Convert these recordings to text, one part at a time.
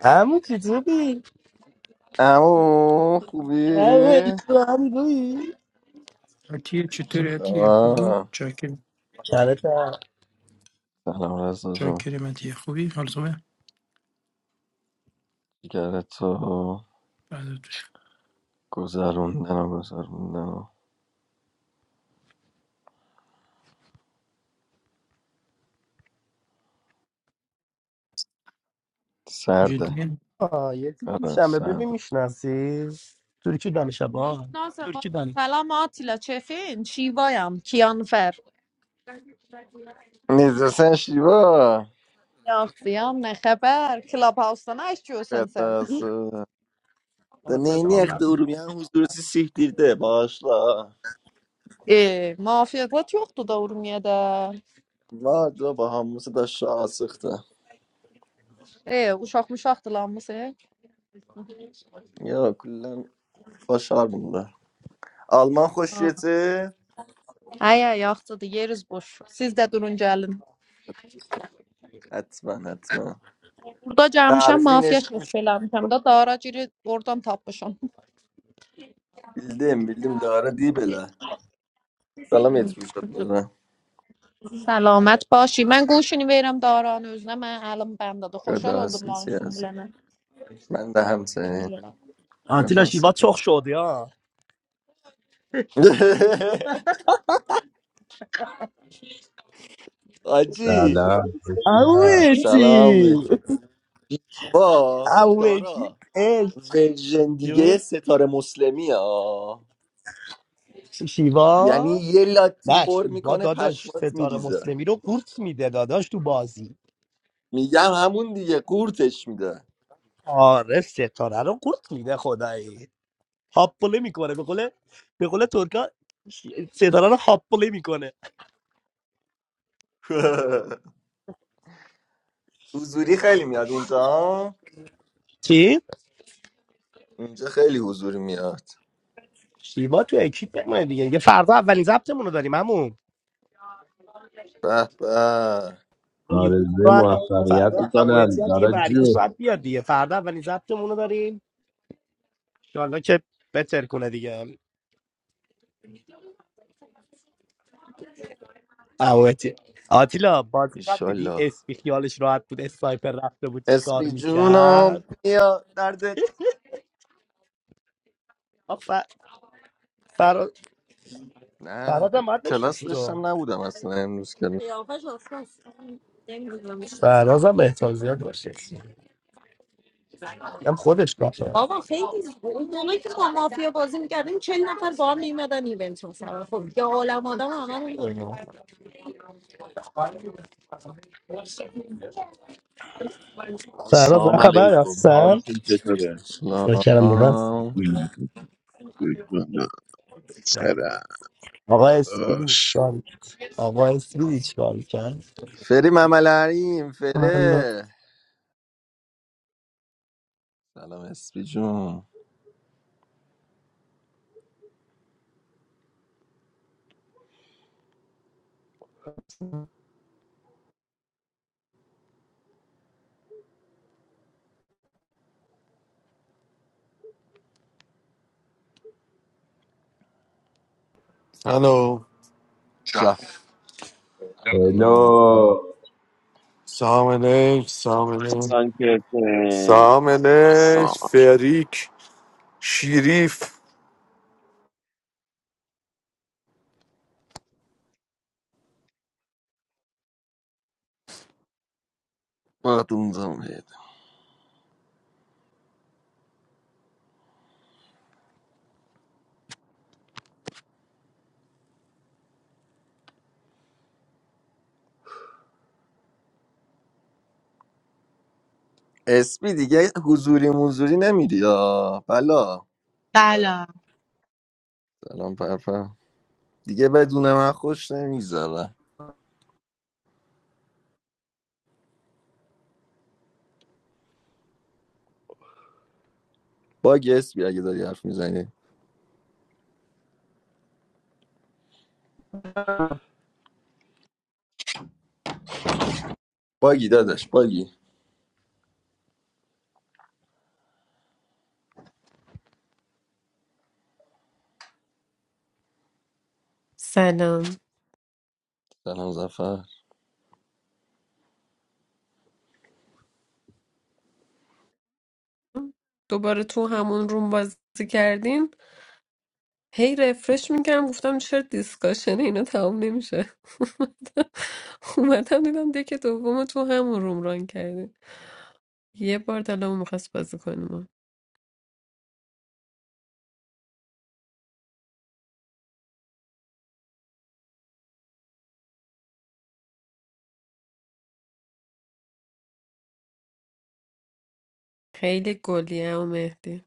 همون چطوری؟ امو خوبی؟ همون تو هم دوی Atiyat چه chitur atiyat kuli. خبر؟ Jaakin کلتر سلام رزا جون jaakiri matiyat. Khobi hal zubaan. جگرت تو گذروندن و گذروندن و سرده Jiddin. آه یکی آره پیشمه ببین سرده میشناسی؟ نازم ترکیدن سلام آتیلا چفین چیوایم کیانفر نیزه سن شیبا Yaxşıyam, nə xəbər? Clubhouse-dan açıyorsan sən? دنینی اخت ارومی هم حضور سی سیکتیرده باشلا E, mafiya qat yoxdur da Urmiyədə. ما دو با هموسه دا شاه سخته E, uşaq muşaqdırlanmısın? یا کلن باشار بولده آلمان خوشیتی؟ Ay, ay, yaxşıdır, yeriz boş. Siz də durun gəlin. حتما حتما Burada gəlmişəm, تعریفی mafiya نشید çox میشه beləmişəm də, dara giri oradan tapmışam. بیلدیم بیلدیم داره دی بله سلام یترو شد دادم سلامت باشی من گوشینی بیرم داران özünə mən əlim bəndadır. Xoşal گدا oldum اساسی mavsum هستم bilənə. من ده همسه گدا Atilla هستم Şiva çok şovdu ya. La آجی la, la la. چی- Aveti. سلامت با Aveti. دارا Evet. ورژن دیگه ستاره مسلمی ها Şiva. یعنی یه لاتی نه پر شیوا میکنه داداش پشمات ستاره میریزه مسلمی رو قورت میده داداش تو بازی میگم همون دیگه قورتش میده آره ستاره رو قورت میده خدایی هاپله میکنه به قول به قول ترکا ش- ستاره رو هاپله میکنه حضوری خیلی میاد اونجا چی؟ اونجا خیلی حضوری میاد شیوا تو اکیپ من دیگه یه فردا اولین ضبطمون رو داریم عمو. به به یوکم We're رو doing our انداختیم فردا favorite امومتی هم دیگه برگشت channel. باید بیاد دیگه فردا اولین ضبطمون رو داریم انشالله که بتر کنه دیگه امومتی آتیلا بازی قبل دیدی ایشالله اسپی خیالش راحت بود اسنایپر رفته بود چیکار اسمی جونم میکرد بیا دردت فر... فراد نه فرادم باید کلاس بشنسی تو داشتم نبودم اصلا امروز کلاس قیافش آسپاس نمیدونم فرازم احتمال باشه هم خودش کافه بابا خیلی زود. اون موقعی که ما مافیا بازی میکردیم چند نفر با هم میمدن ایونت مثلا خب یه عالم آدم همه سهراب نه السلام خبر علیکم رفتن حالشون چطوره؟ فکر کردم به بس سلام نه چرا آقا اسپیدی داداش چیکار می‌کرد؟ آقا اسپیدی چیکار میکرد فری مملریم حالا فره سلام اسپی جون Hello. جف سلام No. Sameen, Sameen, سانکرتن Sameen. سلام Fareed, Sharif, بادونزم هید اسپی دیگه حضوری موزوری نمیری یا بلا Tyler. سلام پرپر دیگه بدون من خوش نمیگذره باگی اسپی اگه داری حرف میزنی باگی داداش باگی سلام سلام زفر دوباره تو همون روم بازی کردین هی رفرش میکردم گفتم چرا دیسکاشن اینا تمام نمیشه اومدم دیدم دیگه دوم تو همون روم ران کردین یه بار دلمون میخواست بازی کنیم خیلی گلیه و مهدی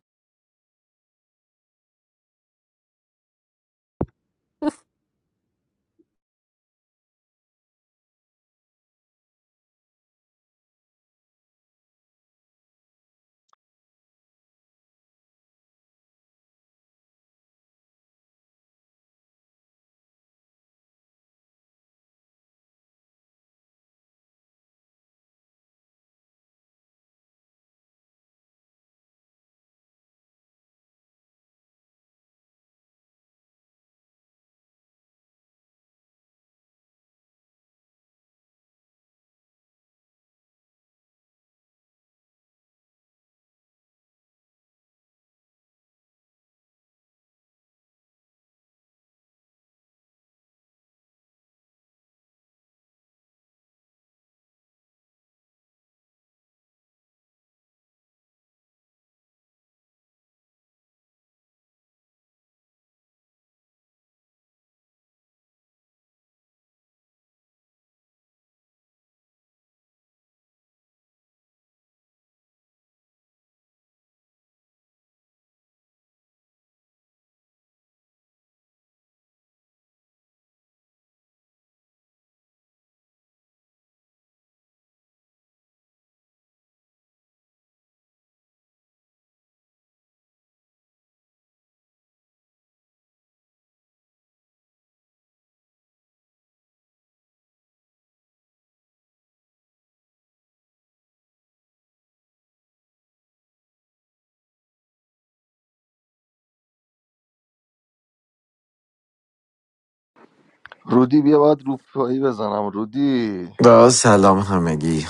رودی بیا باید روپایی بزنم رودی با سلام همگی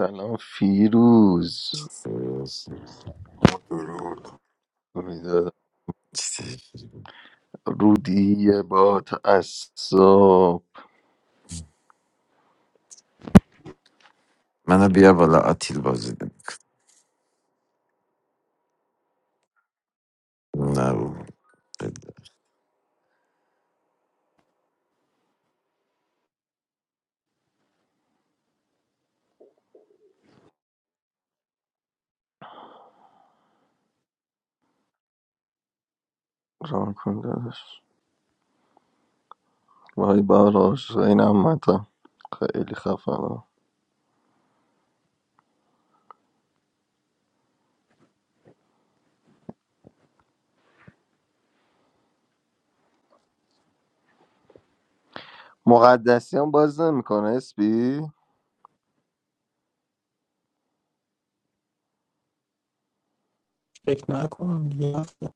سلام فیروز امیدوارم رودی با تعصب منو بیار بالا آتیل بازی ده. نه ب- ران کن داداش وای براش این امتم خیلی خفنه. مقدسیان باز نمیکنه اسپی فکر نکنم دیگه هفته.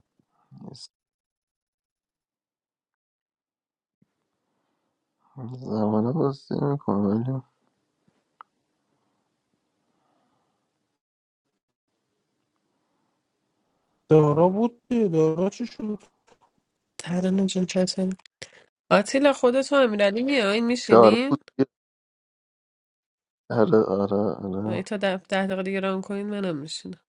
زمان باز نمیکنه ولی دارا بود دیگه. دارا چی شد ترانه جون چطوری؟ آتیلا خودت و امیرعلی میاین داره بود میشینین؟ آره آره ولی آره تا ده, ده دقیقه دیگه ران کنین منم میشینم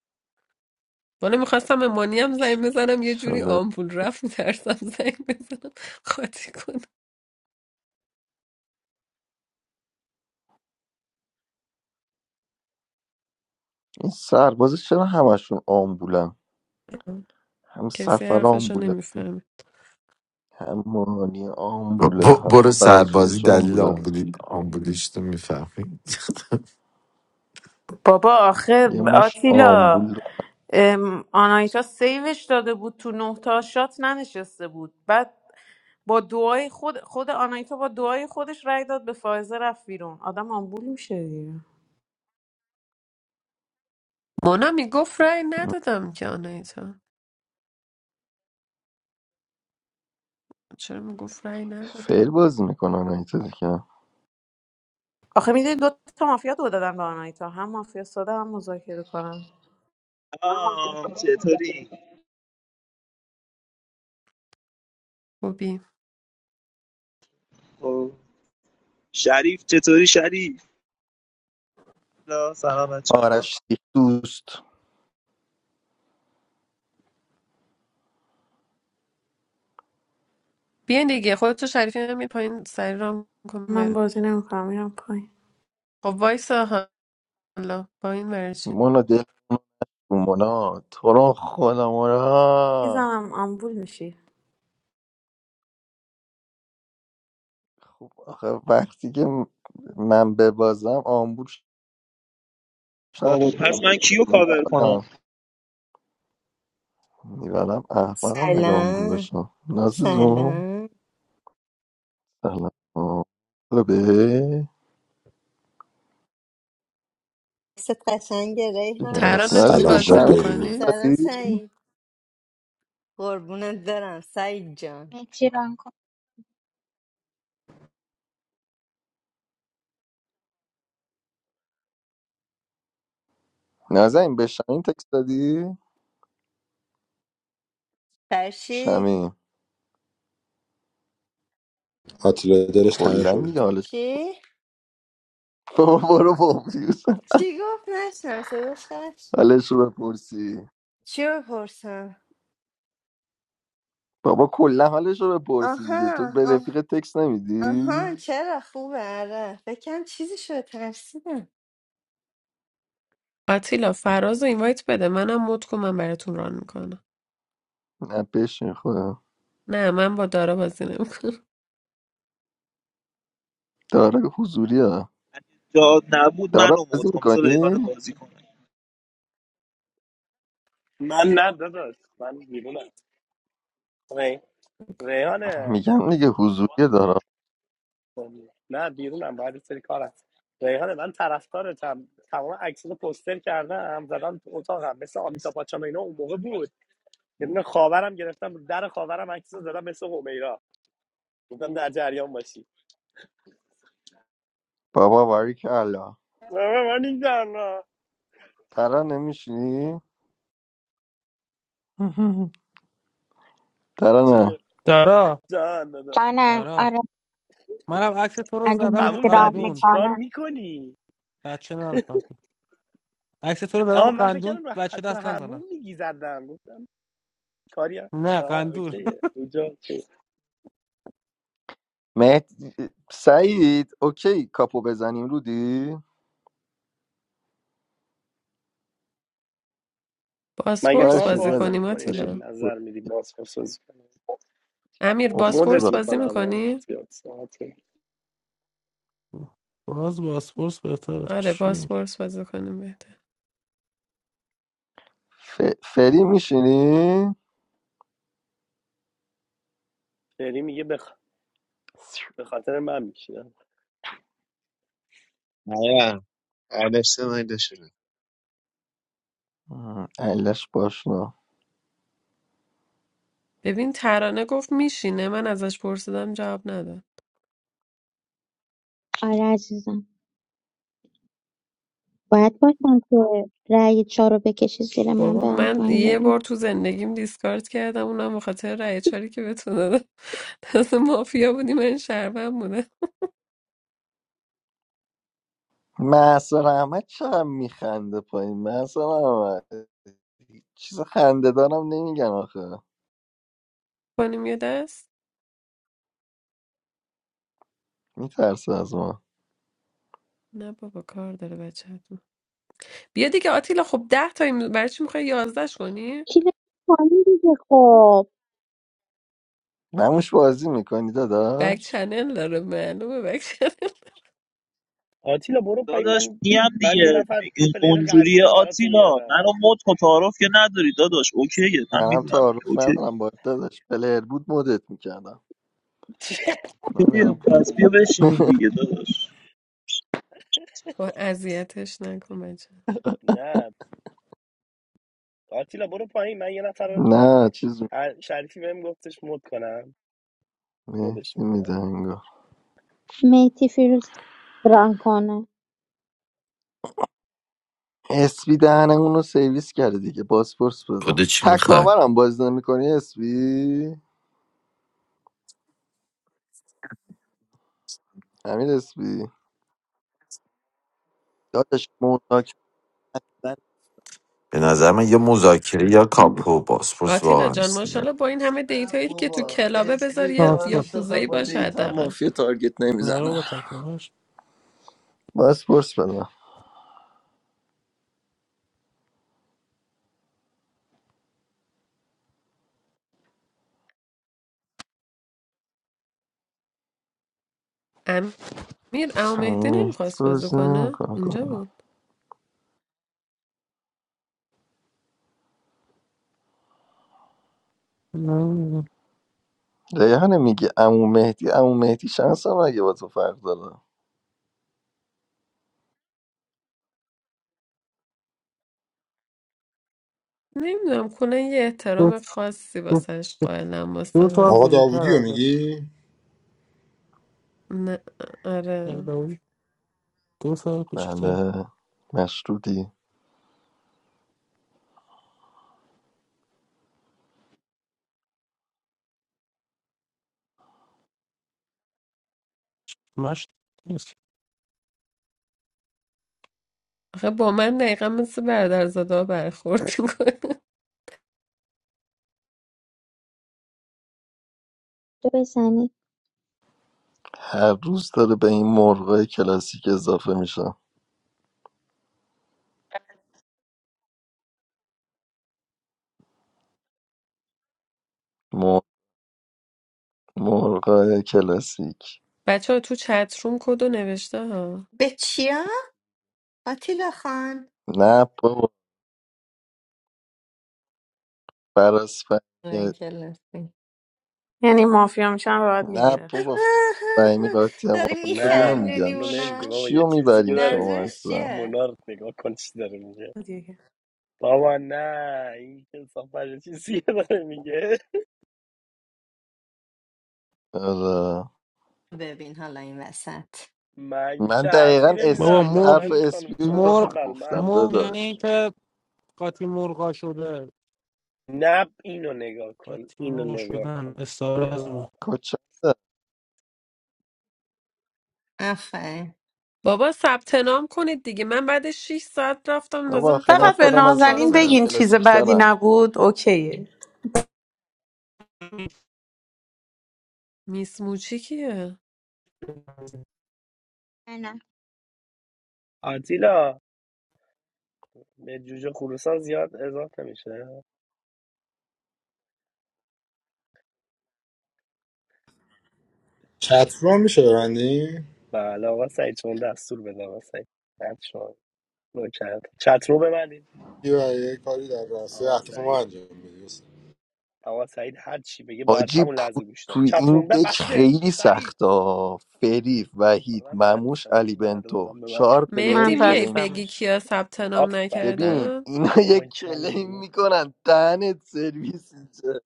بالا میخواستم امانی هم زنگ بزنم یه جوری انشالله. آمپول رفت میترسم زنگ بزنم خاطی کنم این سرباز چرا همشون آمبولن هم کسی سفر حرفشو آمبوله نمیفهمه هم مانی آمبوله ب- هم برو سربازی فرازیش دلیل آمبوله آمبولی آمبولیش تو میفهمی بابا آخه یه مشت آتیلا آمبول ام، آنایتا سیوش داده بود تو نه تا شات ننشسته بود بعد با دعای خود خود آنایتا با دعای خودش رای داد به فائزه رفت بیرون آدم آمبول میشه دیگه مونا میگفت رأی ندادم که آنایتا چرا میگفت رأی ندادم فعل بازی میکنن این چیزی که آخه میدونی دو تا مافیا دو دادن به آنایتا هم مافیا ساده هم مذاکره کنم آه چطوری خوبی خب. شریف چطوری شریف لا سلام بچه آرش سیخ دوست بیا دیگه خودتو شریفی همین پایین سری رام کن من بریم بازی نمیکنم میرم پایین خب وایسا حالا پایین برای چی مونا دل تو مونا تو رو خدا مونا میزنم آمبول میشی خب آخه وقتی که م- من ببازم آمبول شد بابا پس من کیو کاور کنم میبرم میبرم احمقم مگه آمبول سلام بشم نازیزو سلام سلام خوبه ست قشنگه چیکار؟ ریحانه ترانه تو نازی به سلام و بازی شمیم درود میکنی؟ سلام دادی؟ سعید قربونت برم سعید جان مهدی ران کن نازنین به شمیم تکست دادی؟ فرشی شمیم آتیلا دلش تنگ کلا شد دیگه حالش چی؟ بابا برو با چی گفت نشنم صداش قطع شد. حالش رو بپرسی چی بپرسم بابا کلا حالش رو بپرسی دیگه تو آها به آه، رفیق تکس نمیدی آها چرا خوبه آره فکرم چیزی شد ترسیدم آتیلا فراز رو اینوایت بده منم مد کن من براتون ران میکنم نه بشین خدا نه من با دارا بازی نمیکنم دارا که حضوری ها اگه داد نبود دارا منو بازی مود کن بذار میکنی ریحانه بازی کنه من نه داداش من بیرونم ری... ریحانه میگم دیگه حضوری دارا نه بیرونم باید یه سری کار هست ریحانه من طرفدارتم تمام عکس رو پوستر کردم زدم تو اتاقم مثل آمیتا پاچام اینا اون موقع بود یه دونه خاورم گرفتم در خاورم عکس رو زدم مثل همیرا گفتم در جریان باشی بابا باریک الله آه، من این جانا ترا نمیشینی ترا نه جونه دارا جان جانم دارا آره منم عکس تو رو اگه زدم رو مهدی هموم ران زدی قندون چی کار میکنه میکنی بچه نرسم عکس تو رو زدم رو آه من فکر قندون کردم رو- بچه تو دست نزنم هموم میگی زدم گفتم کاری هم نه آه قندون اوکیه اونجا اوکیه. مهد... سعید اوکی کاپو بزنیم رودی مگه تو باسپورس هم باشه بازی دادا بازی کنیم میکنی باشه داری آتیلا نظر باشه. میدی باز خصوص کنی امیر مدت باسپورس بازی میکنم آه. میکنی؟ زیاد ساعته باز باسپورس بهتره آره چی باسپورس بازی کنیم بهتره ف... فری میشینی شری میگه بخ... به خاطر من میشینم نه علشته نایدشونه علش باش ببین ترانه گفت میشینه من ازش پرسیدم جواب نداد آره عزیزم باید باشم که رأی چهار رو بکشی زیر من بابا برم من یه پایین بار بگم تو زندگیم دیسکارد کردم اونم به خاطر رأی چاری که بتونه دادم دست مافیا بودی من شربم بوده محسن احمد چقدر میخنده پایین محسن احمد چیز خنده دارم نمیگن آخه کنیم یه دست میترسه از ما نه بابا کار داره بچهتون بیا دیگه آتیلا خب ده تاییم برای چی میخوای یازدهش کنی کی بره پایین دیگه خب نموش بازی میکنی بک داداش چنل داره معلومه بک چنل آتیلا برو پایین داداش من میم من یه دیگه نفر یه دیگه پلیر قوی اونجوری هم براتون آتیلا میارم منو مد کن تعارف که نداری داداش اوکیه من منم میدونم دیگه تعارف اوکی ندارم با داداش پلر بود مدت میکردم من اوکیه میرم پس بیا بشینیم دیگه داداش با اذیتش نکن بچه نه آتیلا برو پایین من یه نفر رو- نه چیز شریفی بهم گفتش مد کنم مدش مهدی میکنم میده انگار مهدی فیروز ران کنه اسبی دهنه اونو سرویس کرده دیگه بازپرس بده بوده چی میخوای تکاورم بازی نمیکنی اسپی امیر اسپی داداش مذاکره به نظر من یه مذاکره یا کاپو باسپورس آتیلا واقعا جان سینه. ماشاءالله با این همه نه دیتایی که تو بابا کلابه بذار اسمیو که یه من پاسپورت میشناسم یاکوزایی با باشه دیتا حداقل مافیا تارگت نرو نمیزنم با تکاهش بس پرس بدم میر او مهدی مهدی نمیخواست بازی بازی کنه نمیکنه اینجا کنیم بود نه ریحانه میگه امو مهدی امو مهدی شانس هم اگه با تو فرق داره نمیدونم کنه یه دو, احترام خاصی دو, واسش دو, قائلم واسه سال هم آقا کوچیک‌تر داوودی رو ازت میگی؟ نه یک آره دوم. دو سال کوچیک‌تر بله مشروطی مشت نیست آخه با من دقیقا مثل برادرزاده ها برخورد میکنه تو بزنی هر روز داره به این مرغای کلاسیک اضافه میشه مر- مرغای کلاسیک بچه ها تو چت روم کدو نوشته ها به چیا؟ آتیلا خان نه بابا فرس وای فهمی گلفی. یعنی مافیا میشم باید نه میگیرش بابا فهمی قاطی هم آقا داری بدونم نه میخندونی میگم اونو چی نمیگه اونا بابا یه چیو چیز دیگه میبرین داره شما میگه منظورش اصلا چیه؟ مونارد نگاه کن چی داره میگه دیگه. بابا نه این کسافت یه چیز دیگه داره میگه آره. ببین حالا این وسط من من که حرفی دقیقا بابا نمیزنم اسپی حرف مرغ نازن اسپی خانم شما رو که مرغ خب بر من گفتم مرغ عزیزی یعنی داداش اینکه قاطی مرغا شده نه اینو نگاه کن قاطی اینو مرغا نگاه شدن کن استعاره از یا ما کچه آفرین بابا ثبت نام کنید دیگه من بعد 6 ساعت رفتم تازه بابا آخه من فقط به نفر خودم از نازنین نازنین چهارمم بگین چیز کلاسیک بعدی ترم نبود اوکیه میس موچی کیه نه آتیلا به جوجه خروسان زیاد اضافه میشه چطرون میشه ببندی؟ بله آقا سعید چون دستور بده آقا سعید بعد شما نوکرت. چترو ببندید یه یه کاری در راسته اهداف آقا ما انجام بدی استاد. آقا سعید هر چی بگه باید حاجی همون پو لحظه گوش تو داد این چتروم دک بسه خیلی سری سخته ها. فریف حالا وحید من بلد مموش نیستم علی یکی بلده بنتو واقعا به من چهار پلیر من مهدی میای کلیم کن بگی بستمش کیا ثبت نام آفرین والا ببین نکردن اینا یه بابا این چند کلیم میدونه میکنن دهنت سرویس اینجا.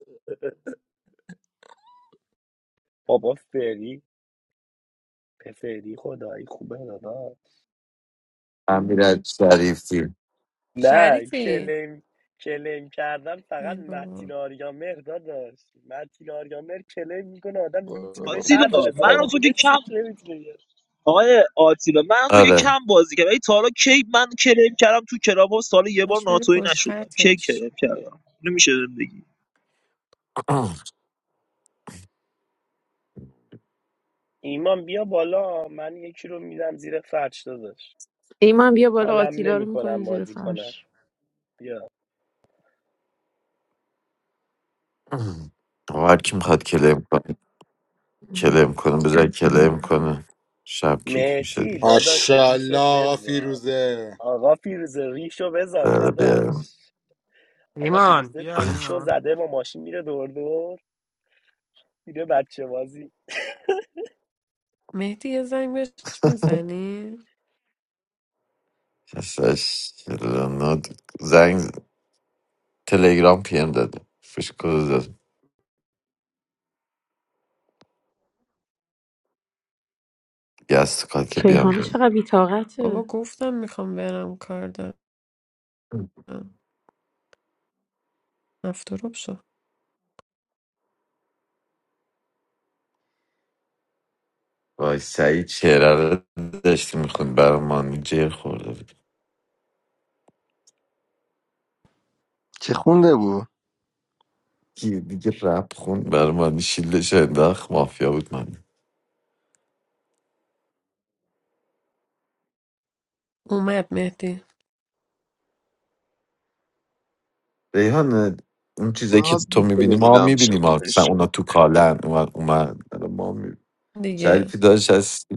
بابا فری پفری خدایی خوبه دادا امیر شریفی نه شریفی کلیم کلیم کردن فقط ای متین بابا آریامر داشت متین آریامر کلیم میکنه آدم نمیتونه برو بهش آتیلا بابا حرف بزنه منو شو. تو که کم اسمش نمیتونه بیاره آقای آتیلا من تو که آره کم بازی کردم ولی تا حالا کی من کریم کردم تو کلاب هاوس تا یه بار باش بری ناتوی پشت نشدم کی خطش کریم کردم نمیشه بگی ایمان بیا بالا من یکی رو میدم زیر فرش داداش ایمان بیا بالا حالم آتیلا رو میکنیم نمیکنم زیر بازی کنم فرش بیا آقا هر کی میخواد کلم کنه کلم کنه بذار کلم کنه شب کیک میشه مهدی دیگه داداش ماشاءالله ریشو آقا بذار فیروزه آقا فیروزه ریشو بذار داره بیارم داداش آقا ایمان فیروزه بیا ریشو ایمان زده با ماشین میره دور دور میره بچه بازی مهدی یه زنگ بهش میزنی؟ اساس زنگ تلگرام پی ام داده فش کد داد گست کاد که بیام ریحانه بیام چقدر بابا بیتاقته گفتم میخوام برم کار دارم هفت شد وای سعید شعره رو داشتی میخوند برمانی جر خورده بود چه خونده بود یه دیگه رپ خوند برمانی شیلش انداخت مافیا بود من اومد مهدی ریحان اون چیزایی که ناز تو میبینی میکنه ما میلم میبینیم شم مثلا بشه. اونا تو کالن اومد اومد الان ما میبینیم دیگه شریفی داشت هستی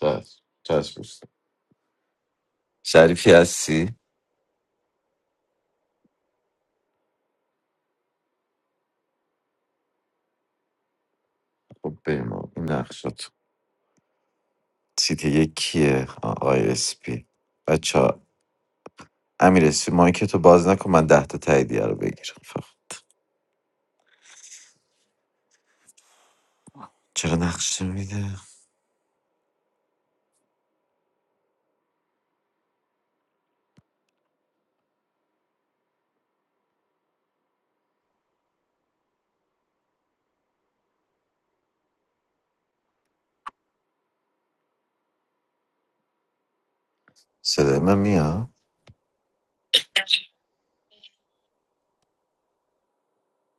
داشت چشم دوست. شریفی هستی خب بریم آقا. این نقشات سیت یکیه آی اس پی بچه امیر مایک تو باز نکن من ده تا تاییدیه رو بگیرم فقط چرا نقشه میده صدای من میاد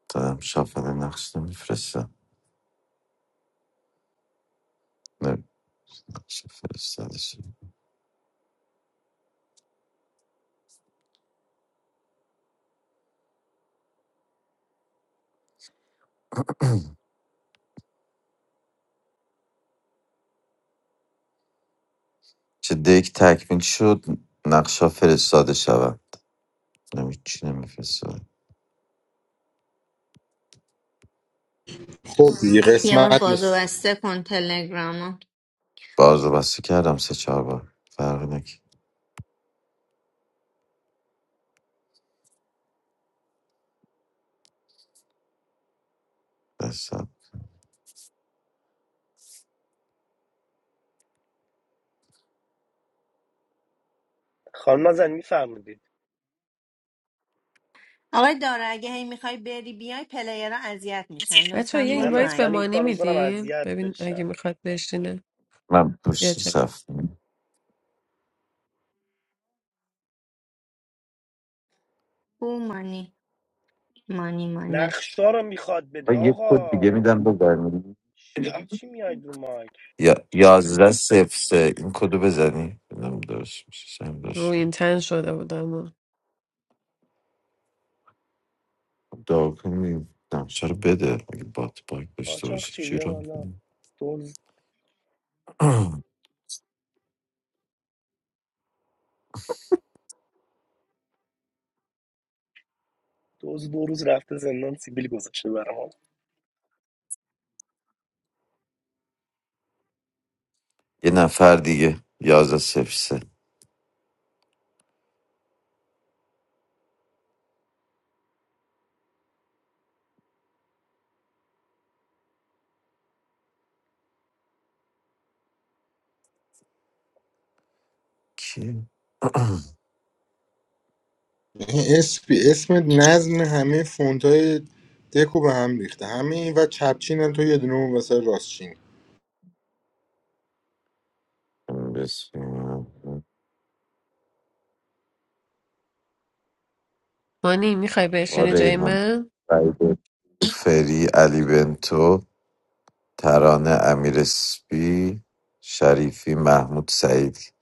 دارم شافل نقشه میفرستم نقشه فرستاده شد چه دیک تکمیل شد نقشه فرستاده شود نمی چی نمیفرستاد خب دیگه یه بار قسمت بازو نیست بسته کن تلگرامو باز رو بسته کردم سه چهار بار فرق نکرد دستم خانم زن میفهمیدید آقای داره اگه هی میخوای بری بیای پلیرها اذیت میشن بچه لطفا یه برو من اینوایت به اصلا پایین این مانی کار میکنم میدین اذیت ببین اگه بشم میخواد بشینه من بیا پشت چه صف او مانی مانی مانی نقشا رو میخواد بده آه، یه کد آقا دیگه میدم بزنی ش- برای چی میاید رو مایک یا یازده صفر سه این کدو بزنی ببینم درست رو میشه این تن شده بودم و. داکن نقشه رو بده اگه بات باگ داشته قاچاق باشه چی چی بیا رو می‌کنی؟ بالا دزد دو روز رفته زندان سیبیل گذاشته برام یه نفر دیگه یازده صفر سه کی؟ این اسم اسم نظم همه فونت های دکو به هم ریخته همه این و چپچین هم تو یه دونه اون واسه راستچین بسم الله. مانی میخوای آقا بشینی جای ریحان من فرید فری علی بنتو ترانه امیر اسپی شریفی محمود سعید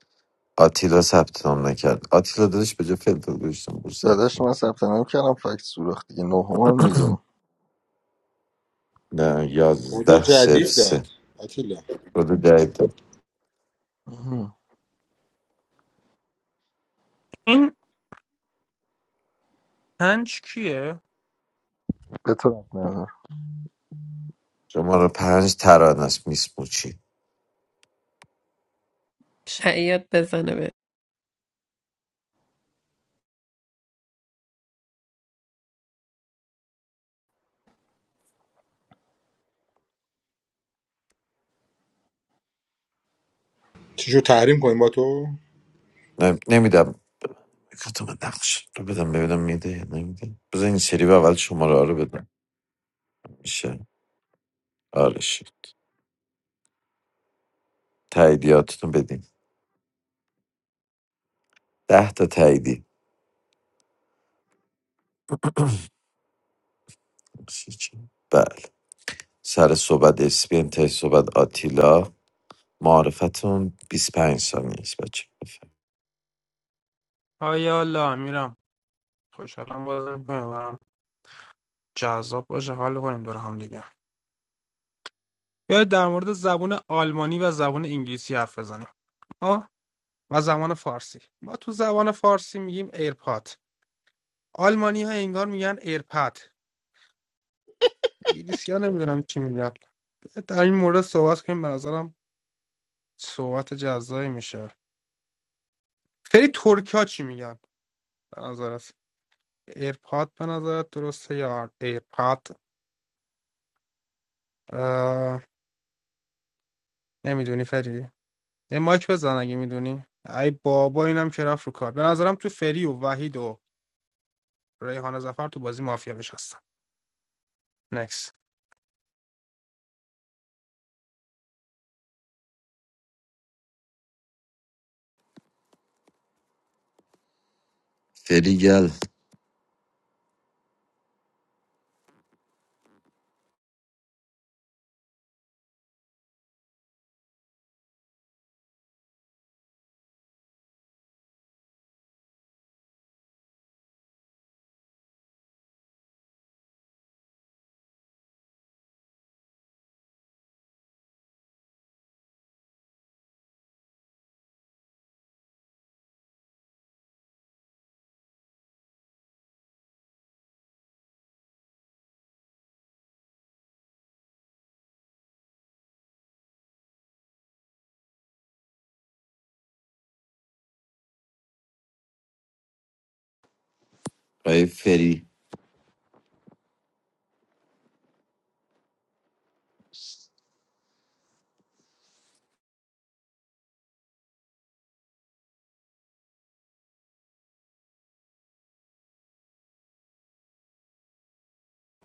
آتیلا ثبت نام نکرد آتیلا دادش به جا فلفل گوشتم بود ثبت داداش نام. من ثبت نام کردم فکت سوراخ دیگه نهم هم دیگه نه خدا یازده صفر جدید داد سه آتیلا کد جدید مهم. این پنج کیه به تو رب نداره. شماره پنج ترانه است میسموچی شعیات بزنه به چی شد تحریم کنیم با تو؟ نمیدم کارت من نقش رو بدم ببینم میده یا نمیده بذار این سری به اول شماره ها رو بدم میشه آره شد تاییدیاتتون بدین ده تا تاییدی بله سر صحبت اسپی انتهای صحبت آتیلا معرفتون پنج ثانیه است بچه بفرم. آیا الله میرم خوشحالم بازم میکنم جذاب باشه حال کنیم دور هم دیگه بیا در مورد زبان آلمانی و زبان انگلیسی حرف بزنیم آه و زبان فارسی ما تو زبان فارسی میگیم ایرپاد آلمانی ها انگار میگن ایرپاد انگلیسی ها نمیدونم چی میگن در این مورد صحبت کنیم به نظرم صحبت جزایی میشه فری ترکیا چی میگن به نظرت ایرپاد به نظرت درسته یا ایرپاد اه... نمیدونی فری یه مایک بزن اگه میدونی ای بابا اینم که رفت رو کار به نظرم تو فری و وحید و ریحان زفر تو بازی مافیا نشستن نکس فری گل آقای فری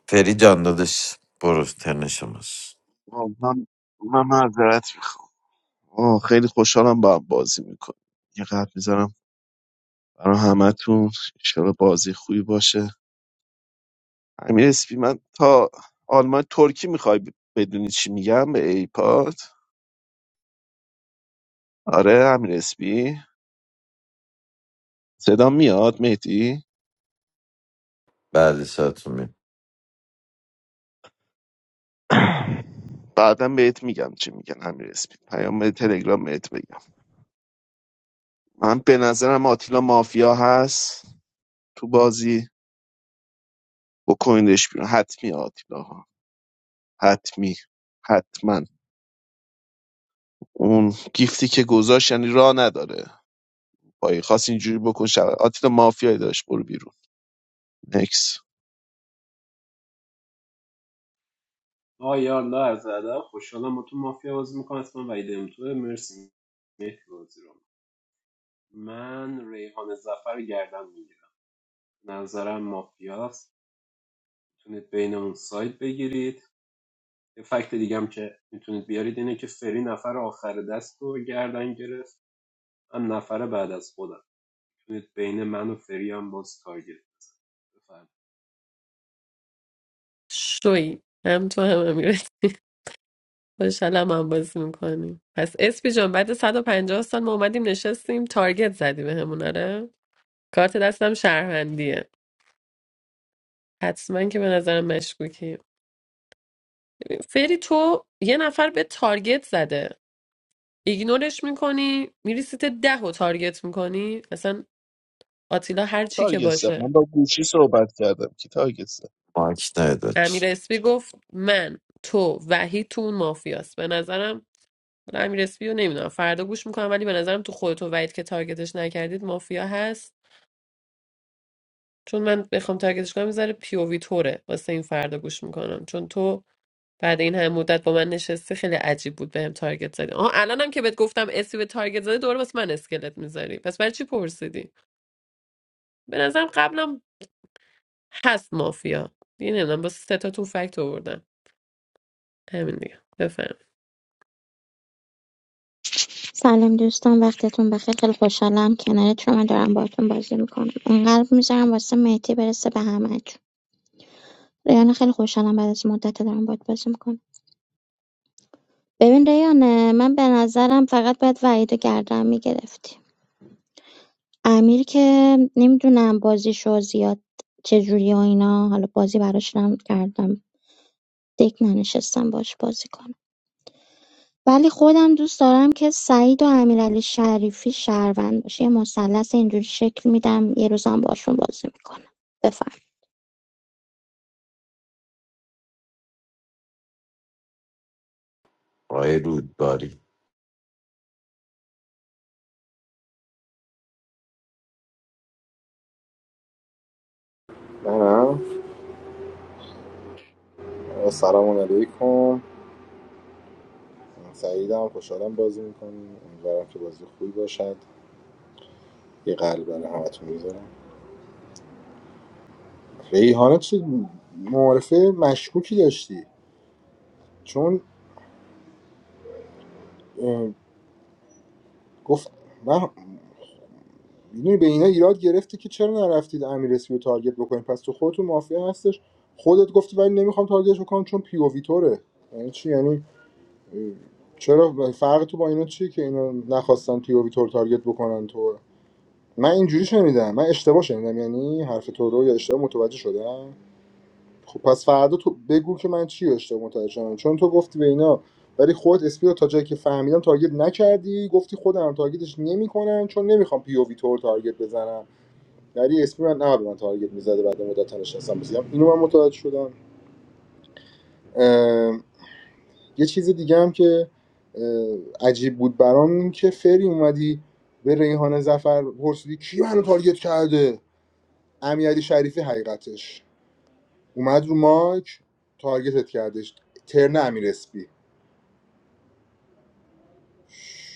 فری جان دادش برو ترن شماست آه، من من معذرت میخوام آه، خیلی خوشحالم با هم بازی میکنم یه قلب میذارم برای همتون انشالله بازی خوبی باشه امیر اسپی من تا آلمان ترکی میخوای بدونی چی میگم به ایپاد آره امیر اسپی صدام میاد مهدی بعد ساعتون می بعدا بهت میگم چی میگن همین اسمی پیام تلگرام بهت بگم من به نظرم آتیلا مافیا هست تو بازی بکنیدش بیرون حتمی آتیلا ها حتمی حتما اون گیفتی که گذاشت یعنی راه نداره با خاص اینجوری بکن شب آتیلا مافیایی داشت برو بیرون نکس آیا الله عرض ادب خوشحالم با تو مافیا بازی میکنم اسمم وحید امتوه مرسی مهدی بازی رو من ریحان زفر رو گردم میگیرم نظرم مافیاست میتونید بینمون سایت بگیرید یه فکت دیگه هم که میتونید بیارید اینه که فری نفر آخر دست رو گردن گرفت هم نفر بعد از خودم میتونید بین من و فری هم باز تارگت بزنید بفرمایید. شوی هم تو هم امیرتی خوشحالم هم بازی میکنیم پس اسپی جان بعد صد و پنجاه سال ما اومدیم نشستیم تارگت زدی به همون آره کارت دستم شهروندیه حتما که به نظرم مشکوکی فری تو یه نفر به تارگت زده ایگنورش میکنی میری سیت ده و تارگت میکنی اصلا آتیلا هر چی که تارگت زد. من باشه با گوشی صحبت کردم که تارگت زد. ماک نداد امیر اسپی گفت من تو وحید تو اون مافیاست به نظرم حالا امیر اسپی رو نمیدونم فردا گوش میکنم ولی به نظرم تو خودت و وحید که تارگتش نکردید مافیا هست چون من بخوام تارگتش کنم میذاره پی او وی توره واسه این فردا گوش میکنم چون تو بعد این همه مدت با من نشستی خیلی عجیب بود بهم تارگت زدی آها الانم که بهت گفتم اسی به تارگت زدی دوباره واسه من اسکلت میذاری پس برای چی پرسیدی به نظرم قبلم هست مافیا دیگه نمیدونم با سه تا تو فکت آوردم همین دیگه بفهم سلام دوستان وقتتون بخیر خیلی خوشحالم کنارت شما دارم باهاتون بازی میکنم این قلب میذارم واسه مهدی برسه به همتون ریان خیلی خوشحالم بعد از مدت دارم باهات بازی میکنم ببین ریان من به نظرم فقط باید وحید و گردن میگرفتی امیر که نمیدونم بازیشو زیاد چجوری و اینا حالا بازی براش نم کردم دک ننشستم باش بازی کنم ولی خودم دوست دارم که سعید و امیرعلی شریفی شهروند باشه یه مثلث اینجوری شکل میدم یه روزم باشون بازی میکنم بفهم آقای رودباری منم سلام علیکم سعید هم خوشحالم بازی میکنیم امیدوارم که بازی خوبی باشد یه قلب برای همتون میذارم ریحانه چه معارفه مشکوکی داشتی چون اه، گفت من میدونی به اینا ایراد گرفته که چرا نرفتید امیر اسپی رو تارگت بکنید پس تو خودتون مافیا هستش خودت گفتی ولی نمیخوام تارگتش بکنم چون پی او ویتوره یعنی چی یعنی اه، چرا فرق تو با اینا چیه که اینا نخواستن پی او ویتور تارگت بکنن تو من اینجوری شنیدم من اشتباه شنیدم یعنی حرف تو رو یا اشتباه متوجه شدم خب پس فردا تو بگو که من چی رو اشتباه متوجه شدم چون تو گفتی به اینا ولی خود اسپی رو تا جایی که فهمیدم تارگت نکردی گفتی خودم تارگتش نمیکنم چون نمیخوام پی او وی تو تارگت بزنم ولی اسپی من نه به من تارگت میزده بعد مدت نشستم بزیم اینو من متوجه شدم یه چیز دیگه هم که عجیب بود برام این که فری اومدی به ریحان زفر پرسیدی کی منو تارگت کرده امیرعلی شریفی حقیقتش اومد رو مایک تارگتت کردش ترن امیر اسپی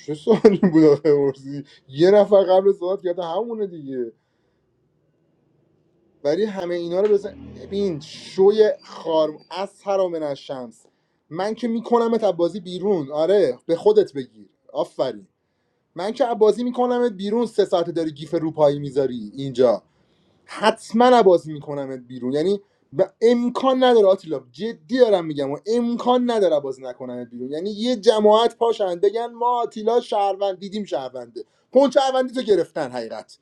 چه سوالی بود آخه پرسی یه نفر قبل صحبت کرده همونه دیگه ولی همه اینا رو بزن ببین شوی خارم از من از شمس من که میکنمت از بازی بیرون آره به خودت بگیر آفرین من که از بازی میکنمت بیرون سه ساعته داری گیف روپایی میذاری اینجا حتما بازی میکنمت بیرون یعنی و امکان نداره آتیلا جدی دارم میگم و امکان نداره بازی نکنمت بیرون یعنی یه جماعت پاشن بگن ما آتیلا شهروند دیدیم شهرونده پنچ شهروندی تو گرفتن حقیقت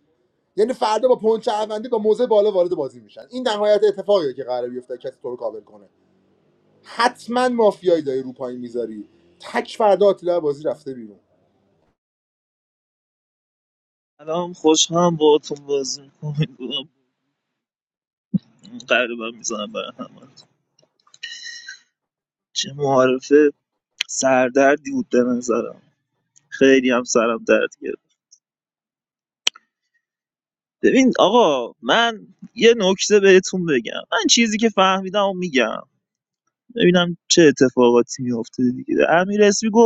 یعنی فردا با پنچ شهروندی با موزه بالا وارد بازی میشن این نهایت اتفاقیه که قراره بیفته کسی تو رو کابل کنه حتما مافیایی داری رو پایین میذاری تک فردا آتیلا بازی رفته بیرون الان خوشحالم با تو بازی میکنم قرار من میزنم برای همه چه معارفه سردردی بود به نظرم خیلی هم سرم درد گرفت ببین آقا من یه نکته بهتون بگم من چیزی که فهمیدم و میگم ببینم چه اتفاقاتی میفته دیگه امیر اسمی گفت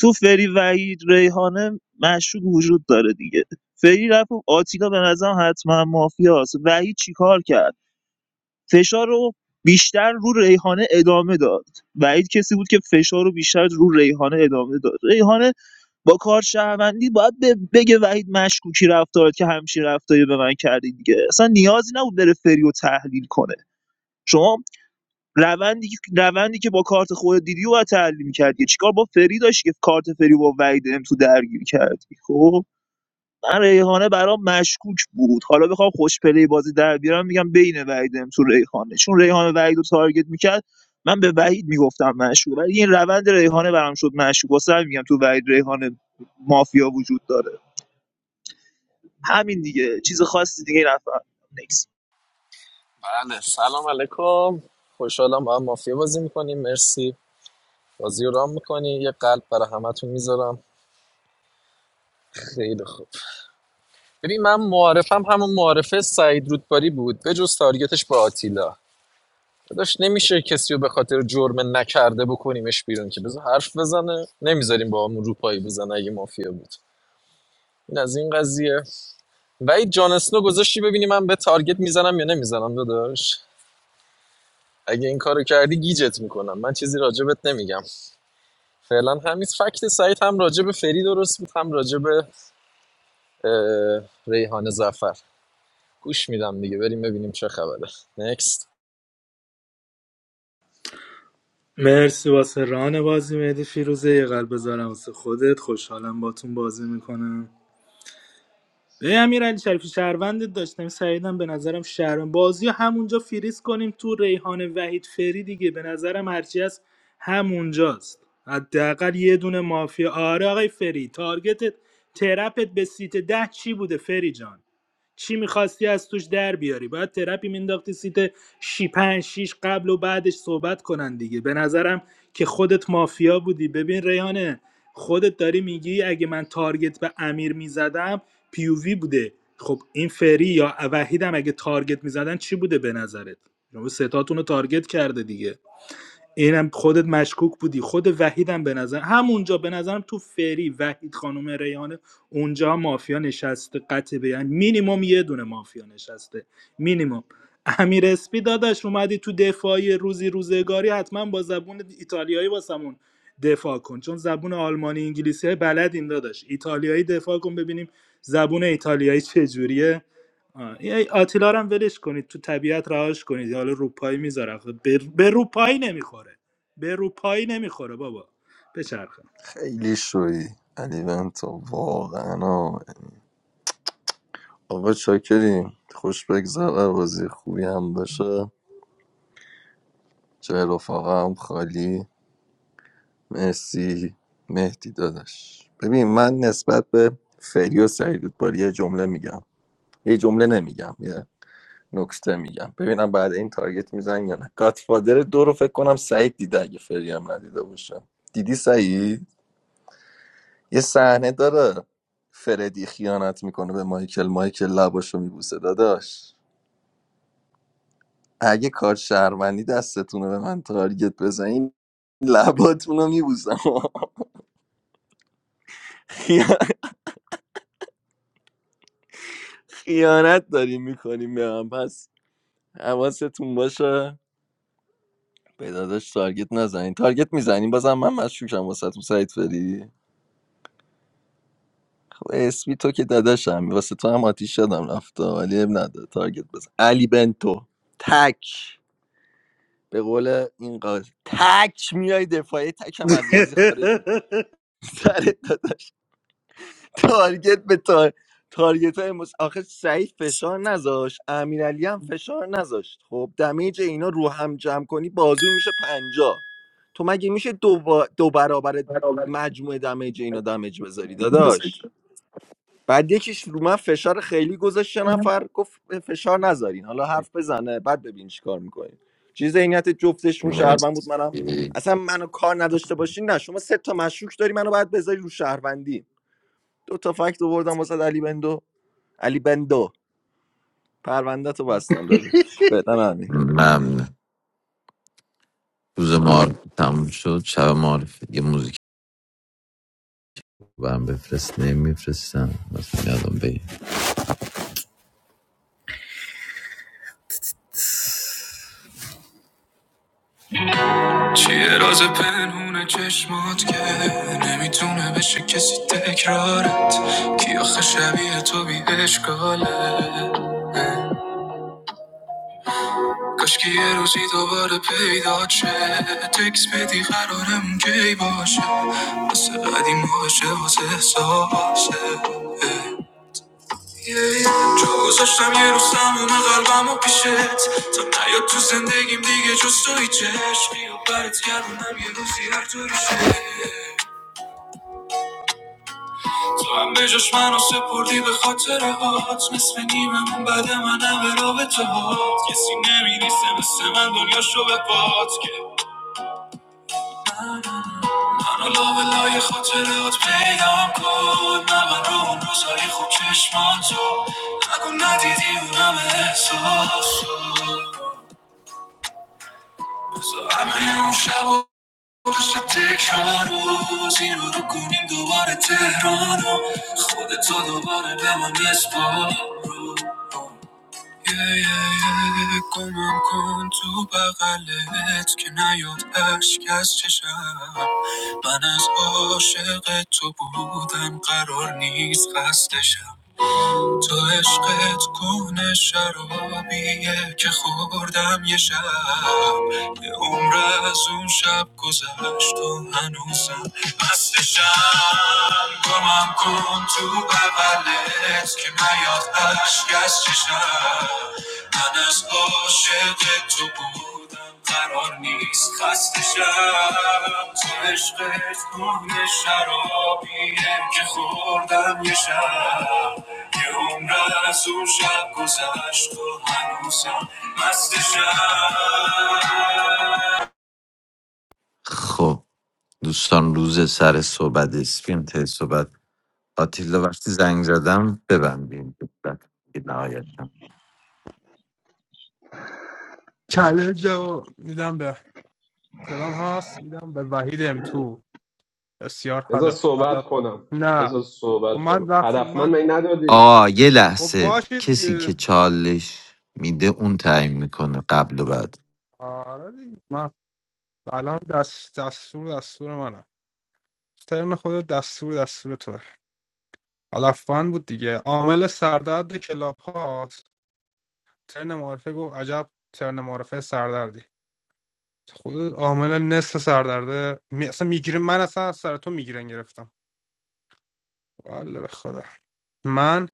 تو فری وحید ریحانه مشکوک وجود داره دیگه فری رفت و آتیلا به نظرم حتما مافیاست وحید چیکار کرد فشار رو بیشتر رو ریحانه ادامه داد وحید کسی بود که فشار رو بیشتر رو ریحانه ادامه داد ریحانه با کار شهروندی باید ب- بگه وحید مشکوکی رفتار که همچین رفتاری به من کردی دیگه اصلا نیازی نبود بره فری رو تحلیل کنه شما روندی که روندی که با کارت خودت دیدی و باید تحلیل می‌کردی چیکار با فری داشتی که کارت فری با وحید ام تو درگیر کردی خب من ریحانه برام مشکوک بود حالا بخوام خوش پلی بازی در بیارم میگم بین وحید ام تو ریحانه چون ریحانه وحید رو تارگت میکرد من به وحید میگفتم مشکوک ولی این روند ریحانه برام شد مشکوک واسه میگم تو وحید ریحانه مافیا وجود داره همین دیگه چیز خاصی دیگه نفر بله سلام علیکم خوشحالم با هم مافیا بازی میکنیم مرسی بازی رو رام میکنی یه قلب برای همتون میذارم خیلی خوب ببین من معارفم همون معارفه سعید رودباری بود به جز تارگتش با آتیلا داشت نمیشه کسی رو به خاطر جرم نکرده بکنیمش بیرون که بذار حرف بزنه نمیذاریم با همون روپایی بزنه اگه مافیا بود این از این قضیه وید جان اسنو گذاشتی ببینی من به تارگت میزنم یا نمیزنم داداش اگه این کارو کردی گیجت میکنم من چیزی راجبت نمیگم فعلا همین فکت سعید هم راجع به فری درست بود هم راجع به اه، ریحان زفر گوش میدم دیگه بریم ببینیم چه خبره نکست مرسی واسه ران بازی مهدی فیروزه یه قلب بذارم واسه خودت خوشحالم باتون بازی میکنم به امیر علی شریفی شهروند داشتم سعیدم به نظرم شهروند بازی رو همونجا فریز کنیم تو ریحان وحید فری دیگه به نظرم هرچی هست همونجاست حداقل یه دونه مافیا آره آقای فری تارگتت ترپت به سیت ده چی بوده فری جان چی میخواستی از توش در بیاری باید ترپی مینداختی سیت شی پنج شیش قبل و بعدش صحبت کنن دیگه به نظرم که خودت مافیا بودی ببین ریحانه خودت داری میگی اگه من تارگت به امیر میزدم پیووی بوده خب این فری یا وحید هم اگه تارگت میزدن چی بوده به نظرت شما ستاتون رو تارگت کرده دیگه اینم خودت مشکوک بودی خود وحیدم به نظر همونجا به نظرم تو فری وحید خانم ریحانه اونجا مافیا نشسته قطع بیان مینیمم یه دونه مافیا نشسته مینیمم امیر اسپی داداش اومدی تو دفاعی روزی روزگاری حتما با زبون ایتالیایی واسمون دفاع کن چون زبون آلمانی انگلیسی بلد این داداش ایتالیایی دفاع کن ببینیم زبون ایتالیایی چجوریه آه، این آتیلا رو هم ولش کنید تو طبیعت رهاش کنید حالا روپایی میذاره آخه به, به روپایی نمیخوره به روپایی نمیخوره بابا بچرخه خیلی شوی علی بنتا واقعا آه. آقا چاکریم خوش بگذر و بازی خوبی هم باشه جای رفاقا هم خالی مرسی مهدی داداش ببین من نسبت به فری و سعیدود باری یه جمله میگم یه جمله نمیگم یه نکته میگم ببینم بعد این تارگت میزن یا نه گاتفادر دو رو فکر کنم سعید دیده اگه فری هم ندیده باشه دیدی سعید یه صحنه داره فردی خیانت میکنه به مایکل مایکل لباشو میبوسه داداش اگه کار شهروندی دستتونه به من تارگت بزنین لباتون رو میبوسم خیانت داریم میکنیم به هم پس حواستون باشه به داداش تارگت نزنین تارگت میزنین بازم من مشکوکم واسه تو سعید فری خب اسمی تو که داداشم واسه تو هم آتیش شدم رفته ولی اب نداره تارگت بزن علی بنتو تک به قول این قاضی تک میای دفاعی تک هم از بازی خارج میشه سر تا- تارگت به تار... تارگت های مس... آخه سعید فشار نذاش امیرعلی هم فشار نذاشت خب دمیج اینا رو هم جمع کنی بازور میشه پنجا تو مگه میشه دو, با- دو برابر مجموع دمیج اینا دمیج بذاری داداش بعد یکیش رو من فشار خیلی گذاشت یه نفر گفت فشار نذارین حالا حرف بزنه بعد ببین چیکار میکنین چیز ذهنیت جفتشون شهروند بود منم مرسی اصلا منو کار نداشته باشین نه شما سه تا مشکوک داری منو باید بذاری رو شهروندی دو تا فکت آوردم واسه علی بندو علی بندو پرونده تو بستم دادش بدن همین ممنون روز معرفی تموم شد شب معرفی یه موزیک برم بفرست نمیفرستم مثلا یادم بگیر چیه راز پنهون چشمات که نمیتونه بشه کسی تکرارت کی آخه شبیه تو بی اشکاله کاش که یه روزی دوباره پیدا شه تکس بدی قرارم کی باشه واسه قدیم باشه واسه احساسه تو گذاشتم یه روز تموم قلبم و پیشت تا نیاد تو زندگیم دیگه جز تو هیچ عشقی و برات گردونم یه روزی هر طوری شه تو هم به جاش منو سپردی به خاطر هات نصف نیممون بعد منم به رابطه هات کسی نمیریسه مثل من دنیا شو به باد که منو لابلای خاطرات پیدام کن نه من رو اون روزای خوب چشمان تو نگو ندیدی اونم احساس تو. بذار همه اون شب و روز تکرار روز این رو رو کنیم دوباره تهران و خودتو دوباره به من بسپار رو. یه یه گمم کن تو بغلت که نیاد اشک از چشم من از عاشق تو بودم قرار نیست خسته شم تو عشقت کهنه شرابیه که خوردم یه شب یه عمر از اون شب گذشت و هنوزم مستشم گمم کن تو بغلت که نیاد اشک از چشم من از عاشق تو بود. قرار نیست خسته شم تو عشقت گونه شرابیه که خوردم یه شب یه عمر از اون شب گذشت و هنوزم مست شب خب دوستان روز سر صحبت اسپیم ته صحبت آتیلا وقتی زنگ زدم ببندیم ببندیم نهایتا چالش رو میدم به سلام هست میدم به وحید ام تو بسیار بذار حدا صحبت حدا کنم نه بذار خب صحبت من کنم وقتی هدف من من ندادی آه یه خب لحظه باشه کسی که دیگه چالش میده اون تعیین میکنه قبل و بعد آره دیگه من الان دست دستور دستور منم ترم خود دستور دستور تو علفان بود دیگه عامل سردرد کلاب هاست ترن معرفه گفت عجب ترن معرفه سردردی خود عامل نصف سردرده می... اصلا میگیره من اصلا از سر تو میگیرن گرفتم والا به خدا من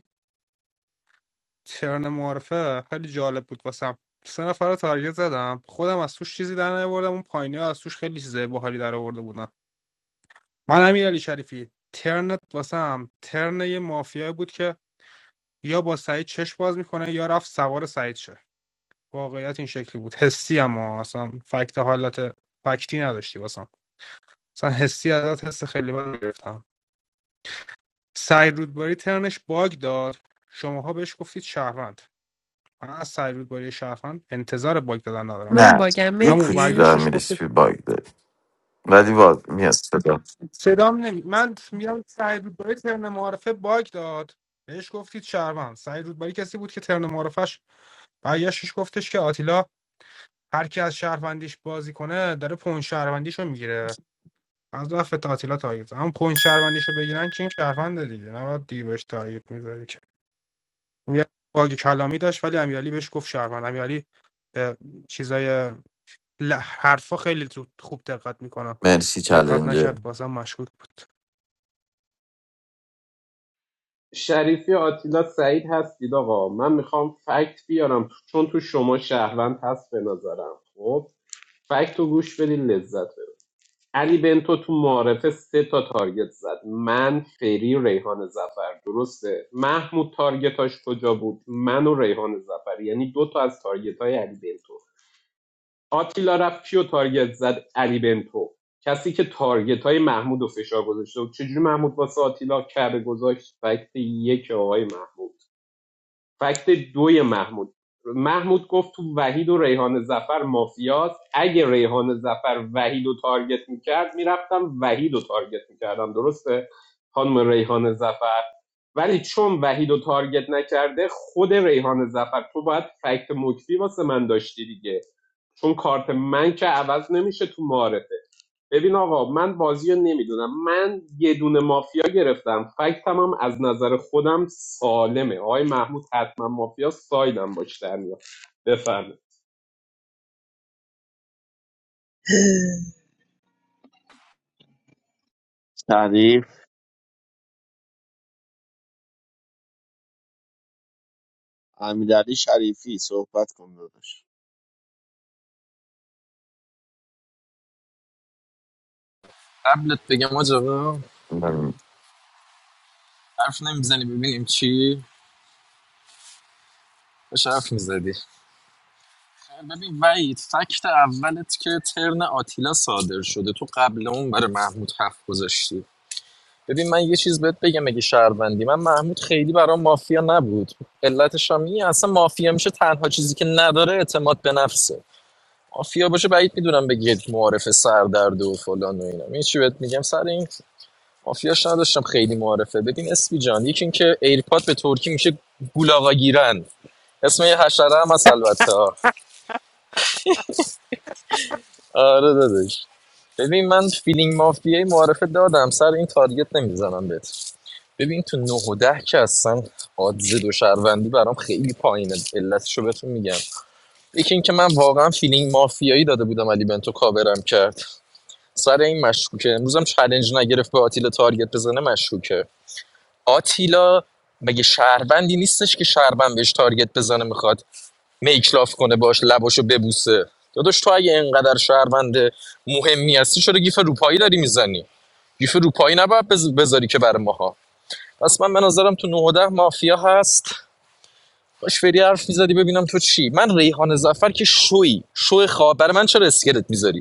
ترن معرفه خیلی جالب بود واسم سه نفر رو تارگت زدم خودم از توش چیزی در نیاوردم اون پایینی ها از توش خیلی چیزای باحالی در آورده بودن من امیر علی شریفی ترنت واسم ترن یه مافیایی بود که یا با سعید چش باز میکنه یا رفت سوار سعید شه واقعیت این شکلی بود حسی اما اصلا فکت حالت فکتی نداشتی واسم اصلا حسی ازت حس خیلی بد گرفتم سعید رودباری ترنش باگ داد شماها بهش گفتید شهروند من از سعید رودباری شهروند انتظار باگ دادن ندارم من نه باگم یه اما کوچولو مهدی برگشتش گفتید میرسی باگ داری ولی واضح میاد صدا صدام نمی من میگم سعید رودباری ترن معارفه باگ داد بهش گفتید شهروند سعید رودباری کسی بود که ترن معارفش برگشتش گفتش که آتیلا هر کی از شهروندیش بازی کنه داره پون شهروندیشو میگیره از رفت تعطیلات تارگت اما پوین شهروندیشو بگیرن که این شهرونده دیگه نباید دیگه بهش تارگت میذاری که یه باگ کلامی داشت ولی امیرعلی بهش گفت شهروند امیرعلی به چیزای ل- حرفا خیلی زود خوب دقت میکنه مرسی دقت چلنجه نکرد بازم مشکوک بود شریفی آتیلا سعید هستید آقا من میخوام فکت بیارم چون تو شما شهروند هست به نظرم خب فکت رو گوش بدین لذت ببرید علی بنتو تو معارفه سه تا تارگت زد من فری ریحان زفر درسته محمود تارگتاش کجا بود من و ریحان زفر یعنی دو تا از تارگت های علی بنتو آتیلا رفت کیو تارگت زد علی بنتو کسی که تارگت های محمود و فشار گذاشته بود چجوری محمود واسه آتیلا کعبه گذاشت فکت یک آقای محمود فکت دوی محمود محمود گفت تو وحید و ریحان زفر مافیاست اگه ریحان زفر وحید و تارگت میکرد میرفتم وحید و تارگت میکردم درسته خانم ریحان زفر ولی چون وحید و تارگت نکرده خود ریحان زفر تو باید فکت مکفی واسه من داشتی دیگه چون کارت من که عوض نمیشه تو معارفه ببین آقا من بازی رو نمیدونم من یه دونه مافیا گرفتم فکتم هم از نظر خودم سالمه آقای محمود حتما مافیا سایدم باش در میاد بفرمایید شریف امیرعلی شریفی صحبت کن داداش قبلت بگم آجابه مم. حرف نمیزنی ببینیم چی بهش حرف میزدی ببین وید فکت اولت که ترن آتیلا صادر شده تو قبل اون برای محمود حرف گذاشتی ببین من یه چیز بهت بگم اگه شهروندی من محمود خیلی برام مافیا نبود علتش هم اینه، اصلا مافیا میشه تنها چیزی که نداره اعتماد به نفسه مافیا باشه بعید میدونم بگید معارف سردرد و فلان و اینا این چی بهت میگم سر این مافیاش نداشتم خیلی معارفه ببین اسپی جان یکی اینکه ایرپاد به ترکی میشه گولاغا گیرن اسم یه حشره هم هست البته آره دادش ببین من فیلینگ مافیای معارفه دادم سر این تارگت نمیزنم بهت ببین تو نه و ده که اصلا آدز دو شهروندی برام خیلی پایینه علتشو بهتون میگم یکی اینکه من واقعا فیلینگ مافیایی داده بودم علی بنتو کاورم کرد سر این مشکوکه امروزم چلنج نگرفت به آتیلا تارگت بزنه مشکوکه آتیلا مگه شهروندی نیستش که شهروند بهش تارگت بزنه میخواد میکلاف کنه باش لباشو ببوسه داداش تو اگه اینقدر شهروند مهمی هستی چرا گیف روپایی داری میزنی گیف روپایی نباید بذاری که برای ماها پس من به نظرم تو 9 مافیا هست باش فری حرف میزدی ببینم تو چی من ریحان زفر که شوی شو خواب برای من چرا اسکلت میذاری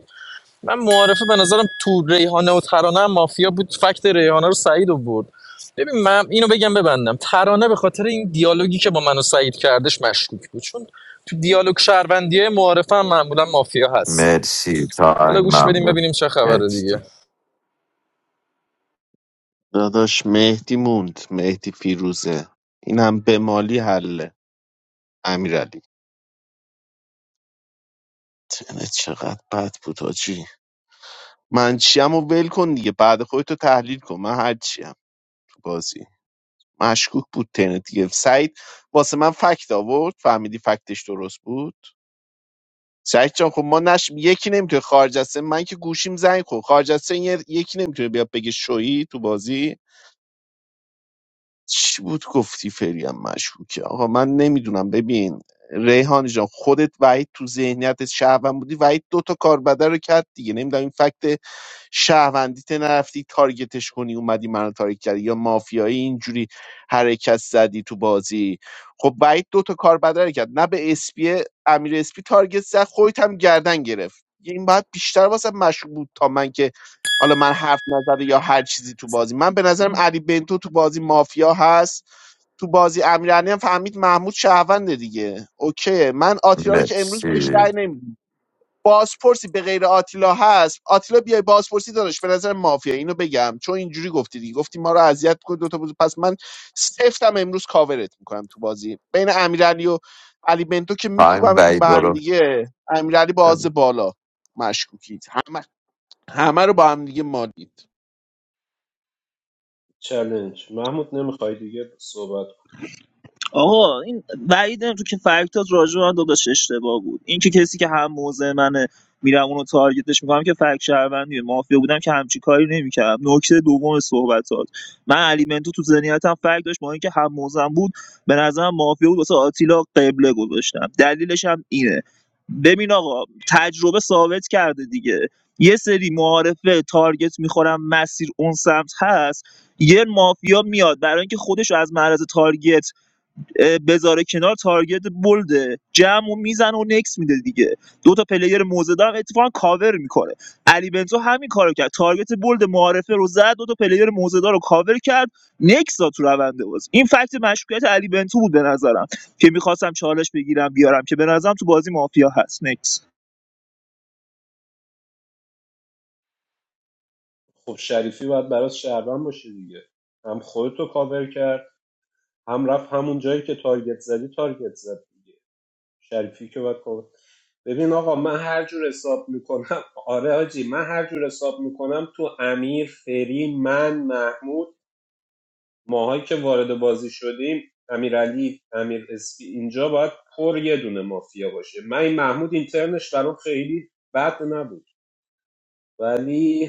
من معارفه به نظرم تو ریحانه و ترانه هم مافیا بود فکت ریحانه رو سعید برد ببین من اینو بگم ببندم ترانه به خاطر این دیالوگی که با من و سعید کردش مشکوک بود چون تو دیالوگ شهروندیه معارفه هم معمولا مافیا هست مرسی تایم حالا گوش بدیم ممنون ببینیم چه خبره دیگه مرسی داداش مهدی موند مهدی فیروزه اینم به مالی حله امیرعلی تنه چقدر بد بود آجی من چیم و ول کن دیگه بعد خودتو تحلیل کن من هر چیم تو بازی مشکوک بود تنه دیگه سعید واسه من فکت آورد فهمیدی فکتش درست بود سعید جان خب ما نش یکی نمیتونه خارج از سن- من که گوشیم زنگ خورد خارج از سن یه- یکی نمیتونه بیاد بگه شویی تو بازی چی بود گفتی فریم مشکوکه آقا من نمیدونم ببین ریحان جان خودت وحید تو ذهنیت شهروند بودی وحید دو تا کاربدر رو کرد دیگه نمیدونم این فکت شهروندیت نرفتی تارگتش کنی اومدی منو تارگت کردی یا مافیایی اینجوری حرکت زدی تو بازی خب وحید دو تا کاربدر رو کرد نه به اسپی امیر اسپی تارگت زد خودت هم گردن گرفت این باید بیشتر واسه مشکوک بود تا من که حالا من حرف نزده یا هر چیزی تو بازی من به نظرم علی بنتو تو بازی مافیا هست تو بازی امیرعلی هم فهمید محمود شهرونده دیگه اوکی من آتیلا رو که امروز مرسی بهش رأی نمیدم بازپرسی به غیر آتیلا هست آتیلا بیای بازپرسی داداش به نظر مافیا اینو بگم چون اینجوری گفتی دیگه گفتی ما رو اذیت کنید دو تا بازی پس من سفتم امروز کاورت میکنم تو بازی بین امیرعلی و علی بنتو که تایم میکوبمتون وی به هم برو دیگه امیرعلی باز بالا مشکوکید همه همه رو با هم دیگه مالید چلنج محمود نمیخوای دیگه صحبت کن. آقا این بعید تو که فکتات راجع به من داداش اشتباه بود این که کسی که هم موضع منه میرم اونو تارگتش میکنم که فکت شهروندیه مافیا بودم که همچی کاری نمیکردم نکته دوم صحبتات من علی منتو تو ذهنیتم فکت داشت با اینکه هم موزم بود به نظرم مافیا بود واسه آتیلا قبله گذاشتم دلیلش هم اینه ببین آقا تجربه ثابت کرده دیگه یه سری معارفه تارگت میخورم مسیر اون سمت هست یه مافیا میاد برای اینکه خودش رو از معرض تارگت اه، بذاره کنار تارگت بلده جمع و میزنه و نکس میده دیگه دو تا پلیر موزه دارم اتفاقا کاور میکنه علی بنتو همین کارو کرد تارگت بلد معارفه رو زد دو تا پلیر موزه دار رو کاور کرد نکس داد تو رونده باز این فکت مشکوکیت علی بنتو بود به نظرم که میخواستم چالش بگیرم بیارم که به نظرم تو بازی مافیا هست نکس خب شریفی باید برات شهروند باشه دیگه هم خودتو کاور کرد هم رفت همون جایی که تارگت زدی تارگت زد دیگه. شریفی که باید کمک ببین آقا من هر جور حساب میکنم آره حاجی من هر جور حساب میکنم تو امیر فری من محمود ماهایی که وارد بازی شدیم امیرعلی امیر اسپی اینجا باید پر یه دونه مافیا باشه من این محمود اینترنش برام خیلی بد نبود ولی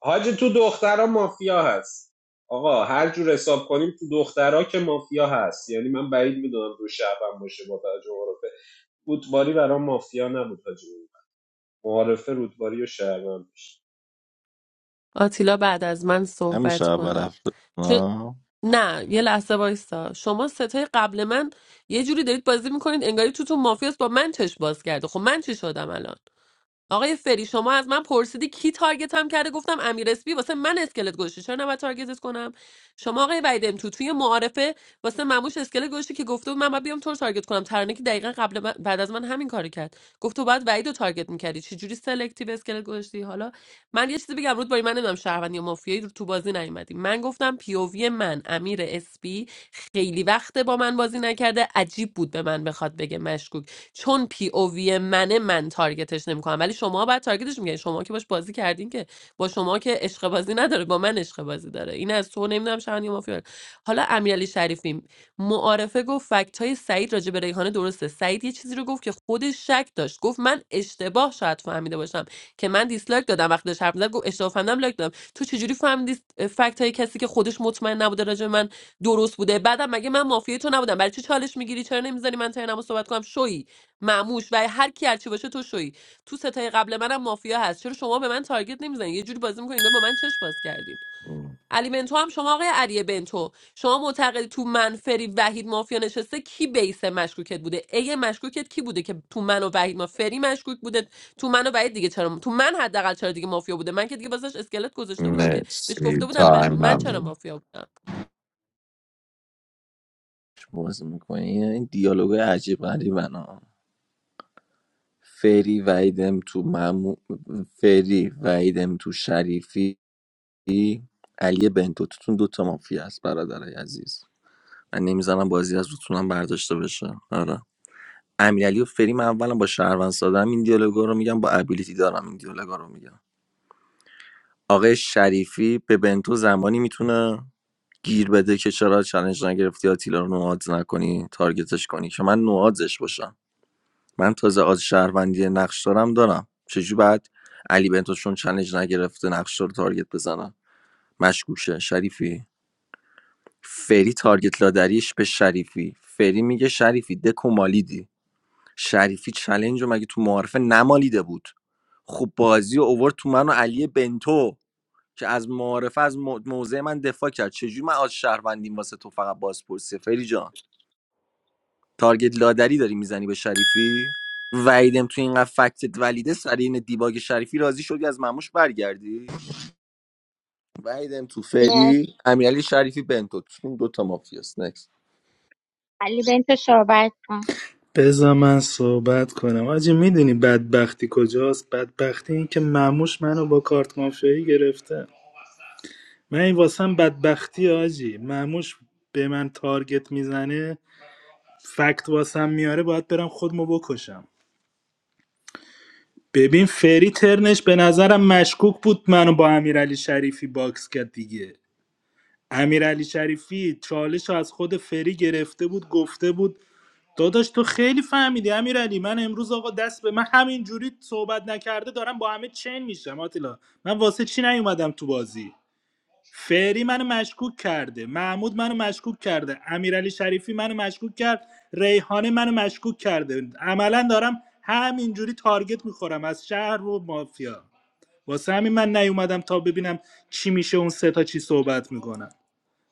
حاجی تو دخترها مافیا هست آقا هر جور حساب کنیم تو دخترها که مافیا هست یعنی من بعید میدونم دو شعبم باشه با توجه به رودباری برام مافیا نبود حاجی معارفه رودباری و شهروند آتیلا بعد از من همیشه صحبت اول کنه هفته چون آه، نه یه لحظه وایسا شما ستای قبل من یه جوری دارید بازی میکنید انگاری تو تو مافیاس با من چش باز کرده خب من چی شدم الان آقای فری شما از من پرسیدی کی تارگتم کرده گفتم امیر اسپی واسه من اسکلت گوشی چرا نباید تارگتت کنم شما آقای ویدم تو توی معارفه واسه مموش اسکلت گوشی که گفته بود من باید بیام تو رو تارگت کنم ترانه که دقیقا قبل من- بعد از من همین کارو کرد گفت تو باید وعید رو تارگت میکردی چجوری سلکتیو اسکلت گوشتی حالا من یه چیزی بگم رود باری من نمیدونم شهروند یا مافیایی رو تو بازی نیومدی من گفتم پیووی من امیر اسپی خیلی وقته با من بازی نکرده عجیب بود به من بخواد بگه مشکوک چون پی او وی منه من تارگتش نمیکنم ولی شما باید تارگتش میکنین شما که باش بازی کردین که با شما که عشق بازی نداره با من عشق بازی داره این از تو نمیدونم شهران یا مافیا حالا امیرعلی شریفی معارفه گفت فکت سعید راجع به ریحانه درسته سعید یه چیزی رو گفت که خودش شک داشت گفت من اشتباه شاید فهمیده باشم که من دیسلایک دادم وقتی داشت حرف می‌زد گفت اشتباه فهمیدم لایک دادم تو چجوری فهمیدی فکت های کسی که خودش مطمئن نبوده راجع به من درست بوده بعدم مگه من مافیای تو نبودم برای چی چالش میگیری چرا نمیذاری من ترنمو صحبت کنم شوی معموش و هر کی هرچی باشه تو شوی تو ستای قبل منم مافیا هست چرا شما به من تارگت نمیزنید یه جوری بازی میکنید با من چش باز کردین علی بنتو هم شما آقای علی بنتو شما معتقدی تو من فری وحید مافیا نشسته کی بیس مشکوکت بوده ای مشکوکت کی بوده که تو من و وحید ما فری مشکوک بوده تو من و وحید دیگه چرا تو من حداقل چرا دیگه مافیا بوده من که دیگه واسش اسکلت گذاشته بودم که بهش مرسی گفته بودم تایم مشکوک من چرا ممنون مافیا بودم چه بازی میکنی این دیالوگ عجیب غریبنا فری ویدم تو ممو... فری ویدم تو شریفی علی علی بنتو توتون دوتا مافیا است برادرای عزیز من نمیزنم بازی از روتونم برداشته بشه آره امیرعلی و فریم اولا با شهروند سادم این دیالوگا رو میگم با ابیلیتی دارم این دیالوگا رو میگم آقای شریفی به بنتو زمانی میتونه گیر بده که چرا چالش نگرفتی آتیلا رو نوادز نکنی تارگتش کنی که من نوادزش باشم من تازه از شهروندی نقش دارم دارم چجوری بعد علی بنتو چون چالش نگرفته نقش رو تارگت بزنم مشکوکه شریفی فری تارگت لادریش به شریفی فری میگه شریفی دکو مالیدی شریفی چلنج رو مگه تو معارفه نمالیده بود خب بازی رو اوورد تو من و علی بنتو که از معارفه از مو- موضع من دفاع کرد چجوری من از شهروندیم واسه تو فقط بازپرسی فری جان تارگت لادری داری میزنی به شریفی وعیدم تو اینقدر فکتت ولیده سر این دیباگ شریفی راضی شدی از مموش برگردی وعیدم تو نه. فری امیرعلی شریفی بنتو تو این دوتا مافیاست علی بنت صحبت کن بذار من صحبت کنم آجی میدونی بدبختی کجاست بدبختی این که معموش منو با کارت مافیایی گرفته من این واسم بدبختی آجی معموش به من تارگت میزنه فکت واسم میاره باید برم خودمو بکشم ببین فری ترنش به نظرم مشکوک بود منو با امیرعلی شریفی باکس کرد دیگه امیرعلی شریفی چالش رو از خود فری گرفته بود گفته بود داداش تو خیلی فهمیدی امیرعلی من امروز آقا دست به من همینجوری صحبت نکرده دارم با همه چین میشم آتیلا من واسه چی نیومدم تو بازی فری منو مشکوک کرده محمود منو مشکوک کرده امیرعلی شریفی منو مشکوک کرد ریحانه منو مشکوک کرده عملا دارم همینجوری تارگت میخورم از شهر و مافیا واسه همین من نیومدم تا ببینم چی میشه اون سه تا چی صحبت میکنن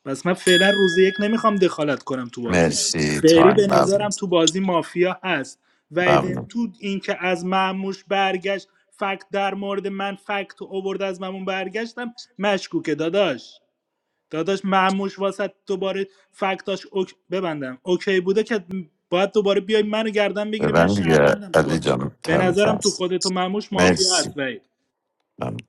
پس من فعلا روز یک نمیخوام دخالت کنم تو بازی مرسی فری تایم به ممنون نظرم تو بازی مافیا هست و ایدن ممنون تو اینکه از معموش برگشت فکت در مورد من فکت اوورد از ممون برگشتم مشکوکه داداش داداش معموش واسه دوباره فکتاش اوک... ببندم اوکی بوده که باید دوباره بیای منو گردن بگیری من ببند دیگه شهروندم تو علی بازی جان به تایم نظرم تو هست خودت و معموش مافیا هست مرسی وید ممنون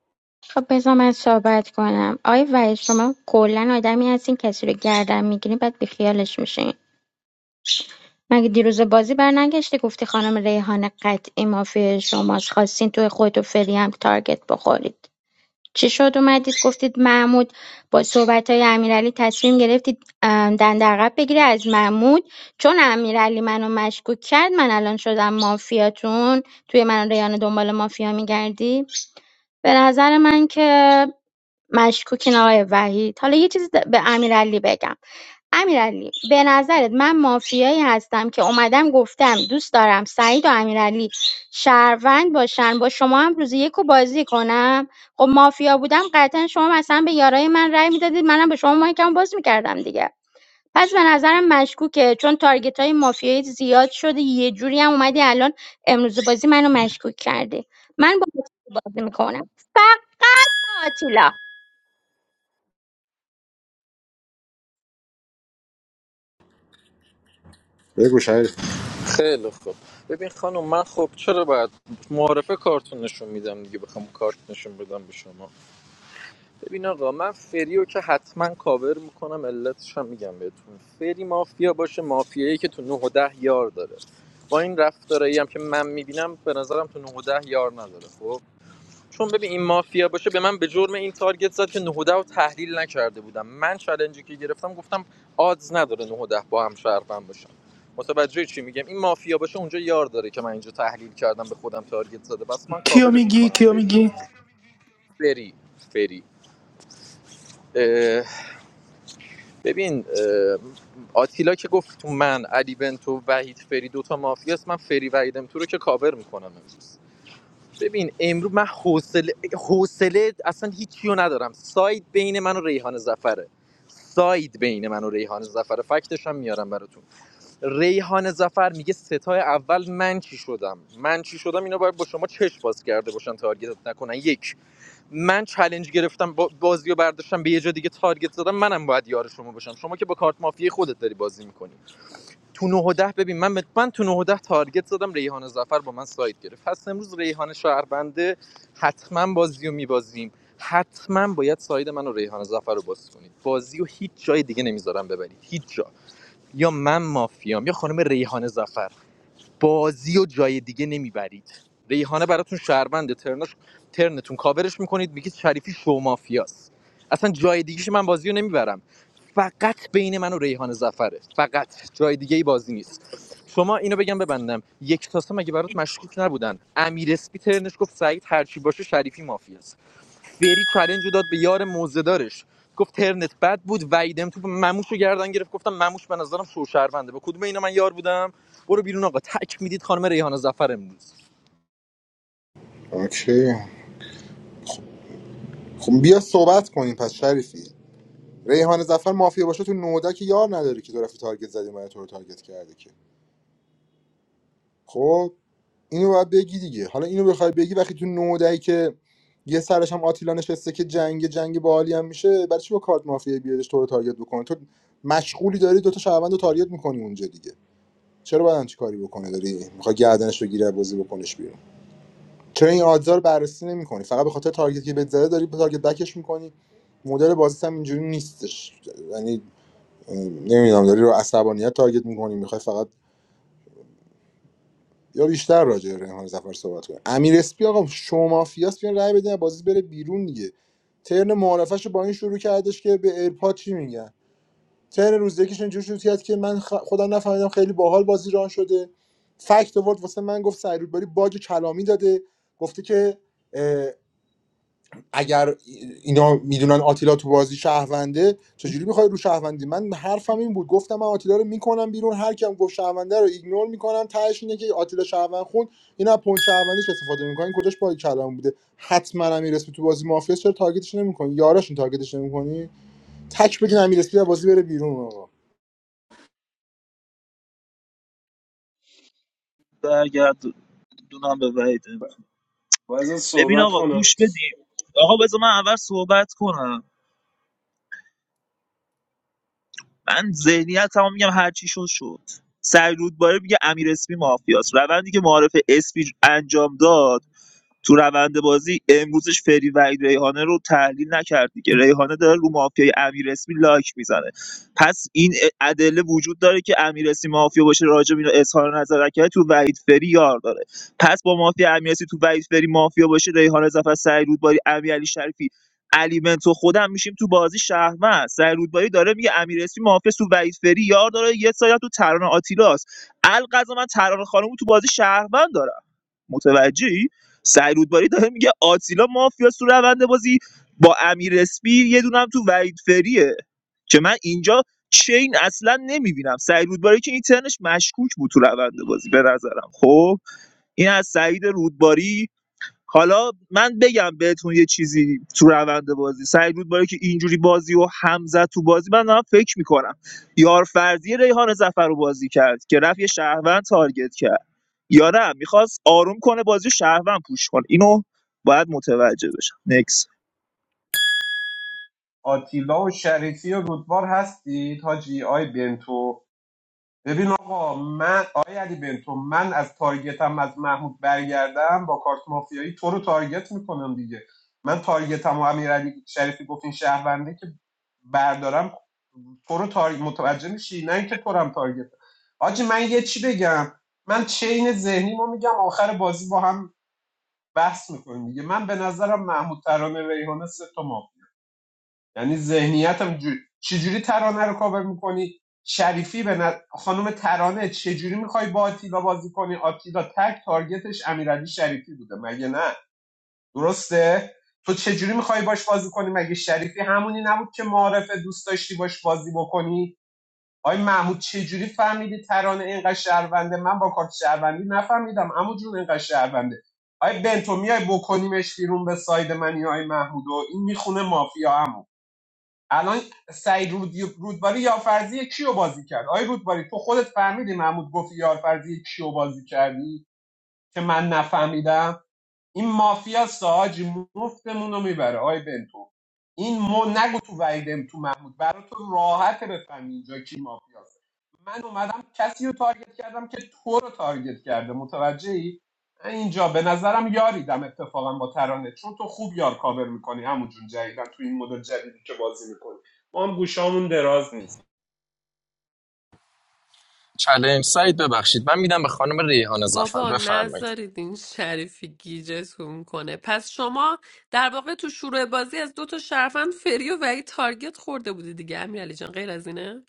خب بذار من صحبت کنم آقای وحید شما کلا آدمی هستین کسی رو گردن میگیرین بعد بیخیالش میشین مگه دیروز بازی برنگشتی گفتی خانم ریحان قطعی مافی شماست خواستین توی خود و فری هم تارگت بخورید چی شد اومدید گفتید محمود با صحبتهای امیرعلی تصمیم گرفتید اه، دنده عقب بگیره از محمود چون امیرعلی منو مشکوک کرد من الان شدم مافیاتون توی من و ریان دنبال مافیا میگردی به نظر من که مشکوکین آقای وحید حالا یه چیزی به امیرعلی بگم امیرعلی به نظرت من مافیایی هستم که اومدم گفتم دوست دارم سعید و امیرعلی شهروند باشن با شما هم روز یکو بازی کنم خب مافیا بودم قطعا شما مثلا به یارای من رأی میدادید منم به شما مایکم باز میکردم دیگه پس به نظرم مشکوکه چون تارگت های مافیایی زیاد شده یه جوری هم اومدی الان امروز بازی منو مشکوک کردی من با بازی میکنم فقط با آتیلا بگو شریف خیلی خوب ببین خانم من خب چرا باید معارفه کارتون نشون میدم دیگه بخوام کارت نشون بدم به شما ببین آقا من فریو که حتما کاور میکنم علتش هم میگم بهتون فری مافیا باشه مافیایی که تو 9 و 10 یار داره با این رفتارایی هم که من میبینم به نظرم تو 9 و 10 یار نداره خب چون ببین این مافیا باشه به من به جرم این تارگت زد که 9 و 10 رو تحلیل نکرده بودم من چالنجی که گرفتم گفتم آدز نداره 9 و 10 با هم شرفم باشم متوجه چی میگم این مافیا باشه اونجا یار داره که من اینجا تحلیل کردم به خودم تارگت زده بس من کیو کاورش میگی میکنم کیو فریو میگی فری فری اه، ببین اه، آتیلا که گفت تو من علی بنتو وحید فری دوتا مافیاست من فری وحیدم تو رو که کاور میکنم امروز ببین امروز من حوصله حوصله اصلا هیچی رو ندارم ساید بین من و ریحان زفره ساید بین من و ریحان زفره فکتش هم میارم براتون ریحان زفر میگه ستای اول من چی شدم من چی شدم اینا باید با شما چشم باز کرده باشن تارگتت نکنن یک من چلنج گرفتم بازیو برداشتم به یه جا دیگه تارگت زدم منم باید یار شما باشم شما که با کارت مافیای خودت داری بازی میکنی تو 9 و 10 ببین من من تو 9 و 10 تارگت زدم ریحان زفر با من ساید گرفت پس امروز ریحان شهربنده حتما بازیو رو میبازیم حتما باید ساید من و ریحان زفر رو باز کنید بازیو هیچ جای دیگه نمیذارم ببرید هیچ جا یا من مافیام یا خانم ریحانه زفر بازی و جای دیگه نمیبرید ریحانه براتون شهرونده ترناش ترنتون کاورش میکنید میگید شریفی شو مافیاست اصلا جای دیگیش من بازیو نمیبرم فقط بین من و ریحان زفره فقط جای دیگه ای بازی نیست شما اینو بگم ببندم یک تاسه مگه برات مشکوک نبودن امیر اسپی ترنش گفت سعید هرچی باشه شریفی مافیاست فری چلنج رو داد به یار موزدارش گفت ترنت بد بود ویدم تو مموش رو گردن گرفت گفتم مموش به نظرم شوشرونده با کدوم اینا من یار بودم برو بیرون آقا تک میدید خانم ریحانه زفر امروز اوکی خب بیا صحبت کنیم پس شریفی ریحان زفر مافیا باشه تو نوده که یار نداره که تو رفتی تارگت زدی من تو رو تارگت کرده که خب اینو باید بگی دیگه حالا اینو بخوای بگی وقتی تو نودهی که یه سرش هم آتیلا نشسته که جنگ جنگ باحالی هم میشه برای چی با کارت مافیا بیادش تو رو تارگت بکنه تو مشغولی داری دوتا شهروند رو تارگت میکنی اونجا دیگه چرا باید همچی کاری بکنه داری میخوای گردنش رو گیره بازی بکنش بیرون چرا این آدزار رو بررسی نمیکنی فقط به خاطر تارگت که بهت زده داری به تارگت بکش میکنی مدل بازیت هم اینجوری نیستش یعنی نمیدونم داری رو عصبانیت تارگت میکنی میخوای فقط یا بیشتر راجع به ریحان زفر صحبت کنی امیر اسپی آقا شما مافیاس بیان رأی بدین بازی بره بیرون دیگه ترن معارفش با این شروع کردش که به ایرپاد چی میگن ترن روز یکیش اینجوری شروع کرد که من خ... خودم نفهمیدم خیلی باحال بازی ران شده فکت آورد واسه من گفت سعید باری باج کلامی داده گفته که اگر اینا میدونن آتیلا تو بازی شهرونده چجوری میخوای رو شهروندی من حرفم این بود گفتم من آتیلا رو میکنم بیرون هر کیم گفت شهرونده رو ایگنور میکنم تهش اینه که آتیلا شهروند خون اینا از پوینت شهروندیش استفاده میکنن کجاش با کلام بوده حتما امیر اسپی تو بازی مافیا چرا تارگتش نمیکنی یاراشون تارگتش نمیکنی تک بدین امیر اسپی از بازی بره بیرون آقا برگرد دونم به وحیده. باید ببین صحبت آقا کنم گوش بدیم آقا بذار من اول صحبت کنم من ذهنیت تمام میگم هرچی شد شد سعی رودباری میگه امیر اسپی مافیاست روندی که معارف اسپی انجام داد تو روند بازی امروزش فری وحید ریحانه رو تحلیل نکرد دیگه ریحانه داره رو مافیای امیر اسمی لایک میزنه پس این ا- ادله وجود داره که امیر اسمی مافیا باشه راجع به اینو اظهار نظر نکرده تو وحید فری یار داره پس با مافیا امیر اسمی تو وحید فری مافیا باشه ریحانه ظفر سعید رودباری امیرعلی شریفی علی منتو خودم میشیم تو بازی شهرمند سعید رودباری داره میگه امیر اسمی مافیا تو وحید فری یار داره یه سایه تو ترانه آتیلاس القضا من ترانه خانم رو تو بازی شهروند دارم متوجهی سعید رودباری داره میگه آتیلا مافیاس تو روند بازی با امیر اسپی یه دونه تو وحید فریه که من اینجا چین اصلا نمیبینم سعید رودباری که این ترنش مشکوک بود تو روند بازی به نظرم خب این از سعید رودباری حالا من بگم بهتون یه چیزی تو روند بازی سعید رودباری که اینجوری بازی و همزه تو بازی من دارم فکر میکنم یار فرضی ریحان زفر رو بازی کرد که رفت یه شهروند تارگت کرد یا نه میخواست آروم کنه بازی رو شهروند پوش کنه اینو باید متوجه بشم نکس. آتیلا و شریفی و رودبار هستید حاجی آی بنتو ببین آقا من آی علی بنتو من از تارگتم از محمود برگردم با کارت مافیایی تو رو تارگت میکنم دیگه من تارگتم و امیر علی شریفی گفت این شهرونده که بردارم تو رو تار... متوجه میشی نه اینکه تو رو هم تارگت حاجی من یه چی بگم من چین ذهنی ما میگم آخر بازی با هم بحث میکنیم دیگه من به نظرم محمود ترانه ریحانه سه تا ما یعنی ذهنیتم جوری چجوری ترانه رو کاور میکنی شریفی به نظ- خانم ترانه چجوری میخوای با آتیلا بازی کنی آتیلا تک تارگتش امیرعلی شریفی بوده مگه نه درسته تو چجوری میخوای باش بازی کنی مگه شریفی همونی نبود که معارف دوست داشتی باش بازی بکنی آقای محمود چجوری فهمیدی ترانه اینقدر شهرونده من با کارت شهروندی نفهمیدم عمو جون اینقدر شهرونده آقای بنتو میای بکنیمش بیرون به ساید من یا آقای محمود و این میخونه مافیا عمو الان سعید رودی رودباری یارفرزی کیو بازی کرد آقای رودباری تو خودت فهمیدی محمود گفت یارفرزی کیو بازی کردی که من نفهمیدم این مافیا ساجی مفتمون رو میبره آی بنتو این مو نگو تو ویدم تو محمود برای تو راحت بفهمی اینجا کی مافیاست من اومدم کسی رو تارگت کردم که تو رو تارگت کرده متوجهی ای؟ اینجا به نظرم یاریدم اتفاقا با ترانه چون تو خوب یار کاور میکنی همون جون جدیدن تو این مدل جدیدی که بازی میکنی ما هم گوشامون دراز نیست چلنج سعید ببخشید من میدم به خانم ریحانه زفر بابا بفرمایید نذارید این شریفی گیجتون کنه پس شما در واقع تو شروع بازی از دو تا شرفند فری و وحید تارگت خورده بودی دیگه امیرعلی جان غیر از اینه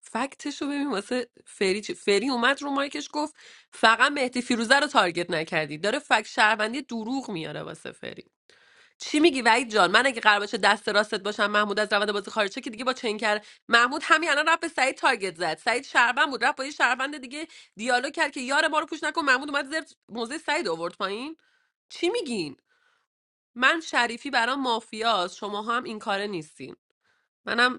فکتشو ببین واسه فری چی فری اومد رو مایکش گفت فقط مهدی فیروزه رو تارگت نکردی داره فکت شهروندی دروغ میاره واسه فری چی میگی وحید جان من اگه قرار باشه دست راستت باشم محمود از روند بازی خارج شه که دیگه با چنگ کرد محمود همین الان رفت به سعید تارگت زد سعید شهروند بود رفت با یه شهروند دیگه دیالوگ کرد که یار ما رو پوش نکن محمود اومد زیر موزه سعید آورد پایین چی میگین من شریفی برام مافیاست شماها هم این کاره نیستین منم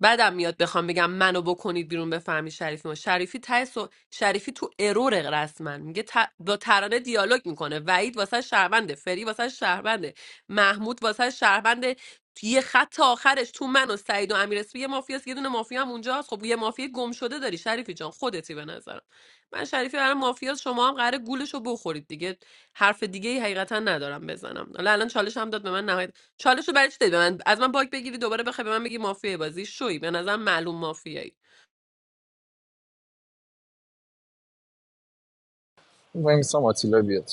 بعدم میاد بخوام بگم منو بکنید بیرون بفهمی شریفی ما شریفی ته سو- شریفی تو ارور رسما میگه ت- با ترانه دیالوگ میکنه وحید واسه شهرونده فری واسه شهرونده محمود واسه شهرونده یه خط آخرش تو من و سعید و امیر اسمی یه مافیاست یه دونه مافیا هم اونجاست خب یه مافیا گم شده داری شریفی جان خودتی به نظرم من شریفی برای مافیاست شما هم قراره گولش رو بخورید دیگه حرف دیگه ای حقیقتا ندارم بزنم حالا الان چالش هم داد به من چالش رو برای چی دادی به من از من باگ بگیری دوباره بخوای به من بگی مافیای بازی شوی به نظرم معلوم مافیایی وای میسم آتیلا بیاد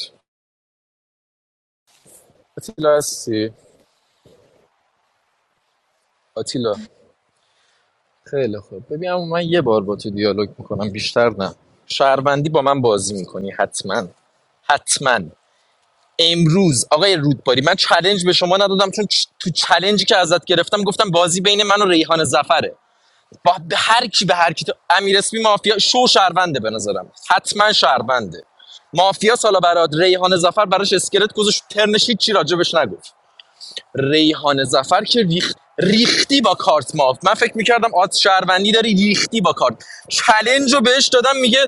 آتیلا هستی آتیلا خیلی خوب ببین عمو، من یه بار با تو دیالوگ میکنم بیشتر نه شهروندی با من بازی میکنی حتما حتما امروز آقای رودباری من چلنج به شما ندادم چون چ- تو چلنجی که ازت گرفتم گفتم بازی بین من و ریحان زفره با به هر کی به هر کی تو امیر اسمی مافیا شو شهرونده به نظرم حتما شهرونده مافیا سالا براد ریحان زفر براش اسکلت گذاشت ترنش هیچ چی راجبش نگفت ریحان زفر که ریخ... ریختی با کارت ماف من فکر میکردم آت شهروندی داری ریختی با کارت چلنج رو بهش دادم میگه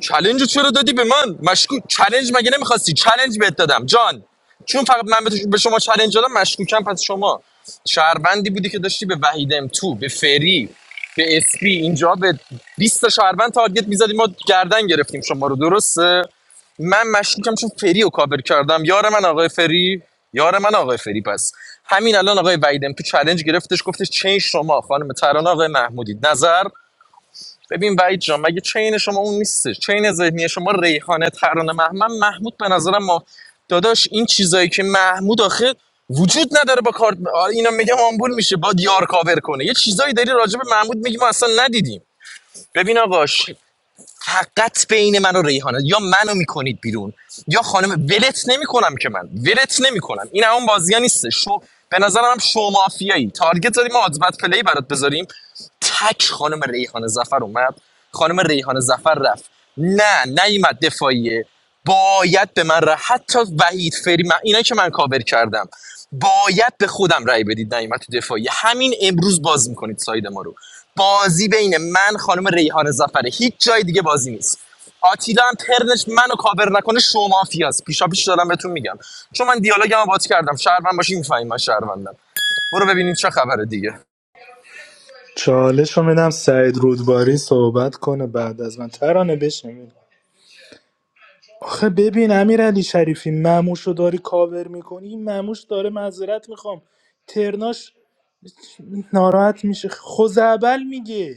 چلنج رو چرا دادی به من مشکو چلنج مگه نمیخواستی چلنج بهت دادم جان چون فقط من به تو- به شما چلنج دادم مشکوکم پس شما شهروندی بودی که داشتی به وحید ام تو به فری به اسپی اینجا به 20 تا شهروند تارگت میزدی ما گردن گرفتیم شما رو درسته من مشکوکم چون فری رو کاور کردم یار من آقای فری یار من آقای فری پس همین الان آقای ویدم تو چالش گرفتش گفتش چین شما خانم ترانه آقای محمودی نظر ببین وحید جان مگه چین شما اون نیستش چین ذهنی شما ریحانه ترانه محمد محمود به نظرم ما داداش این چیزایی که محمود آخه وجود نداره با کارت آره اینا میگم آمبول میشه با یار کاور کنه یه چیزایی داری راجع به محمود میگی ما اصلا ندیدیم ببین آقا حقت بین من و ریحانه یا منو میکنید بیرون یا خانم ولت نمیکنم که من ولت نمیکنم این اون بازی ها نیست شو به نظرم هم شو مافیایی تارگت داریم آدبت پلی برات بذاریم تک خانم ریحانه زفر اومد خانم ریحانه زفر رفت نه نیومد دفاعیه باید به من رای حتی وحید فری من اینایی که من کاور کردم باید به خودم رای بدید نیمت تو دفاعی همین امروز باز میکنید ساید ما رو بازی بین من خانم ریحان زفره هیچ جای دیگه بازی نیست آتیلا هم ترنش منو کاور نکنه شما فیاس پیشا پیش دارم بهتون میگم چون من دیالوگم باز کردم شهروند باشی میفهمی من شهروندم برو ببینید چه خبره دیگه چالش رو میدم سعید رودباری صحبت کنه بعد از من ترانه بشنوید آخه ببین امیر علی شریفی مموش رو داری کاور میکنی این مموش داره معذرت میخوام ترناش ناراحت میشه خوزعبل میگه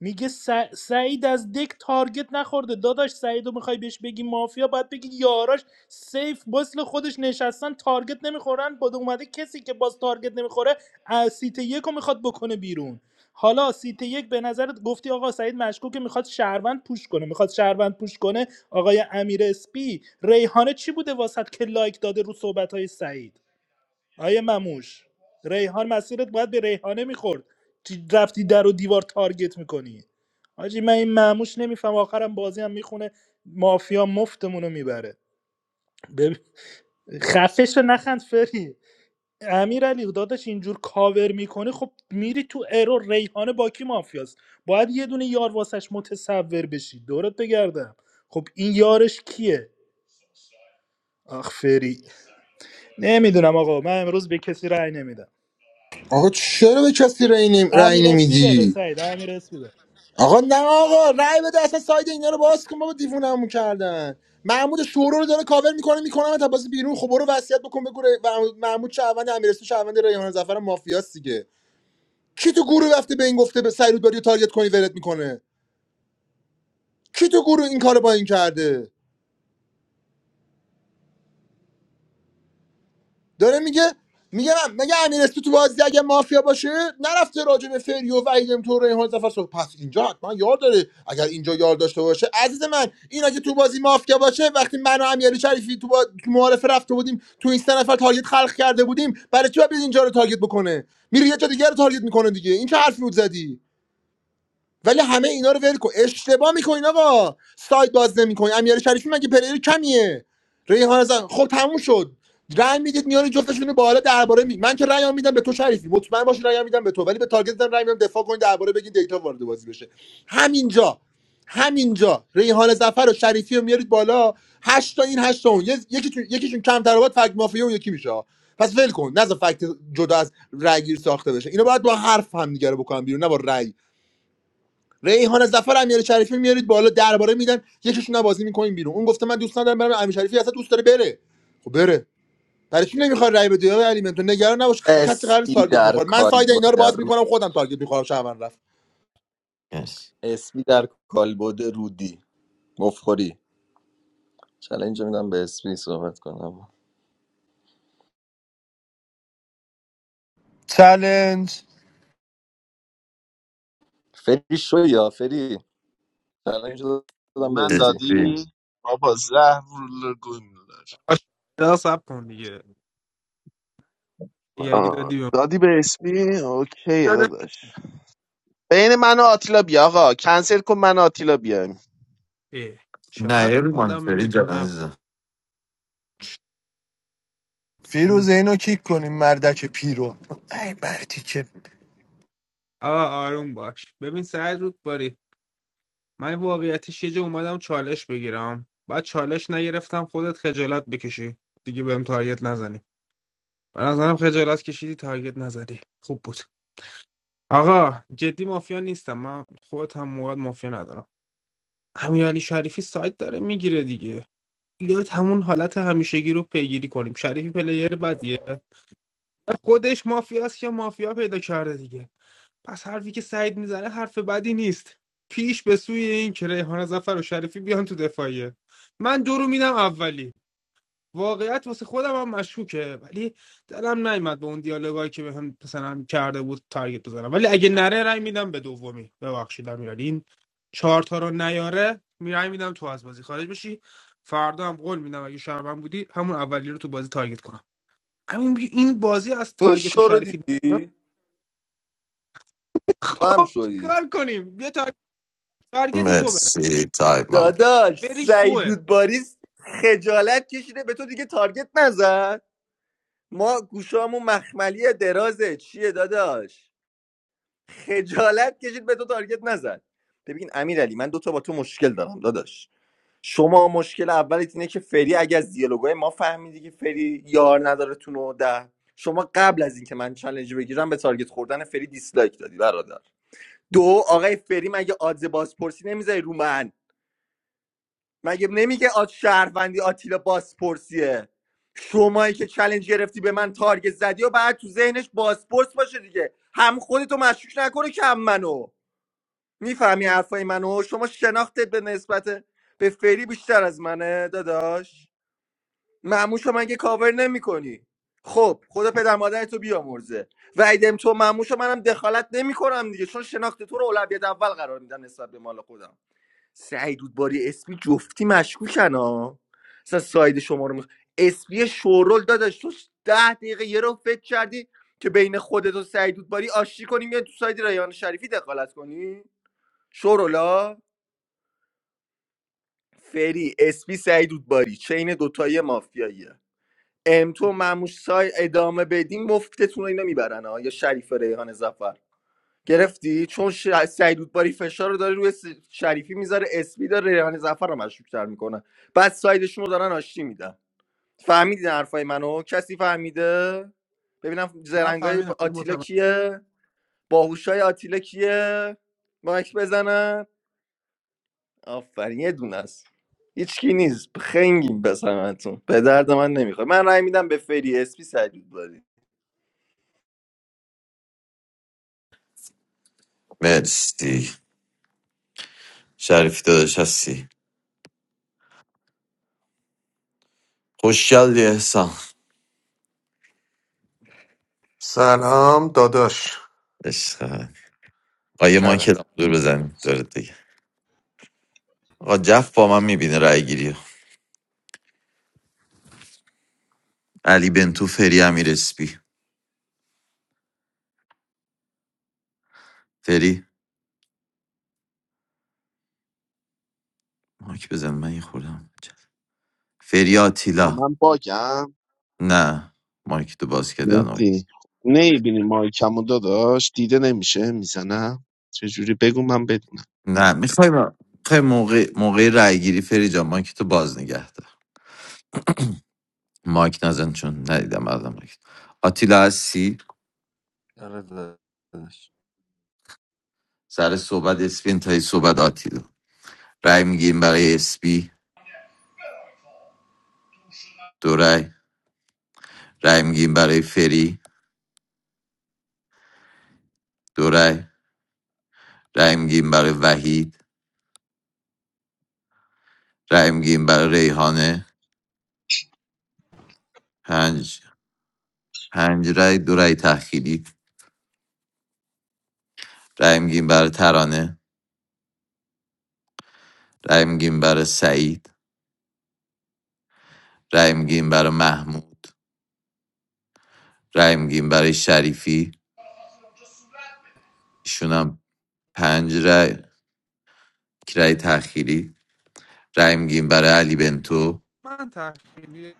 میگه س- سعید از دک تارگت نخورده داداش سعید رو میخوای بهش بگی مافیا باید بگی یاراش سیف مثل خودش نشستن تارگت نمیخورن بعد اومده کسی که باز تارگت نمیخوره از سیت یک رو میخواد بکنه بیرون حالا سیت یک به نظرت گفتی آقا سعید مشکوکه میخواد شهروند پوش کنه میخواد شهروند پوش کنه آقای امیر اسپی ریحانه چی بوده واسط که لایک داده رو صحبت های سعید آیه مموش ریحان مسیرت باید به ریحانه میخورد چی رفتی در و دیوار تارگت میکنی حاجی من این مموش نمیفهم آخرم بازی هم میخونه مافیا مفتمون میبره ببین خفش رو نخند فری امیر علی داداش اینجور کاور میکنه خب میری تو ارور ریحانه با کی مافیاست باید یه دونه یار واسش متصور بشی دورت بگردم خب این یارش کیه آخ فری نمیدونم آقا من امروز به کسی رأی نمیدم آقا چرا به کسی رأی نمی- امیر رأی اسپی نمیدی بره سعید امیر اسپی بره آقا نه آقا رأی بده اصلا ساید اینا رو باز کن بابا دیوونمون کردن محمود شورو رو داره کاور میکنه میکنه تا بازی بیرون خب برو وصیت بکن بگو ر- محمود محمود شهروند امیرسون شهروند ریحان زفر مافیاس دیگه کی تو گروه رفته به این گفته به سعید باری تارگت کنی ولت میکنه کی تو گروه این کارو با این کرده داره میگه میگه من مگه امیر اسپی تو بازی اگه مافیا باشه نرفته راجع به فریو و ایدم تو ریحان زفر صحبت پس اینجا حتما یار داره اگر اینجا یار داشته باشه عزیز من اینا که تو بازی مافیا باشه وقتی من و امیرعلی شریفی تو, با... تو معارفه رفته بودیم تو این سه نفر تارگت خلق کرده بودیم برای چی باید اینجا رو تارگت بکنه میره یه جا دیگه رو تارگت میکنه دیگه این چه حرفی بود زدی ولی همه اینا رو ول کن اشتباه میکنین آقا سایت باز نمیکنین امیر شریفی مگه پلیر کمیه ریحان زن خب تموم شد رأی میدید میان جفتشون رو بالا درباره می من که رأی میدم به تو شریفی مطمئن باش رأی میدم به تو ولی به تارگت دادم رأی میدم دفاع کنین درباره بگین دیتا وارد بازی بشه همینجا همینجا ریحان ظفر و شریفی رو میارید بالا هشت تا این هشت تا اون یه- یکیشون یکیشون کم تراوت فک مافیا اون یکی میشه پس ول کن نذار فکت جدا از رأی گیری ساخته بشه اینا باید با حرف همدیگه رو بکنن بیرون نه با رأی ریحان ظفر امیر شریفی میارید بالا درباره میدن یکیشون رو بازی میکنین بیرون اون گفته من دوست ندارم برم امیر شریفی اصلا دوست داره بره خب بره برای چی نمیخواد رای بده آقای علی ممتون نگران نباش کسی قرار نیست اسمی تارگت در بخوره من ساید اینا رو کالبد باز رود میکنم خودم تارگت میخورم شهروند رفت مرسی. اسمی در کالبد رودی مفخوری چلنج میدم به اسپی صحبت کنم Talents. فری شوی یا فری چلنج به دادم به من اسپی. مرسی دادی بابا زهر رو گم دار. آشنا سب کن دیگه یک آه. دادی به من. دادی به اسمی اوکی داده داداش بین من و آتیلا بیا آقا کنسل کن من و آتیلا بیایم اه، نه چقدر ایرمان آدم فری جان میتونم عزیزم Firuzeh, no, who are you? Mr. Pirou. Hey, Bertie, come. آقا آروم باش ببین سعید رودباری من واقعیتش یه جا اومدم چالش بگیرم بعد چالش نگرفتم خودت خجالت بکشی دیگه بهم تارگت نزنی به نظرم خجالت کشیدی تارگت نزدی خوب بود آقا جدی مافیا نیستم من خودت هم موقع مافیا ندارم امیرعلی شریفی سایت داره میگیره دیگه بیاید همون حالت همیشگی رو پیگیری کنیم شریفی پلیر بدیه خودش مافیاست که مافیا پیدا کرده دیگه پس حرفی که سعید میزنه حرف بدی نیست پیش به سوی این که ریحان زفر و شریفی بیان تو دفاعیه من دو رو میدم اولی واقعیت واسه خودم هم مشکوکه ولی دلم نیومد به اون دیالوگایی که بهم مثلا کرده بود تارگت بزنم ولی اگه نره رای میدم به دومی ببخشید امیرعلی این چهار تا رو نیاره می رای میدم تو از بازی خارج بشی فردا هم قول میدم اگه شهروند بودی همون اولی رو تو بازی تارگت کنم همین این بازی از این تارگت شو رو شریفی دیدی تو هم آه، شویی چیکار کنیم یه تارگت تو بره. مرسی تایمم داداش بری شوه سعیدود باریس خجالت کشیده به تو دیگه تارگت نزد ما گوشامون مخملی درازه چیه داداش خجالت کشید به تو تارگت نزد ببین امیر علی من دو تا با تو مشکل دارم داداش شما مشکل اولت اینه که فری اگه از دیالوگای ما فهمیدی که فری یار نداره تو نه شما قبل از اینکه من چالنج بگیرم به تارگت خوردن فری دیسلایک دادی برادر دو آقای فری مگه آدز بازپرسی نمیذاری رو من مگه نمیگه آد شهروندی آتیلا بازپرسیه شمایی که چلنج گرفتی به من تارگت زدی و بعد تو ذهنش بازپرس باشه دیگه هم خودتو مشکوک نکنه کم منو میفهمی حرفای منو شما شناختت به نسبت به فری بیشتر از منه داداش معموشو مگه کاور نمیکنی خب خدا پدر مادرتو تو بیامرزه و ایدم تو معموشو منم دخالت نمیکنم دیگه چون شناخت تو رو اولویت اول قرار میدم نسبت به مال خودم سعید باری اسپی جفتی مشکوکن ها اصلا ساید شما رو میخ... اسپی شورول داداش تو ده دقیقه یه رو فکر کردی که بین خودت و سعیدود باری آشتی کنیم یا تو ساید ریان شریفی دخالت کنی شورولا فری اسپی سعیدود باری چین دوتایی مافیاییه ام تو مموش سای ادامه بدین مفتتون رو اینا میبرن ها یا شریف ریحان زفر گرفتی چون ش... سعید رودباری فشار رو داره روی س- شریفی میذاره اسپی داره ریحان زفر رو مشروبتر میکنه بعد سایدشون رو دارن آشتی میدن فهمیدین حرفای منو کسی فهمیده ببینم من زرنگای فهمیدم ب- ولی آتیلا متوجه کیه باهوشای آتیلا کیه مایک بزنن آفرین یه دونه است هیچکی نیست خنگیم بسنتون به درد من نمیخواد من رأی میدم به فری اسپی سعید رودباری مرسی شریفی داداش هستی خوش گلی احسان Salaam, Dadash. عشق من. آقا یه What? مایکل هم دور بزنیم دارد دیگه آقا جف با من میبینه رای گیری علی بنتو فری امیر اسپی فری مایک بزن من یه خوردم فری آه، آتیلا من باگم نه مایک تو باز کردن آقا. مهدی نیبینی مایکمو داداش دیده نمیشه میزنم چجوری بگو من بدون نه میخوای میخوای موقع موقع رای گیری فری جان مایک تو باز نگه دار. مایک نزن چون ندیدم مردم مایک آتیلا هستی آره داداش سر صحبت اسپی انتهای صحبت آتیلا رای میگیم برای اسپی دو رای رای میگیم برای فری دو رای رای میگیم برای وحید رای میگیم برای ریحانه پنج پنج رای دو رای تأخیری رای میگیم برای ترانه رای میگیم برای سعید رای میگیم برای محمود رای میگیم برای شریفی ایشون هم پنج رای یک رای تأخیری رای میگیم برای علی بنتو من تخیلی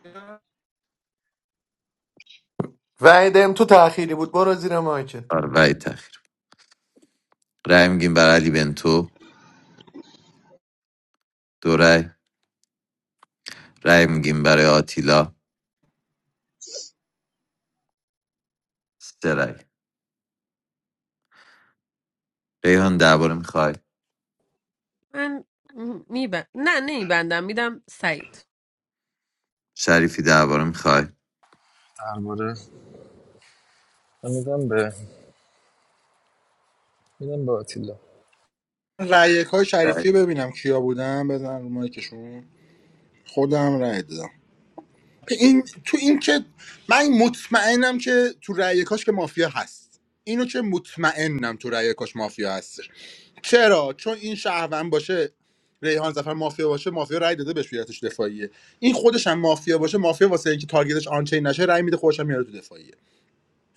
Welcome to Tahiri. Was it the last آره رأی تخیر رأی میگیم برای علی بنتو دو رأی رأی میگیم برای آتیلا سه رأی ریحان درباره میخوای من میبند نه نمیبندم میدم سعید شریفی درباره میخوای درباره من میدم به میدم به آتیلا رأیک های رأی. شریفی ببینم کیا بودن بزن رو مایکشون خودم رأی دادم این تو این که من مطمئنم که تو رأی کاش که مافیا هست اینو که مطمئنم تو رأی کاش مافیا هستش چرا چون این شهروند باشه ریحان زفر مافیا باشه مافیا رأی داده بهش بیارتش دفاعیه این خودش هم مافیا باشه مافیا واسه اینکه تارگتش آنچین نشه رأی میده خودش هم میاره تو دفاعیه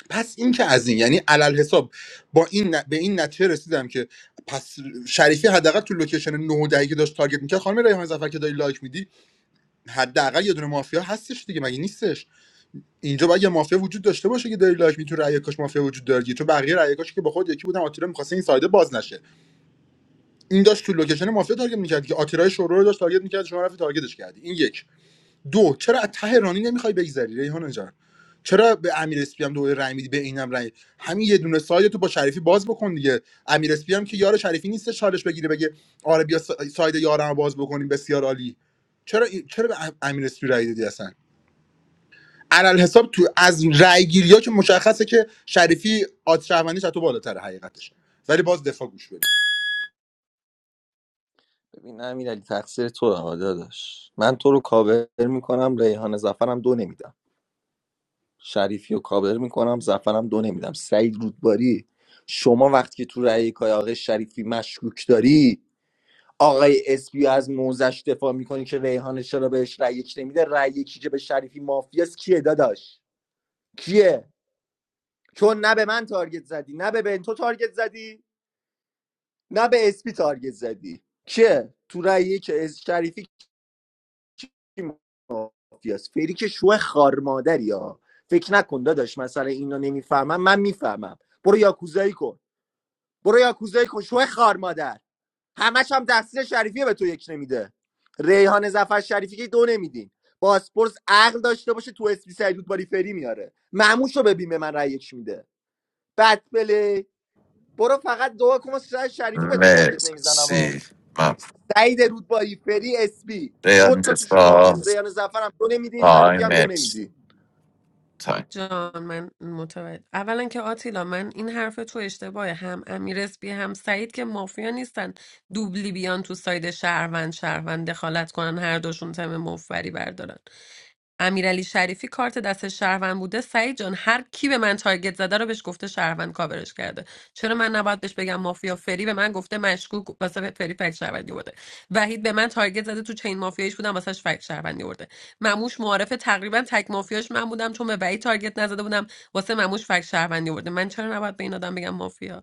پس این که از این یعنی علل حساب با این ن- به این نتیجه رسیدم که پس شریفی حداقل تو لوکیشن 9 و 10 که داشت تارگت میکرد خانم ریحان زفر که داری لایک میدی حداقل یه دونه مافیا هستش دیگه مگه نیستش اینجا باید یه مافیا وجود داشته باشه که داری لایک میتونه رأی کاش مافیا وجود داره دیگه. چون بقیه رأی کاش که با خود یکی بودن آتیلا میخواسته این سایده باز نشه این داشت تو لوکیشن مافیا تارگت میکرد که آتیلا شورو رو داشت تارگت میکرد شما رفتی تارگتش کردی این یک دو چرا از ته رانی نمیخوای بگذری ریحان جان چرا به امیر اسپی هم دوباره رأی میدی به اینم رأی همین یه دونه ساید تو با شریفی باز بکن دیگه امیر اسپی هم که یار شریفی نیست چالش بگیره بگه آره بیا ساید یارم باز بکنیم بسیار عالی چرا چرا به امیر اسپی رأی دادی اصلا حساب تو از رأیگیری که مشخصه که شریفی آد شهروندیش از تو بالاتره حقیقتش ولی باز دفاع گوش بده ببین امیرعلی تقصیر تو آقا داداش من تو رو کاور میکنم ریحان زفرم دو نمیدم شریفی رو کاور میکنم زفرم دو نمیدم سعید رودباری شما وقتی که تو رأی کای آقای شریفی مشکوک داری آقای اسپی از موزش دفاع میکنی که ریحان چرا بهش رأی یک نمیده رأی یکی که به شریفی مافیاس کیه داداش کیه چون نه به من تارگت زدی نه به بنتو تارگت زدی نه به اسپی تارگت زدی کیه تو رأی یک مافیاست فری که شو خار مادری ها فکر نکن داداش مثلا اینا نمیفهمم من میفهمم برو یاکوزایی کن برو یاکوزایی کن شو خار مادر همش هم تقصیر شریفیه به تو یک نمیده ریحان زفر شریفی که دو نمیدین باسپورس عقل داشته باشه تو اسپی سعیدود باری فری میاره معموش رو ببین به من رای یک میده بد پلی برو فقط دو کن واسه شریفی به تو تارگت نمیزنم ها مرسی من سعید رودباری فری اسپی دو ریحان تا توشون مافیا دفاع سیان زفر هم دو نمیدین شریفی تایم هم دو نمیدی مرسی. تایم جان من متوجه اولا که آتیلا من این حرف تو اشتباهه هم امیر اسپی هم سعید که مافیا نیستن دوبلی بیان تو ساید شهروند شهروند دخالت کنن هر دوشون تم مفبری بردارن امیرعلی شریفی کارت دست شهروند بوده سعید جان هر کی به من تارگت زده رو بهش گفته شهروند کاورش کرده چرا من نباید بهش بگم مافیا فری به من گفته مشکوک واسه فری فکت شهروندی بوده وحید به من تارگت زده تو چین مافیایش بودم واسهش فکت شهروندی برده. مموش معارفه تقریبا تک مافیاش من بودم چون به وحید تارگت نزده بودم واسه مموش فک شهروندی برده من چرا نباید به این آدم بگم مافیا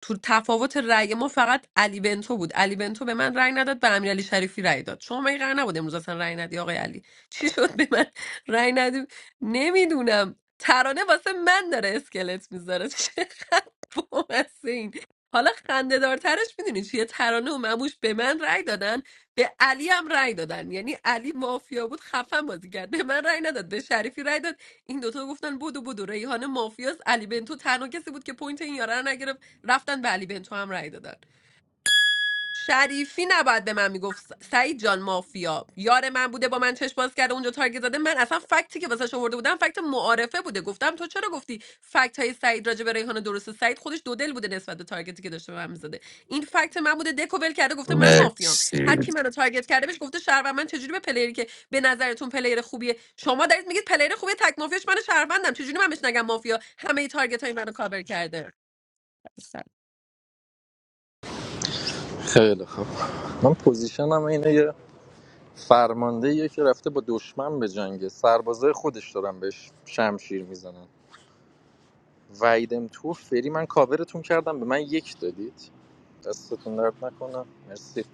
تو تفاوت رأی ما فقط علی بنتو بود علی بنتو به من رأی نداد به امیرعلی شریفی رأی داد شما مگه قرار نبود امروز اصلا رأی ندی آقای علی چی شد به من رأی ندی نمیدونم ترانه واسه من داره اسکلت میذاره چقدر بامسه این حالا خنده دارترش میدونی چیه ترانه و مموش به من رأی دادن به علی هم رأی دادن یعنی علی مافیا بود خفن بازی کرد به من رأی نداد به شریفی رأی داد این دوتا گفتن بدو بدو ریحانه مافیاس علی بنتو تنها کسی بود که پوینت این یارا رو نگرفت رفتن به علی بنتو هم رأی دادن شریفی نباید به من میگفت س- سعید جان مافیا یار من بوده با من چشم باز کرده اونجا تارگت زده من اصلا فکتی که واسش آورده بودم فکت معارفه بوده گفتم تو چرا گفتی فکت های سعید راجع به ریحانه درسته سعید خودش دو دل بوده نسبت به تارگتی که داشته به من میزده این فکت من بوده دکو ول کرده گفته من مافیام هر مرسی کی منو تارگت کرده بهش گفته شهروند من چجوری به پلیری که به نظرتون پلیر خوبیه شما دارید میگید پلیر خوبیه تک مافیاش من شهروندم چجوری من بهش نگم مافیا همه تارگت های منو کاور کرده خیلی خوب من پوزیشنم اینه یه فرمانده یه که رفته با دشمن به جنگه سربازای خودش دارن بهش شمشیر میزنن ویدم تو فری من کاورتون کردم به من یک دادید دستتون درد نکنم مرسی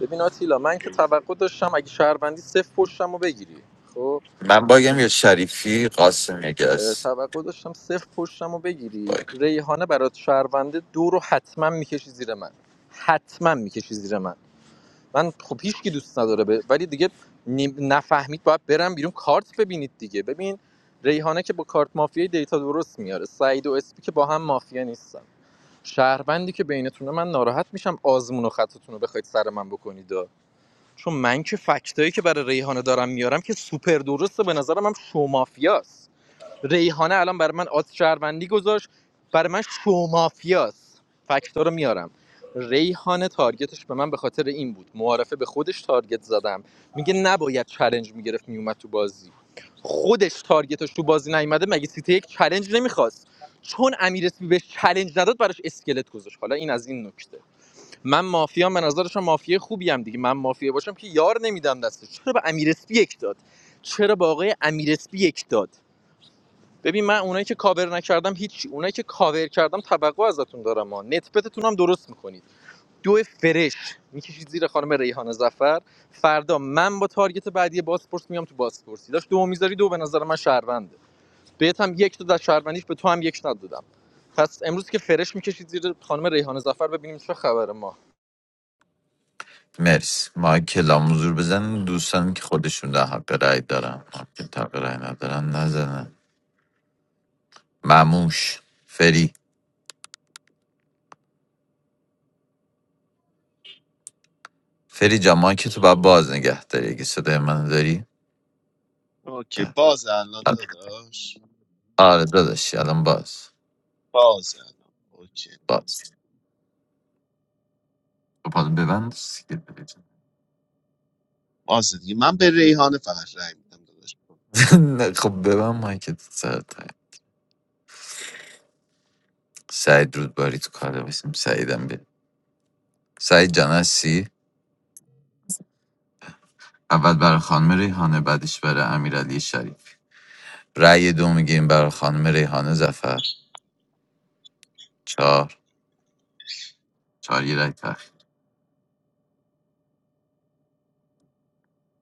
ببین آتیلا من که توقع داشتم اگه شهروندی صفر پشتم رو بگیری خب من باگم یا شریفی قاسم اه، یگس توقع داشتم صفر پشتم رو بگیری باگ ریحانه برات شهرونده دو رو حتما میکشی زیر من حتما میکشی زیر من من خب هیچ کی دوست نداره به ولی دیگه نی- نفهمید باید برم بیرون کارت ببینید دیگه ببین ریحانه که با کارت مافیای دیتا درست میاره سعید و اسپی که با هم مافیا نیستن شهروندی که بینتونه من ناراحت میشم آزمون و خطتون رو بخواید سر من بکنید چون من که فکتایی که برای ریحانه دارم میارم که سوپر درسته به نظرم هم شو مافیاست ریحانه الان برای من آز شهروندی گذاشت برای من شو مافیاست فکتا رو میارم ریحانه تارگتش به من به خاطر این بود معارفه به خودش تارگت زدم میگه نباید چلنج میگرفت میومد تو بازی خودش تارگتش تو بازی نیومده مگه سیته یک چلنج نمیخواست چون امیر اسپی بهش چلنج نداد براش اسکلت گذاشت حالا این از این نکته من مافیا به نظرشم مافیا خوبی هم دیگه من مافیا باشم که یار نمیدم دستش چرا به امیر اسپی یک داد چرا به آقای امیر اسپی یک داد ببین من اونایی که کاور نکردم هیچ اونایی که کاور کردم توقع ازتون دارم ما نتپتتون هم درست میکنید دو فرش میکشید زیر خانم ریحانه زفر فردا من با تارگت بعدی بازپرس میام تو بازپرسی داشت دو میذاری دو به نظر من شهرونده بهت هم یک داد از شهروندیش به تو هم یک ندادم پس امروز که فرش میکشید زیر خانم ریحانه زفر ببینیم چه خبر ما مرسی مایکل هم حضور بزن دوستان که خودشون در حق رأی دارن که حق رأی ندارن نزنن مموش فری فری جان مایکتو باید باز نگه داری اگه صدای منو داری اوکی بله. باز الان داداش آره داداشی الان باز باز الان اوکی برو. باز خب حالا ببند سیگار بکشم. باز دیگه من به ریحانه فقط رای میدم داداش نه، خب ببند مایکت سر تایم. سعید رودباری تو کاله باشیم سعیدم بیا سعید جان هستی؟ اول برای خانم ریحانه بعدش برای امیرعلی شریف رأی دو میگیریم برای خانم ریحانه زفر چهار چهار یه رای تأخیر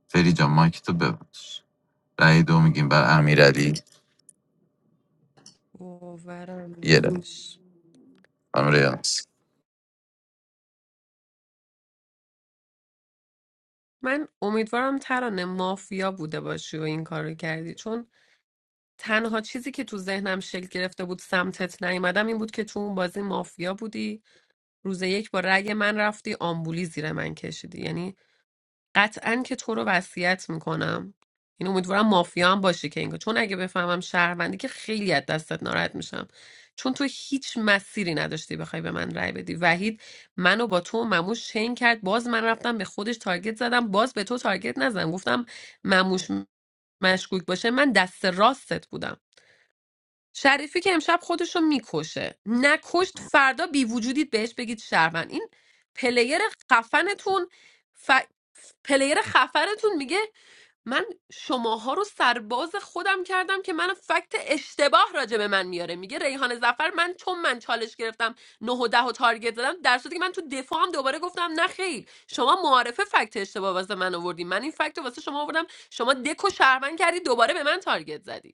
فری جان مایک تو ببند رای دو میگیم برای امیر امیرعلی باورم یه رأی نمیشه خانم ریحانه من امیدوارم ترانه مافیا بوده باشی و این کارو کردی چون تنها چیزی که تو ذهنم شکل گرفته بود سمتت نیومدم این بود که تو اون بازی مافیا بودی روز یک با رأی من رفتی آمبولی زیر من کشیدی یعنی قطعا که تو رو وصیت میکنم این امیدوارم مافیا هم باشی که اینگاه چون اگه بفهمم شهروندی که خیلی از دستت ناراحت میشم چون تو هیچ مسیری نداشتی بخوای به من رأی بدی وحید منو با تو و مموش چین کرد باز من رفتم به خودش تارگت زدم باز به تو تارگت نزدم گفتم مموش مشکوک باشه من دست راستت بودم شریفی که امشب خودشو میکشه نکشت فردا بی وجودید بهش بگید شهروند این پلیر خفنتون ف... پلیر خفنتون میگه من شماها رو سرباز خودم کردم که من فکت اشتباه راجع به من میاره میگه ریحان زفر من چون من چالش گرفتم نه و ده و تارگت زدم در صورتی که من تو دفاعم دوباره گفتم نه خیر شما معارفه فکت اشتباه واسه من آوردی من این فکت رو واسه شما آوردم شما دک و شهروند کردی دوباره به من تارگت زدی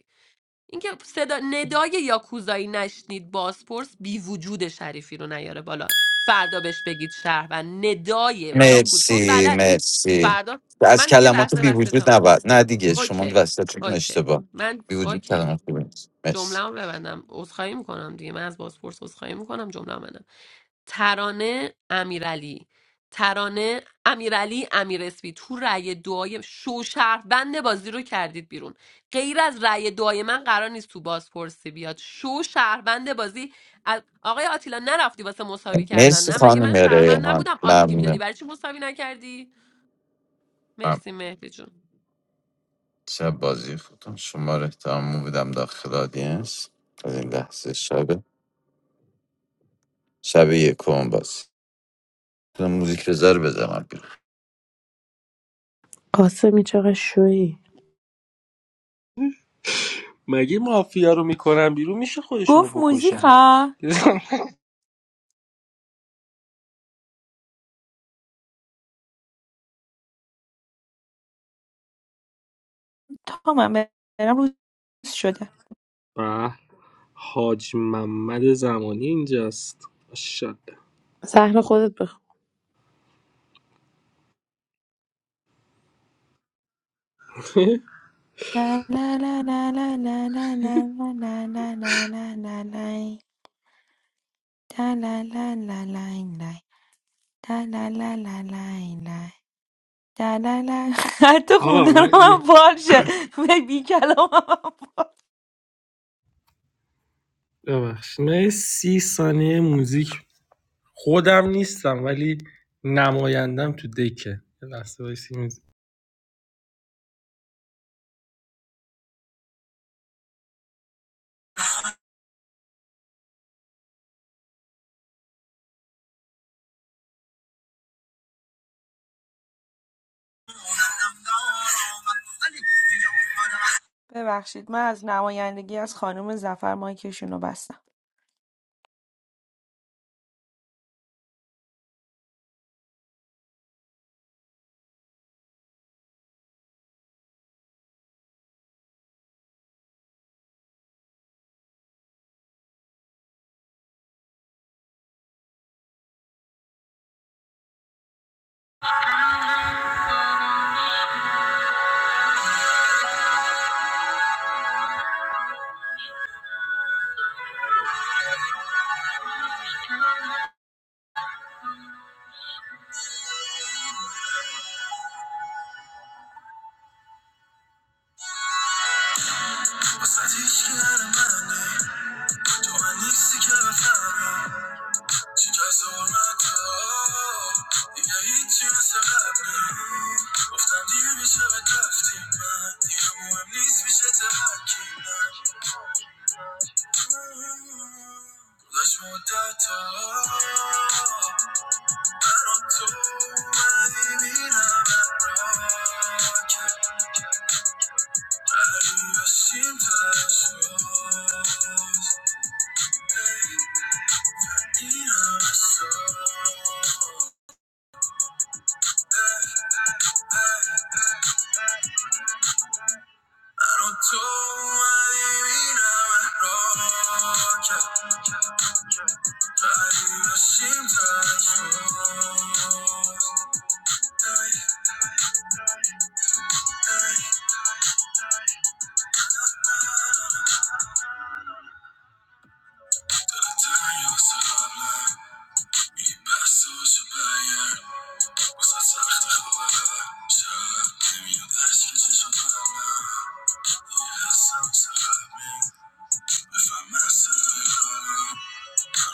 اینکه صدا ندای یاکوزایی نشنید بازپرس بی وجود شریفی رو نیاره بالا فردا بهش بگید شهر و ندای یاکوز چون مرسی بلده مرسی فردا از من یه کلمات لحظه بی وجود وسطم نبود نه دیگه شما اوکی وسطتون اوکی اشتباه من بی وجود اوکی کلمات بی وجود. مرسی جمله ببندم عذرخواهی میکنم دیگه من از بازپرس عذرخواهی میکنم جمله ترانه امیرعلی ترانه امیرعلی امیر اسپی تو رأی دعای شو شهروند بازی رو کردید بیرون غیر از رأی دعای من قرار نیست تو بازپرسی بیاد شو شهروند بازی از- آقای آتیلا نرفتی واسه مساوی کردن مرسی نه مگه خانم من شهروند ریحان نبودم آشتی میدادی ممنونم برای چی مساوی نکردی ممنون. مرسی مهدی جون شب بازی خودم شما رو احتمام بودم داخل آدینس از این لحظه شب شب یکم باز موزیک بذار بزنم بیرون قاسمی چقدر شوی مگه مافیا رو میکنن بیرون میشه خودشونو Goof music. بکشن Thomas, I'm losing it. و حاج محمد زمانی اینجاست ماشاءالله. زهر خودت بخون La la la la la la la la la la la la. La la la la la la la la la. La la. I don't آقا know. من I'm یه bored. I'm sick of it. I'm bored. ببخشید. من سی ثانیه موزیک خودم نیستم ولی نمایندم تو دکه یه لحظه وایسی موزیک Bevashid, me from Navayandegi, from Khani Mazfar, my kishun o basta. She tries to hold my radical. If I hit you, so happy. Of time, you wish I was drafting, man. You know who I'm least wish I was hacking, man. Lash more data. I don't know why they be now my rocket. I do seem to have scars. Hey, in our soul. Roto adivinaba rocha, traía sin trasfondo. Dat het aan jou zal blijven, je best zoals je bij je. Was dat zachte geworden, zo neem je het ijsjes van mij. Je gaat samen samen,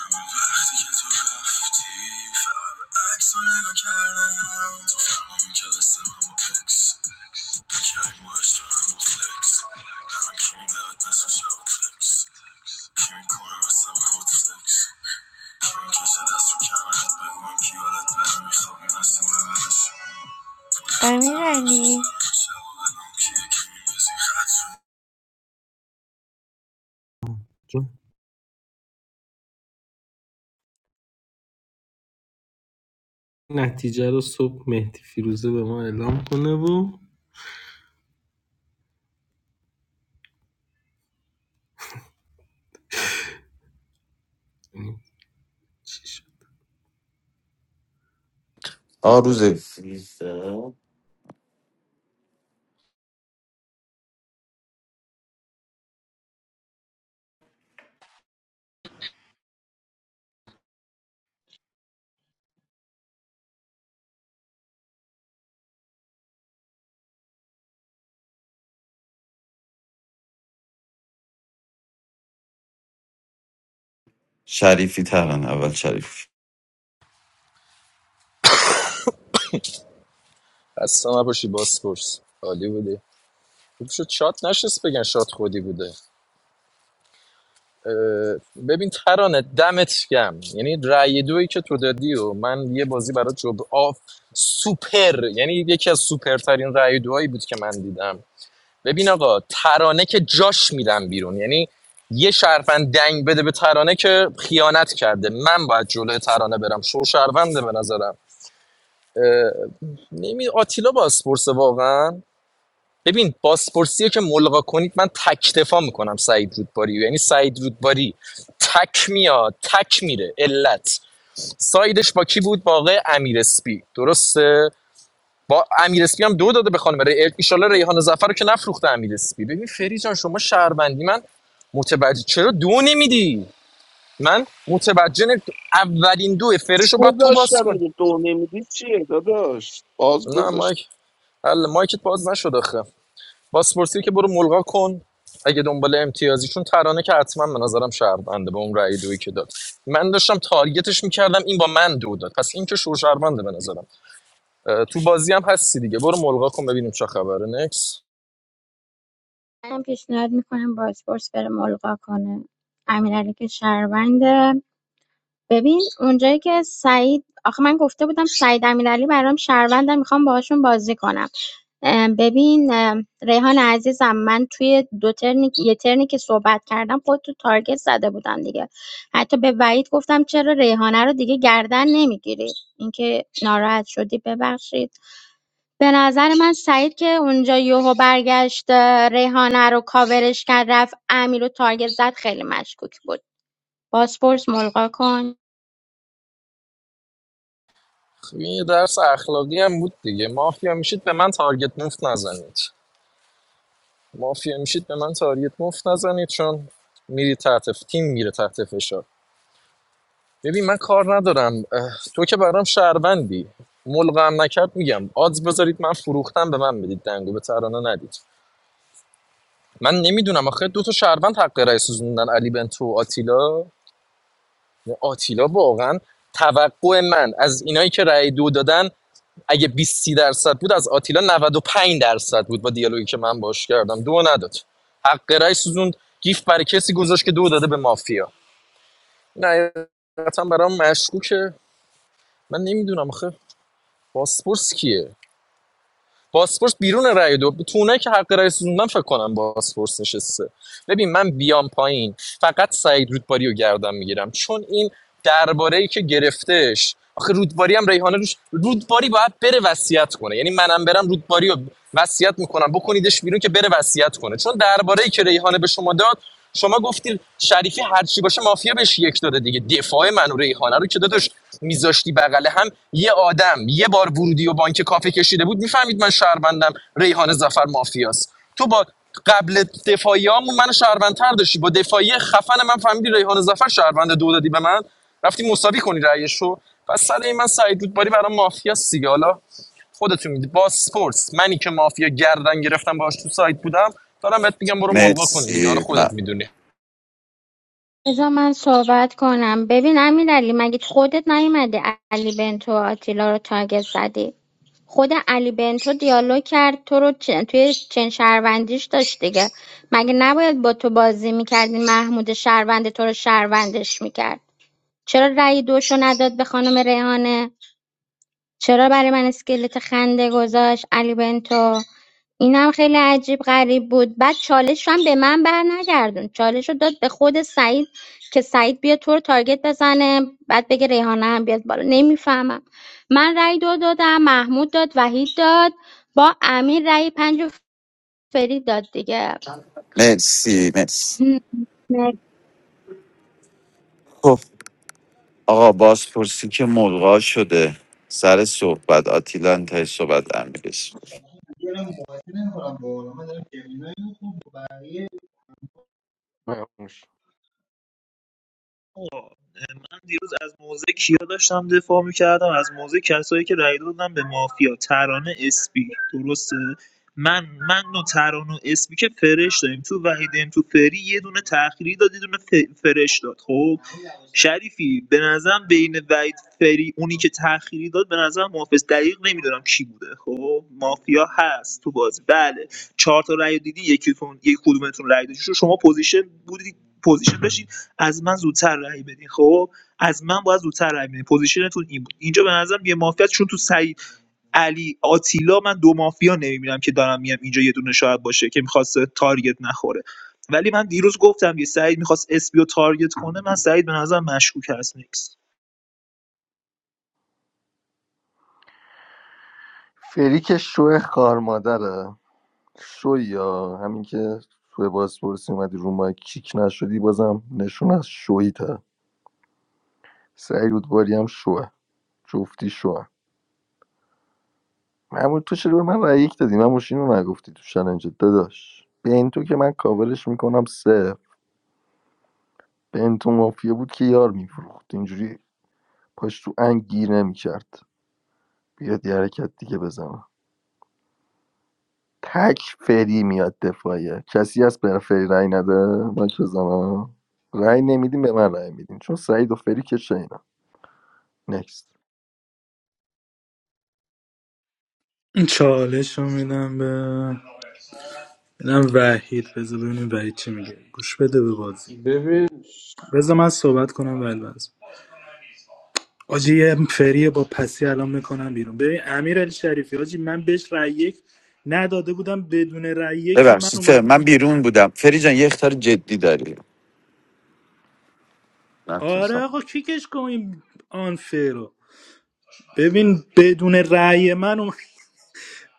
اما وقتی که تو رفتی فقط عکس رو نگاه کردم تو فهمیدی که دست من با اکس کریم و هم با فلکس همه کی میدهد نسو شود فلکس کی میکنه مثل من با فلکس کی میکشه دست رو کمرت بگو من کی برم میخوابیم هستیم ببرش I خاطر mean, و I افسوس need. دارم شب بدم کیه که یکی میبزی خط رو نتیجه رو صبح مهدی فیروزه به ما اعلام کنه و چی شد. آ روز شریفی ترن اول شریف اصلا نباشی باسپورس عالی بودی خوب شد شات نشست بگن شات خودی بوده ببین ترانه دمت گم یعنی رأی دویی که تو دادی و من یه بازی برای جب آف سوپر یعنی یکی از سوپرترین رأی دوهایی بود که من دیدم ببین آقا ترانه که جاش میرم بیرون یعنی یه شرفن دنگ بده به ترانه که خیانت کرده من باید جلوی ترانه برم شو شهرونده به نظرم نمی آتیلا باسپورس واقعا ببین بازپرسی رو که ملغا کنید من تک دفاع میکنم سعید رودباری رو. یعنی سعید رودباری تک میاد تک میره علت سایدش با کی بود باقی آقای امیر اسپی درسته با امیر اسپی هم دو داده به خانم ری ان شاءالله ریحان ظفر رو که نفروخته امیر اسپی ببین فری جان شما شهروندی من متوجه چرا دو نمیدی من متوجه نمی- اولین دو فرش رو باید تو باز گذاشتم کن دیگه دو نمیدی چیه داداش باز نه گذاشت مایک حل مایکت باز نشد آخه بازپرسی که برو ملغا کن اگه دنبال امتیازیشون ترانه که حتما به نظرم شهرونده به اون رأی دویی که داد من داشتم تارگتش میکردم این با من دو داد پس این که شور شهرونده به نظرم تو بازی هم هستی دیگه برو ملغا کن ببینیم چه خبره نکس من پیشنهاد میکنم بازپرس بره ملغا کنه امیرعلی که شهرونده ببین اونجایی که سعید آخه من گفته بودم سعید امیرعلی برام شهرونده میخوام باهاشون بازی کنم اه، ببین اه، ریحان عزیزم من توی دو ترنی یه ترنی که صحبت کردم خود تو تارگت زده بودم دیگه حتی به وحید گفتم چرا ریحانه رو دیگه گردن نمیگیری اینکه ناراحت شدی ببخشید به نظر من سعید که اونجا یوهو برگشت اه، ریحانه رو کاورش کرد رفت امیر رو تارگت زد خیلی مشکوک بود بازپرس ملغا کن خب یه درس اخلاقی هم بود دیگه مافیا میشید به من تارگت مفت نزنید مافیا میشید به من تارگت مفت نزنید چون میری تحت تیم میره تحت فشار ببین من کار ندارم تو که برام شهروندی ملغم نکرد میگم آدز بذارید من فروختم به من بدید دنگو به ترانه ندید من نمیدونم آخه دو تا شهروند حق رأی سوزوندن علی بنتو و آتیلا آتیلا واقعا توقع من از اینایی که رای دو دادن اگه 20 درصد بود از آتیلا نود و پنج درصد بود با دیالوگی که من باش کردم دو نداد حق رأی سوزوند گیف برای کسی گذاشت که دو داده به مافیا نه حقیقتا برام مشکوکه من نمیدونم آخه باسپورس کیه باسپورس بیرون رای دو تو اونایی که حق رای سوزوندن فکر کنم باسپورس نشسته ببین من بیام پایین فقط سعید رودباری رو گردم میگیرم چون این درباره ای که گرفتش آخه رودباری هم ریحانه روش رودباری باید بره وصیت کنه یعنی منم برم رودباری رو وصیت میکنم بکنیدش بیرون که بره وصیت کنه چون درباره ای که ریحانه به شما داد شما گفتید شریفی هر چی باشه مافیا بهش یک داده دیگه دفاع من و ریحانه رو که داداش میذاشتی بغل هم یه آدم یه بار ورودی و بانک کافه کشیده بود میفهمید من شهروندم ریحانه ظفر مافیاست تو با قبل دفاعی همون من شهروندتر داشتی با دفاعی خفن من فهمیدی ریحان زفر شهروند دو دادی به من رفتی مساوی کنی رأیش رو پس سر این من سعید رودباری برای مافیا سیگه حالا خودتون میدی باسپورس منی که مافیا گردن گرفتم باهاش تو سایت بودم دارم بهت میگم برو ملغا کن دیگه حالا مرسی خودت م- میدونی بذار من صحبت کنم ببین امیر علی مگه خودت نیومده علی بنتو و آتیلا رو تارگت زدی خود علی بنتو دیالوگ کرد تو رو چن- توی چن شهروندیش داشت دیگه مگه نباید با تو بازی میکردی. محمود شهروند تو رو شهروندش میکرد چرا رأی دوشو نداد به خانم ریحانه چرا برای من اسکلت خنده گذاشت علی بنتو اینم خیلی عجیب غریب بود بعد چالش رو هم به من بر نگردون چالش رو داد به خود سعید که سعید بیا تو رو تارگت بزنه بعد بگه ریحانه هم بیاد بالا نمیفهمم من رأی دو دادم محمود داد وحید داد با امیر رأی پنج و فرید داد دیگه مرسی مرسی خب آقا بازپرسی که ملغا شده سر صحبت آتیلا انتهای صحبت امیرش فراموش آقا من دیروز از موضع کیا داشتم دفاع میکردم از موضع کسایی که رای دادن به مافیا ترانه اسپی درسته من من و ترانه و اسپی که فرش داریم تو وحیدم تو فری یه دونه تأخیری داد یه دونه ف- فرش داد خب شریفی به نظرم بین وحید فری اونی که تأخیری داد به نظرم محافظ دقیق نمیدونم کی بوده خب مافیا هست تو بازی بله چهار تا رأی رو دیدی یکیتون یک کدومتون رأی دادی شما پوزیشن بودی پوزیشن داشتید از من زودتر رأی بدین خب از من باید زودتر رأی بدین پوزیشنتون این بود اینجا به نظرم یه مافیا چون تو سعید علی آتیلا من دو مافیا نمیبینم که دارم میام اینجا یه دونه شاید باشه که میخواست تارگت نخوره ولی من دیروز گفتم یه سعید میخواست اسپی رو تارگت کنه من سعید به نظر مشکوک هست نیکس فریک شو خار مادره شو یا همین که توی بازپرسی اومدی رو ما کیک نشدی بازم نشون از شویی تا سعید رودباری هم شوه جفتی شوه معمول تو چرا به من رأی یک دادی من رو نگفتی تو چلنج داداش به این تو که من کاورش میکنم سه به این تو مافیا بود که یار میفروخت اینجوری پاش تو انگ گیر نمیکرد بیاد یه حرکت دیگه بزنم تک میاد دفاعیه آه. رأی اینا. نه چالش رو میدم به میدم وحید بذار ببینیم وحید چی میگه گوش بده به بازی ببین بذار من صحبت کنم بعد باز آجی یه فریه با پسی الان میکنم بیرون ببین امیر علی شریفی آجی من بهش رأی یک نداده بودم بدون رأی یک من ببخشید فر- اومد من بیرون بودم فری جان یه اختار جدی داری آره نتونستم آقا کیکش کن این آن رو ببین بدون رأی من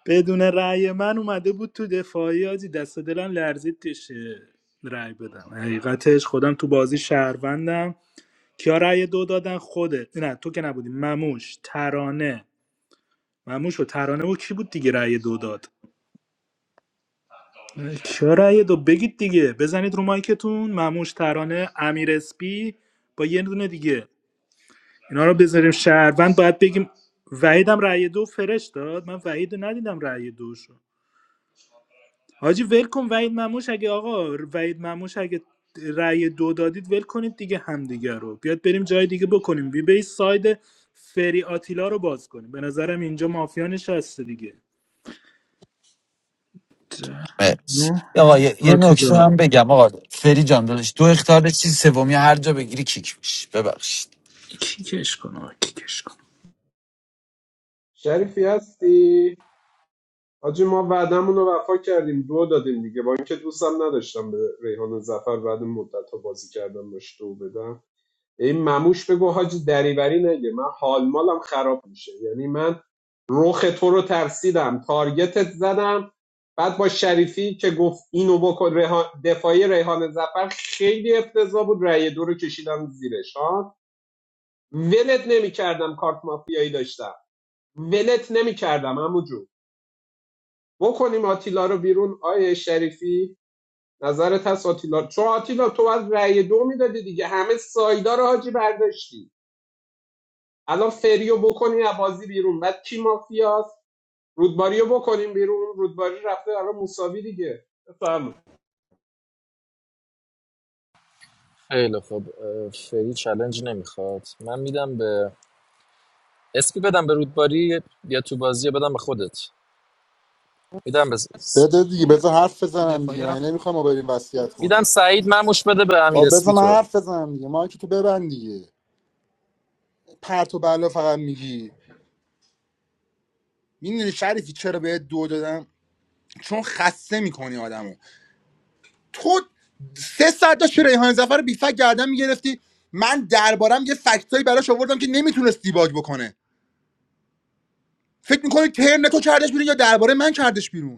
بدون رأی من اومده بود تو دفاعی آجی دست و دلم لرزید تشه رأی بدم حقیقتش خودم تو بازی شهروندم کیا رأی دو دادن خودت نه تو که نبودی مموش ترانه مموش و ترانه و کی بود دیگه رأی دو داد کیا رأی دو بگید دیگه بزنید رو مایکتون مموش ترانه امیر اسپی با یه دونه دیگه اینا رو بذاریم شهروند باید بگیم وحیدم رأی دو فرش داد من وحید رو ندیدم رأی دوشو حاجی ول کن وحید مموش اگه آقا وحید مموش اگه رأی دو دادید ول کنید دیگه همدیگه رو بیاد بریم جای دیگه بکنیم بی بی ساید فری آتیلا رو باز کنیم به نظرم اینجا مافیا نشسته دیگه چهار، مرسی نه آقا یه, یه نکته آتیلا هم بگم آقا فری جان داداش دو اختار چیز سومی هر جا بگیری کیک میش ببخشید کیکش کن آقا کیکش کن شریفی هستی حاجی ما وعدمون رو وفا کردیم دو دادیم دیگه با اینکه دوستم نداشتم به ریحان زفر بعد مدت ها بازی کردم باش دو بدم این مموش بگو حاجی دریوری نگه من حال مالم خراب میشه یعنی من رخ تو رو ترسیدم تارگتت زدم بعد با شریفی که گفت اینو بکن ریحان دفاعی ریحان زفر خیلی افتضاح بود رأی دو رو کشیدم زیرش ها ولت نمیکردم کارت مافیایی داشتم ولت نمیکردم عمو جون. بکنیم آتیلا رو بیرون آیه شریفی نظرت هست آتیلا چون آتیلا تو باید رأی دو میدادی دیگه همه سایدا رو حاجی برداشتی الان فریو بکنی از بازی بیرون بعد کی مافیاست رودباری بکنیم بیرون رودباری رفته الان مساوی دیگه بفهم خیلی خوب اه، فری چلنج نمیخواد من میدم به اسپی بدم به رودباری یا تو بازی بدم به خودت میدم به بده دیگه میاد بذار حرف تو بزنم دیگه دفاعی من هفت نمیخوام ما بریم وصیت میدم کنیم سعید مموش بده به امیر خب اسپی بذار من تو حرف بزنم دیگه ما که تو ببند دیگه پرت و بلا فقط میگی میدونی شریفی چرا بهت دو دادم چون خسته میکنی آدمو تو سه ساعت داشت ریحان زفر رو بیفک گردن میگرفتی من دربارم یه فکتایی براش آوردم که نمیتونست دیباگ بکنه فکر میکنی ترن تو کردش بیرون یا درباره من کردش بیرون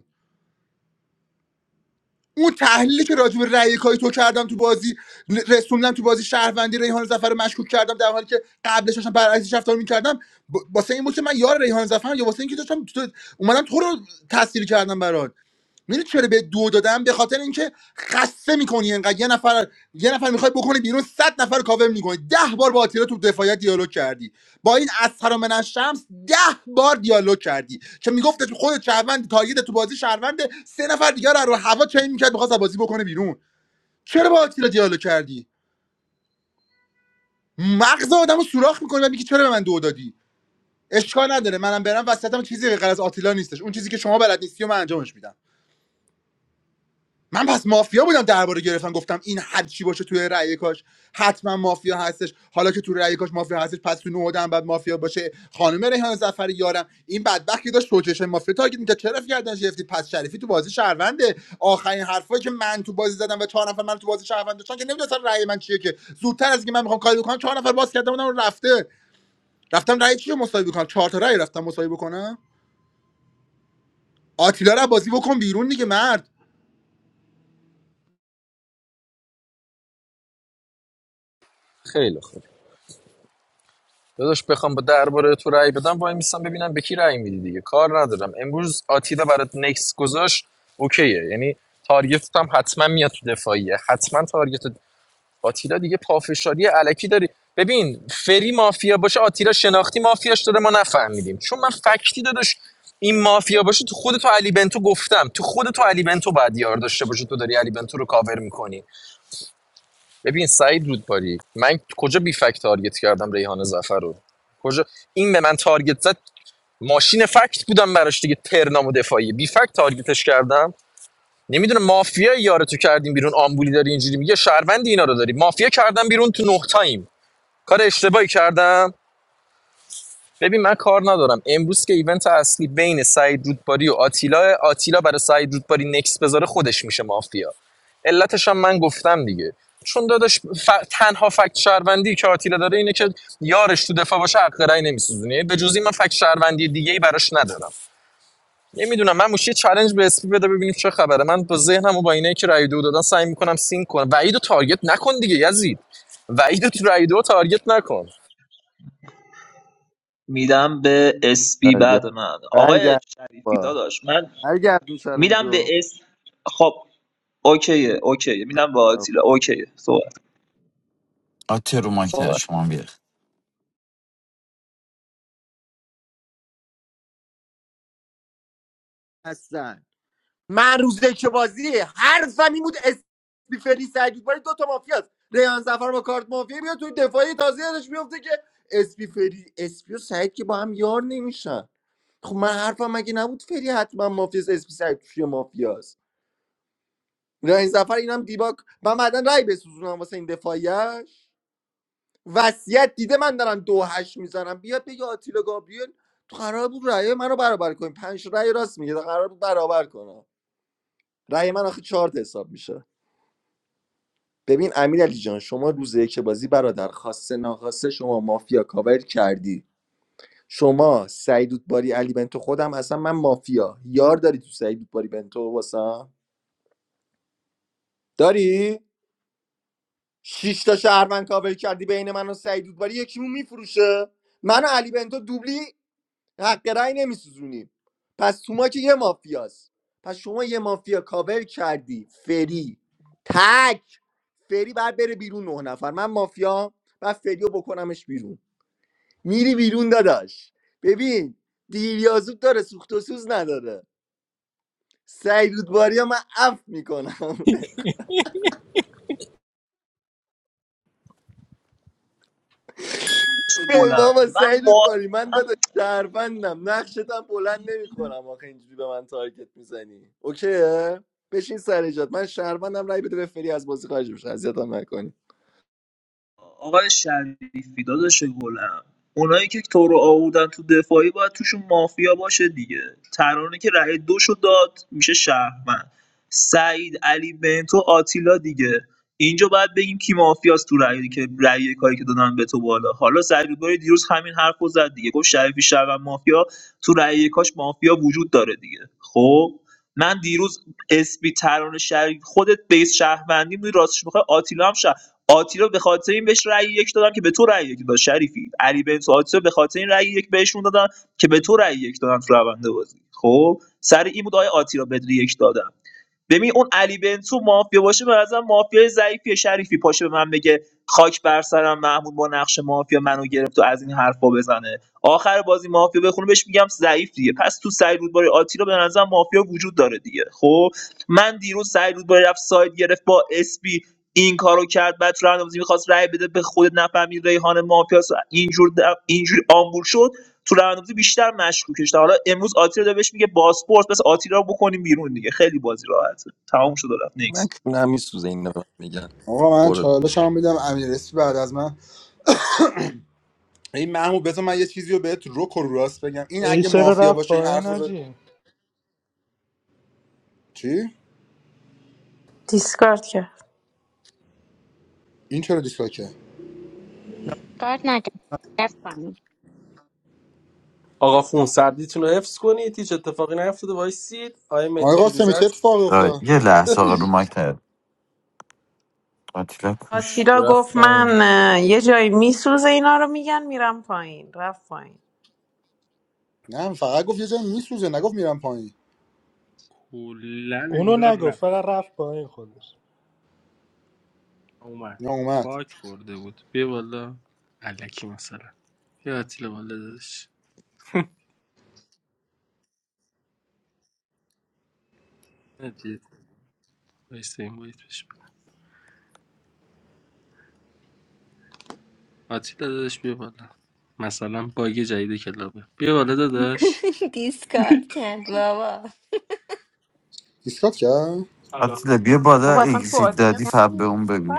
اون تحلیلی که راجع به رأی کای تو کردم تو بازی رسوندم تو بازی شهروندی ریحان زفر رو مشکوک کردم در حالی که قبلش داشتم برعکسش رفتار میکردم واسه این بود که من یار ریحان زفرم یا واسه اینکه داشتم تو- اومدم تو رو تاثیر کردم برات میره چرا به دو دادم به خاطر اینکه خسته میکنی انقدر یه نفر یه نفر میخوای بکنی بیرون صد نفر رو کاور میکنی ده بار با آتیلا تو دفاعیت دیالوگ کردی با این اسهر من شمس ده بار دیالوگ کردی که میگفت خود شهروند تارگت تو بازی شهروند سه نفر دیگر رو رو هوا چین میکرد میخواست بازی بکنه بیرون چرا با آتیلا دیالوگ کردی مغز آدمو سوراخ میکنی و میگی چرا به من دو دادی اشکال نداره منم برم وسطم چیزی غیر از آتیلا نیستش اون چیزی که شما بلد نیستی و من انجامش میدم من پس مافیا بودم درباره گرفتن گفتم این هر چی باشه توی رأی کاش حتما مافیا هستش حالا که توی رأی کاش مافیا هستش پس تو نودم بعد مافیا باشه خانم ریحان زفر یارم این بدبخت که داشت سوچش مافیا تارگت میکرد چرا گردن گرفتی پس شریفی تو بازی شهرونده آخرین حرفایی که من تو بازی زدم و چهار نفر من تو بازی شهروند داشتن که نمیدونستم رأی من چیه که زودتر از اینکه من میخوام کاری بکنم چهار نفر باز کردم اونم رفته رفتم رأی چی رو مساوی بکنم چهار تا رأی رفتم مساوی بکنم آتیلا رو بازی بکن بیرون دیگه مرد خیلی خوب داداش بخوام با درباره تو رأی بدم وای میستم ببینم به کی رأی میدی دیگه کار ندارم امروز آتیلا برات نکس گذاشت اوکیه یعنی تارگتت حتما میاد تو دفاعیه حتما تارگت آتیلا دیگه پافشاری علکی داری ببین فری مافیا باشه آتیلا شناختی مافیاش داره ما نفهمیدیم چون من فکتی داداش این مافیا باشه تو خود تو علی بنتو گفتم تو خود تو علی بنتو بعد یار داشته باشه تو داری علی بنتو رو کاور میکنی ببین سعید رودباری من کجا بی فکت تارگت کردم ریحان زفر رو کجا این به من تارگت زد ماشین فکت بودم براش دیگه ترنام و دفاعی بی فکت تارگتش کردم نمیدونم مافیا یارتو کردیم بیرون آمبولی داری اینجوری میگه شهروندی اینا رو داری مافیا کردم بیرون تو نه تایم کار اشتباهی کردم ببین من کار ندارم امروز که ایونت اصلی بین سعید رودباری و آتیلا آتیلا برای سعید رودباری نکس بذاره خودش میشه مافیا علتش هم من گفتم دیگه چون داداش ف... تنها فکت شهروندی که آتیلا داره اینه که یارش تو دفاع باشه حق رأی نمیسوزونه به جز این من فکت شهروندی دیگه ای براش ندارم نمیدونم من موشی چالش به اسپی بده ببینیم چه خبره من با ذهنم و با اینایی که رای دو دادن سعی میکنم سینک کنم وعید رو تارگت نکن دیگه یزید وعید رو تو رای دو تارگت نکن میدم به اسپی برگرد بعد من آقای برگرد شریفی داداش من هر گردون میدم چلنجو به اس خب اوکیه اوکیه میدم به آتیلا اوکیه صحبت آتیلا رو مایک نیاد، صحبت شما هم بیاد هستن من روز که بازی حرفم این بود اسمی سعید باری دو تا مافیاست ریان زفر با کارت مافیا میاد توی دفاعی تازه یادش میفته که اسپی فری اسپی و سعید که با هم یار نمیشن خب من حرفم مگه نبود فری حتما مافیاست اسپی سعید توی مافیاست ریان زفر اینم دیباک من بعدا رای بسوزونم واسه این دفاعیش وصیت دیده من دارم دو هشت میزنم بیاد بگه آتیلا گابریل تو قرار بود رأی منو برابر کنیم پنج رأی راست میگه قرار بود برابر کنم رأی من آخه چهار تا حساب میشه ببین امیر علی جان شما روزه که بازی برادر خاصه ناخواسته شما مافیا کاور کردی شما سعیدود باری علی بنتو خودم اصلا من مافیا یار داری تو سعیدود باری بنتو واسم داری شش تا شهروند کاور کردی بین من و سعیدود باری یکیمون میفروشه من و علی بنتو دوبلی حق رأی نمیسوزونیم پس تو ما که یه مافیاست پس شما یه مافیا کاور کردی فری تک فری بعد بره بیرون نه نفر من مافیا بعد فریو بکنمش بیرون میری بیرون داداش ببین دیریازوب داره سوخت و سوز نداره سعید رودباری ها من اف میکنم ای بابا گلم من سعیدت باری من معارفه داده شهروندم نقشت هم بلند نمی کنم آخه اینجوری به من تارگت میزنی اوکیه بشین سر ایجاد من شهروندم رای بده بفری از بازی خارج بشه اذیتم نکنی آقای شریفی داداش گلم اونایی که تو رو آوردن تو دفاعی باید توشون مافیا باشه دیگه ترانه که رأی دوشو داد میشه شهرمند سعید علی بنتو آتیلا دیگه اینجا باید بگیم کی مافیاست تو رأی که رأی کاری که دادن به تو بالا حالا سعید رودباری دیروز همین حرف رو زد دیگه گفت شریفی شهروند مافیا تو رأی کاش مافیا وجود داره دیگه خب من دیروز اسپی ترانه شریف خودت بیس شهروندی بودی راستش بخوای آتیلا هم آتیلا به خاطر این بهش رأی یک دادم که به تو رأی یک داد شریفی علی بنت و آتیلا به خاطر این رأی یک بهشون دادن که به تو رأی یک دادم تو رونده بازی خب سر این بود آیه آتیلا بدری یک دادم ببین اون علی بنتو مافیا باشه به نظرم مافیای ضعیفی شریفی پاشه به من بگه خاک بر سرم محمود با نقش مافیا منو گرفت و از این حرفا بزنه آخر بازی مافیا بخونه بهش میگم ضعیف دیگه پس تو سعید رودباری آتیلا به نظرم مافیا وجود داره دیگه خب من دیروز سعید رودباری رفت ساید گرفت با اسپی این کارو کرد بعد تو راند میخواست رای بده به خود نفهمید ریحان مافیاس اینجور اینجوری آمبول شد تو روندبازی بیشتر مشکوکش حالا امروز آتیلا داره بهش میگه باسپورس بس آتیلا رو بکنیم بیرون دیگه خیلی بازی راحته تمام شد و رفت من نیکس کونه هم میسوزه اینا به من میگن آقا من برو بی. چالشم میدم امیر اسپی بعد از من این محمود بذار من یه چیزی رو بهت روک و راست بگم این ای اگه چرا مافیا رفت باشه این حرف پایین رو آجی چی دیسکارد کرد این چرا دیسلاکه کارت نکرد آقا خونسردیتون رو حفظ کنید هیچ اتفاقی نیفتاده وایسید آقای آقا مهدی قاسمی فیروزه چه اتفاقی آه، افتاد یه لحظه آقا رو مایک نیاد. آتیلا کوش آتیلا رفت گفت پایین من اه، یه جایی میسوزه اینا رو میگن میرم پایین رفت پایین نه فقط گفت یه جا میسوزه نگفت میرم پایین کلا اونو انگار نگفت رفت فقط رفت پایین خودش اومد نه اومد باک خورده بود بیا بالا علکی مثلا بیا آتیلا بالا دادش وایسته این باید بشه آتیلا دادش بیا بالا مثلا باگ جدید کلابه بیا بالا داداش دیسکارد کرد بابا دیسکات کرد آتیلا بیا بالا بابا اصلا تو اگزیت دادی آدینس فقط به اون نیست بگو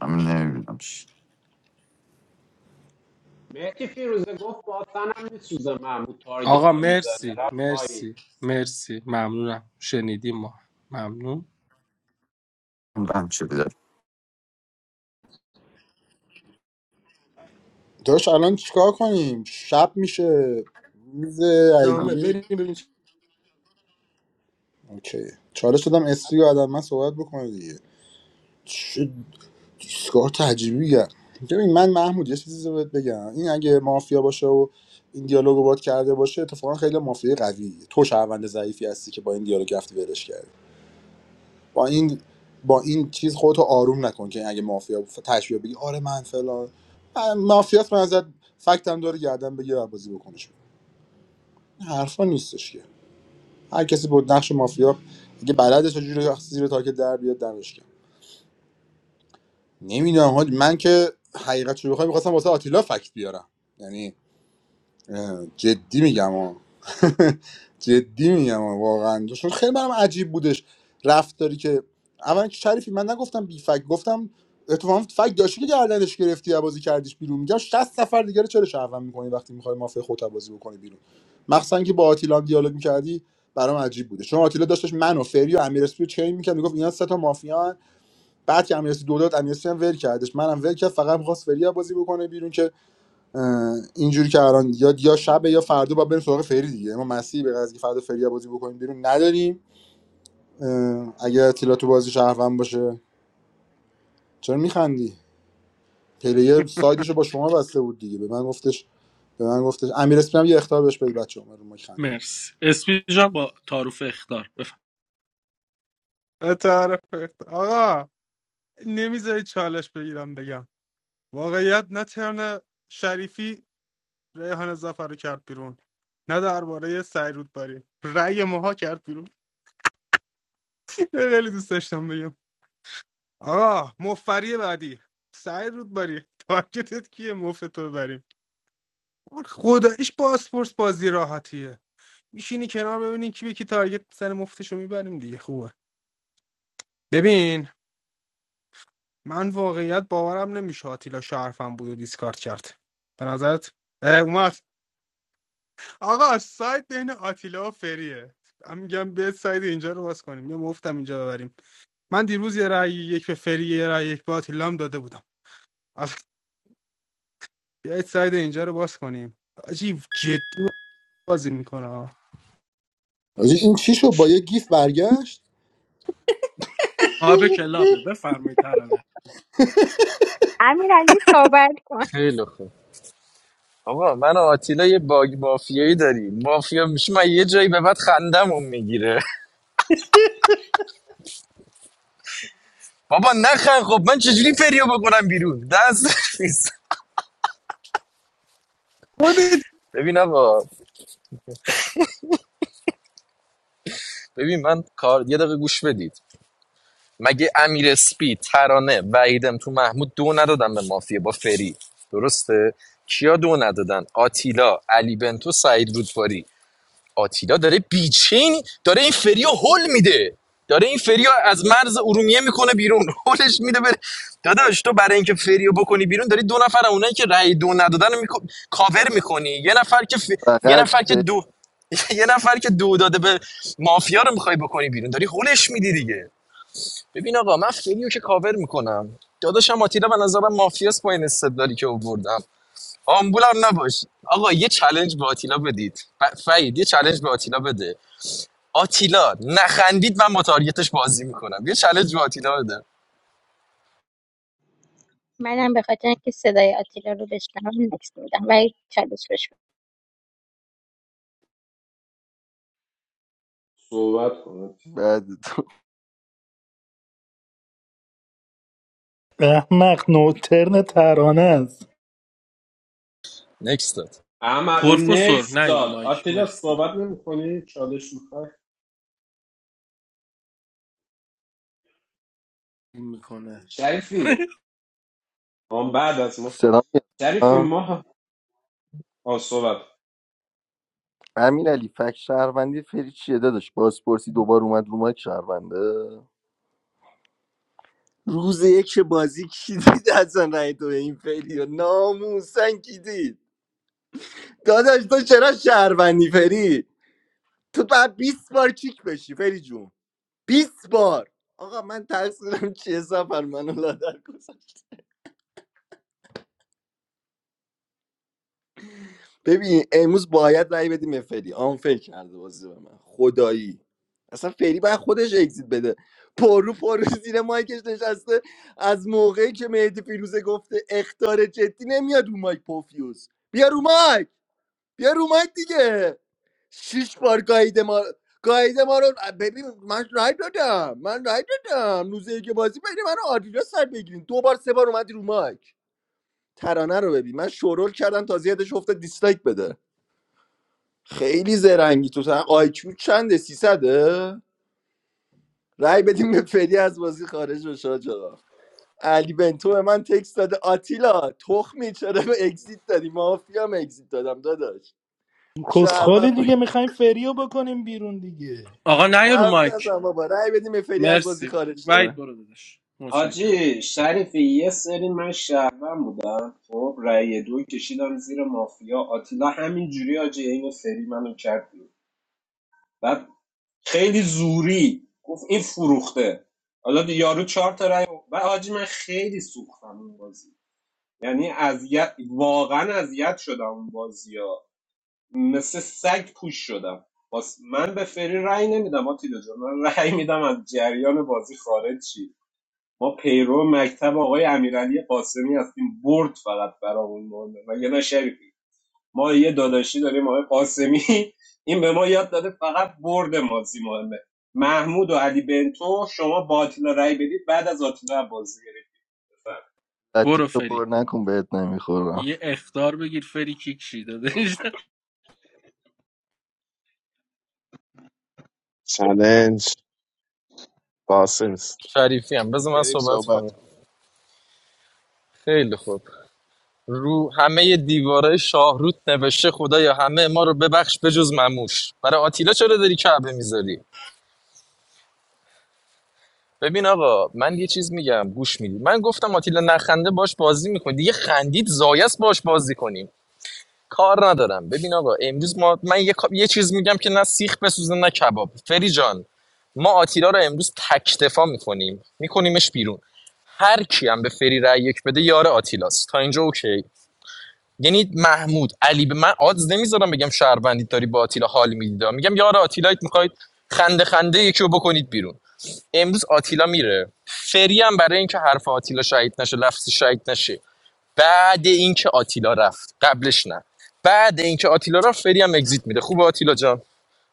من نمیبینم مهدی فیروزه گفت باستنم میسوزه محمود آقا تارگتم میزنه مرسی رفت پایین مرسی مرسی ممنونم شنیدیم ما ممنون بم شده داش الان چیکار کنیم شب میشه میز داشتم دامه ایگیری بریم ببینیم چی- اوکی چالش دادم استری و آدم من صحبت بکنه دیگه دیسکار تجربیه ببین من محمود یه چیزی بهت بگم این اگه مافیا باشه و این دیالوگو باد کرده باشه اتفاقا خیلی مافیا قوی تو شهروند ضعیفی هستی که با این دیالوگ رفتی ولش کردی با این با این چیز خودتو آروم نکن که اگه مافیا تشبیه بگی آره من فلان من- مافیاست من ازت فکتم داره گردن بگیر و بازی بکنش این حرفا نیستش که هر کسی بود نقش مافیا اگه بلده چجوری زیر تاکت در بیاد دمش گرم. نمیدونم حاج من که حقیقت شو بخوام میخواستم واسه آتیلا فکت بیارم یعنی اه، جدی میگم ها جدی میگم ها، واقعا چون خیلی برام عجیب بودش رفتاری که اولا که شریفی من نگفتم بی فکت گفتم اتفاقا فکت داشتی که گردنش گرفتی یا بازی کردیش بیرون میگم 60 نفر دیگه رو چرا شهروند میکنی وقتی میخوای مافیا خودت رو بازی بکنی بیرون مخصوصا که با آتیلا هم دیالوگ میکردی برام عجیب بوده چون آتیلا داشتش من و فری و امیر اسپی رو چین میکرد میگفت اینا سه تا مافیان بعد که امیرسی دو داد امیرسی هم ول کردش منم ول کرد فقط میخواست فریا بازی بکنه بیرون که اه، اینجوری که الان یا یا شب یا فردا با بریم سراغ فری دیگه ما مسیحی به قضیه که فردا فریا بازی بکنیم بیرون نداریم اه، اگه اطلاع تو بازی شهروند باشه چرا میخندی پلیر سایدشو با شما بسته بود دیگه به من گفتش به من گفتش امیر اسپی هم یه اختار بهش بدید بچه اومد رو ما خندید مرسی اسپی جان با تعارف اختار تعرف آقا نمیذاری چالش بگیرم بگم واقعیت نه ترن شریفی ریحان زفر رو کرد بیرون نه درباره سعی رودباری رأی ماها کرد بیرون خیلی دوست داشتم بگم آقا مفری بعدی سعی رودباری تارگتت کیه مفت تو ببریم خداییش پاسپورت بازی راحتیه میشینی کنار ببینی کی به کی تارگت سر مفتشو میبریم دیگه خوبه ببین من واقعیت باورم نمیشه آتیلا شرفم بود و دیسکارد کرد به نظرت اومد آقا سایت بین آتیلا و فریه من میگم به سایت اینجا رو باز کنیم یا مفتم اینجا ببریم من دیروز یه رأی یک به فری یه رأی یک به آتیلا هم داده بودم آخ، بیایید سایت اینجا رو باز کنیم عجیب جدی بازی میکنه این چی شو با یه گیف برگشت آب کلابه بفرمایید ترانه امیر علی صحبت کن خیلی خوب آقا من و آتیلا یه باگ مافیایی داریم مافیا میشه من یه جایی به بعد خندمون میگیره بابا نخند خب من چجوری فریو بکنم بیرون دست نیست خودت ببین آقا ببین من کار یه دقیقه گوش بدید مگه امیر اسپی ترانه وعیدم تو محمود دو ندادن به مافیا با فری درسته کیا دو ندادن آتیلا علی بنتو سعید رودباری آتیلا داره بیچین داره این فریو هول میده داره این فریو از مرز ارومیه میکنه بیرون هولش میده بره داداش تو برای اینکه فریو بکنی بیرون داری دو نفر اونایی که رأی دو ندادن رو میکن... کاور میکنی یه نفر که ف... یه فقط نفر که به دو یه نفر که دو داده به مافیا رو میخوای بکنی بیرون داری هولش میدی دیگه ببین آقا من فریو که کاور میکنم داداشم آتیلا به نظرم مافیاس با این استدلالی که آوردم آمبولم نباش آقا یه چلنج به آتیلا بدید ف- فعید یه چلنج به آتیلا بده آتیلا نخندید من با تارگتش بازی میکنم یه چالش به آتیلا بده منم به خاطر اینکه صدای آتیلا رو بشنوم نکس میدم ولی چالش بش صحبت کنه بعد تو احمق نوترن ترانه است نکست داد احمد پروفسور نکس نه رو داد مایک آتیلا مرسی صحبت نمیکنی چالش میخوای این میکنه شریفی آن بعد از ما سلام میاد. شریفی آه. ما آه صحبت امین علی فک شهروندی فری چیه داداش بازپرسی دوبار اومد رو مایک شهرونده روز یک بازی کی دید اصلا رای تو به این فیلی ناموسن کی دید داداش تو چرا شهروندی فری تو باید 20 بار کیک بشی فری جون 20 بار آقا من تقصیرم چیه سفر منو لادر گذاشت ببین امروز باید رأی بدیم به فری آن فکر کرده بازی به من خدایی اصلا فری باید خودش اگزیت بده پرو پرو زیر مایکش نشسته از موقعی که مهدی فیروزه گفته اختار جدی نمیاد رو مایک پوفیوز بیا رو مایک بیا رو مایک دیگه شیش بار گاییده ما گاییده ما رو ببین من رای دادم من رای دادم روزه که بازی بین من و آدیدا سر بگیرین دو بار سه بار اومدی رو مایک ترانه رو ببین من شورول کردم تا زیادش افته دیسلایک بده خیلی زرنگی تو تن آیکیو چنده 300 رای بدیم به فری از بازی خارج بشه آجا علی بنتو به من تکست داده آتیلا تخمی چرا به اگزیت دادی مافیا هم اگزیت دادم داداش شهرم کسخالی دیگه میخوایم فریو بکنیم بیرون دیگه آقا نه رو حرف مایک نزن بابا رای بدیم به فری از بازی مرسی خارج شه. وید برو دادش متشکرم حاجی شریفی یه سری من شهروند بودم خب رأی دو کشیدم زیر مافیا آتیلا همین جوری حاجی عین سری منو کرد بیرون. بعد خیلی زوری گفت این فروخته حالا دی- یارو چهار تا رأی و بعد حاجی من خیلی سوختم اون بازی یعنی اذیت واقعا اذیت شدم اون بازی ها مثل سگ پوش شدم باز من به فری رأی نمیدم آتیلا جان من رأی میدم از جریان بازی خارج شی ما پیرو مکتب آقای امیرعلی قاسمی هستیم برد فقط برامون مونده و یه شریفی ما یه داداشی داریم آقای قاسمی این به ما یاد داده فقط برد مازی مهمه محمود و علی بنتو شما با آتیلا رای بدید بعد از آتیلا بازی گرفت بفرمایید. خطی برو تو فری پر نکن بهت نمیخورم یه اختار بگیر فری کیک شی دادش چلنج قاسم است. شریفی هم بذار من شریف صحبت صحبت کنم کن خیلی خوب رو همه دیواره شاهروت نوشته خدایا همه ما رو ببخش بجز مموش برای آتیلا چرا داری کعبه میذاری ببین آقا من یه چیز میگم گوش میدی من گفتم آتیلا نخنده باش بازی میکنی دیگه خندید زایست باش بازی کنیم کار ندارم ببین آقا امروز ما من یه, یه چیز میگم که نه سیخ بسوزه نه کباب فری جان ما آتیلا رو امروز تکتفا میکنیم میکنیمش بیرون هر کی هم به فری رای یک بده یار آتیلاست تا اینجا اوکی یعنی محمود علی به من آدز نمیذارم بگم شهروندی داری با آتیلا حال میدید میگم یار آتیلایت میخواید خنده خنده یکی رو بکنید بیرون امروز آتیلا میره فری هم برای اینکه حرف آتیلا شهید نشه لفظ شهید نشه بعد اینکه آتیلا رفت قبلش نه بعد اینکه آتیلا رفت فری هم اگزییت میده خوب آتیلا جان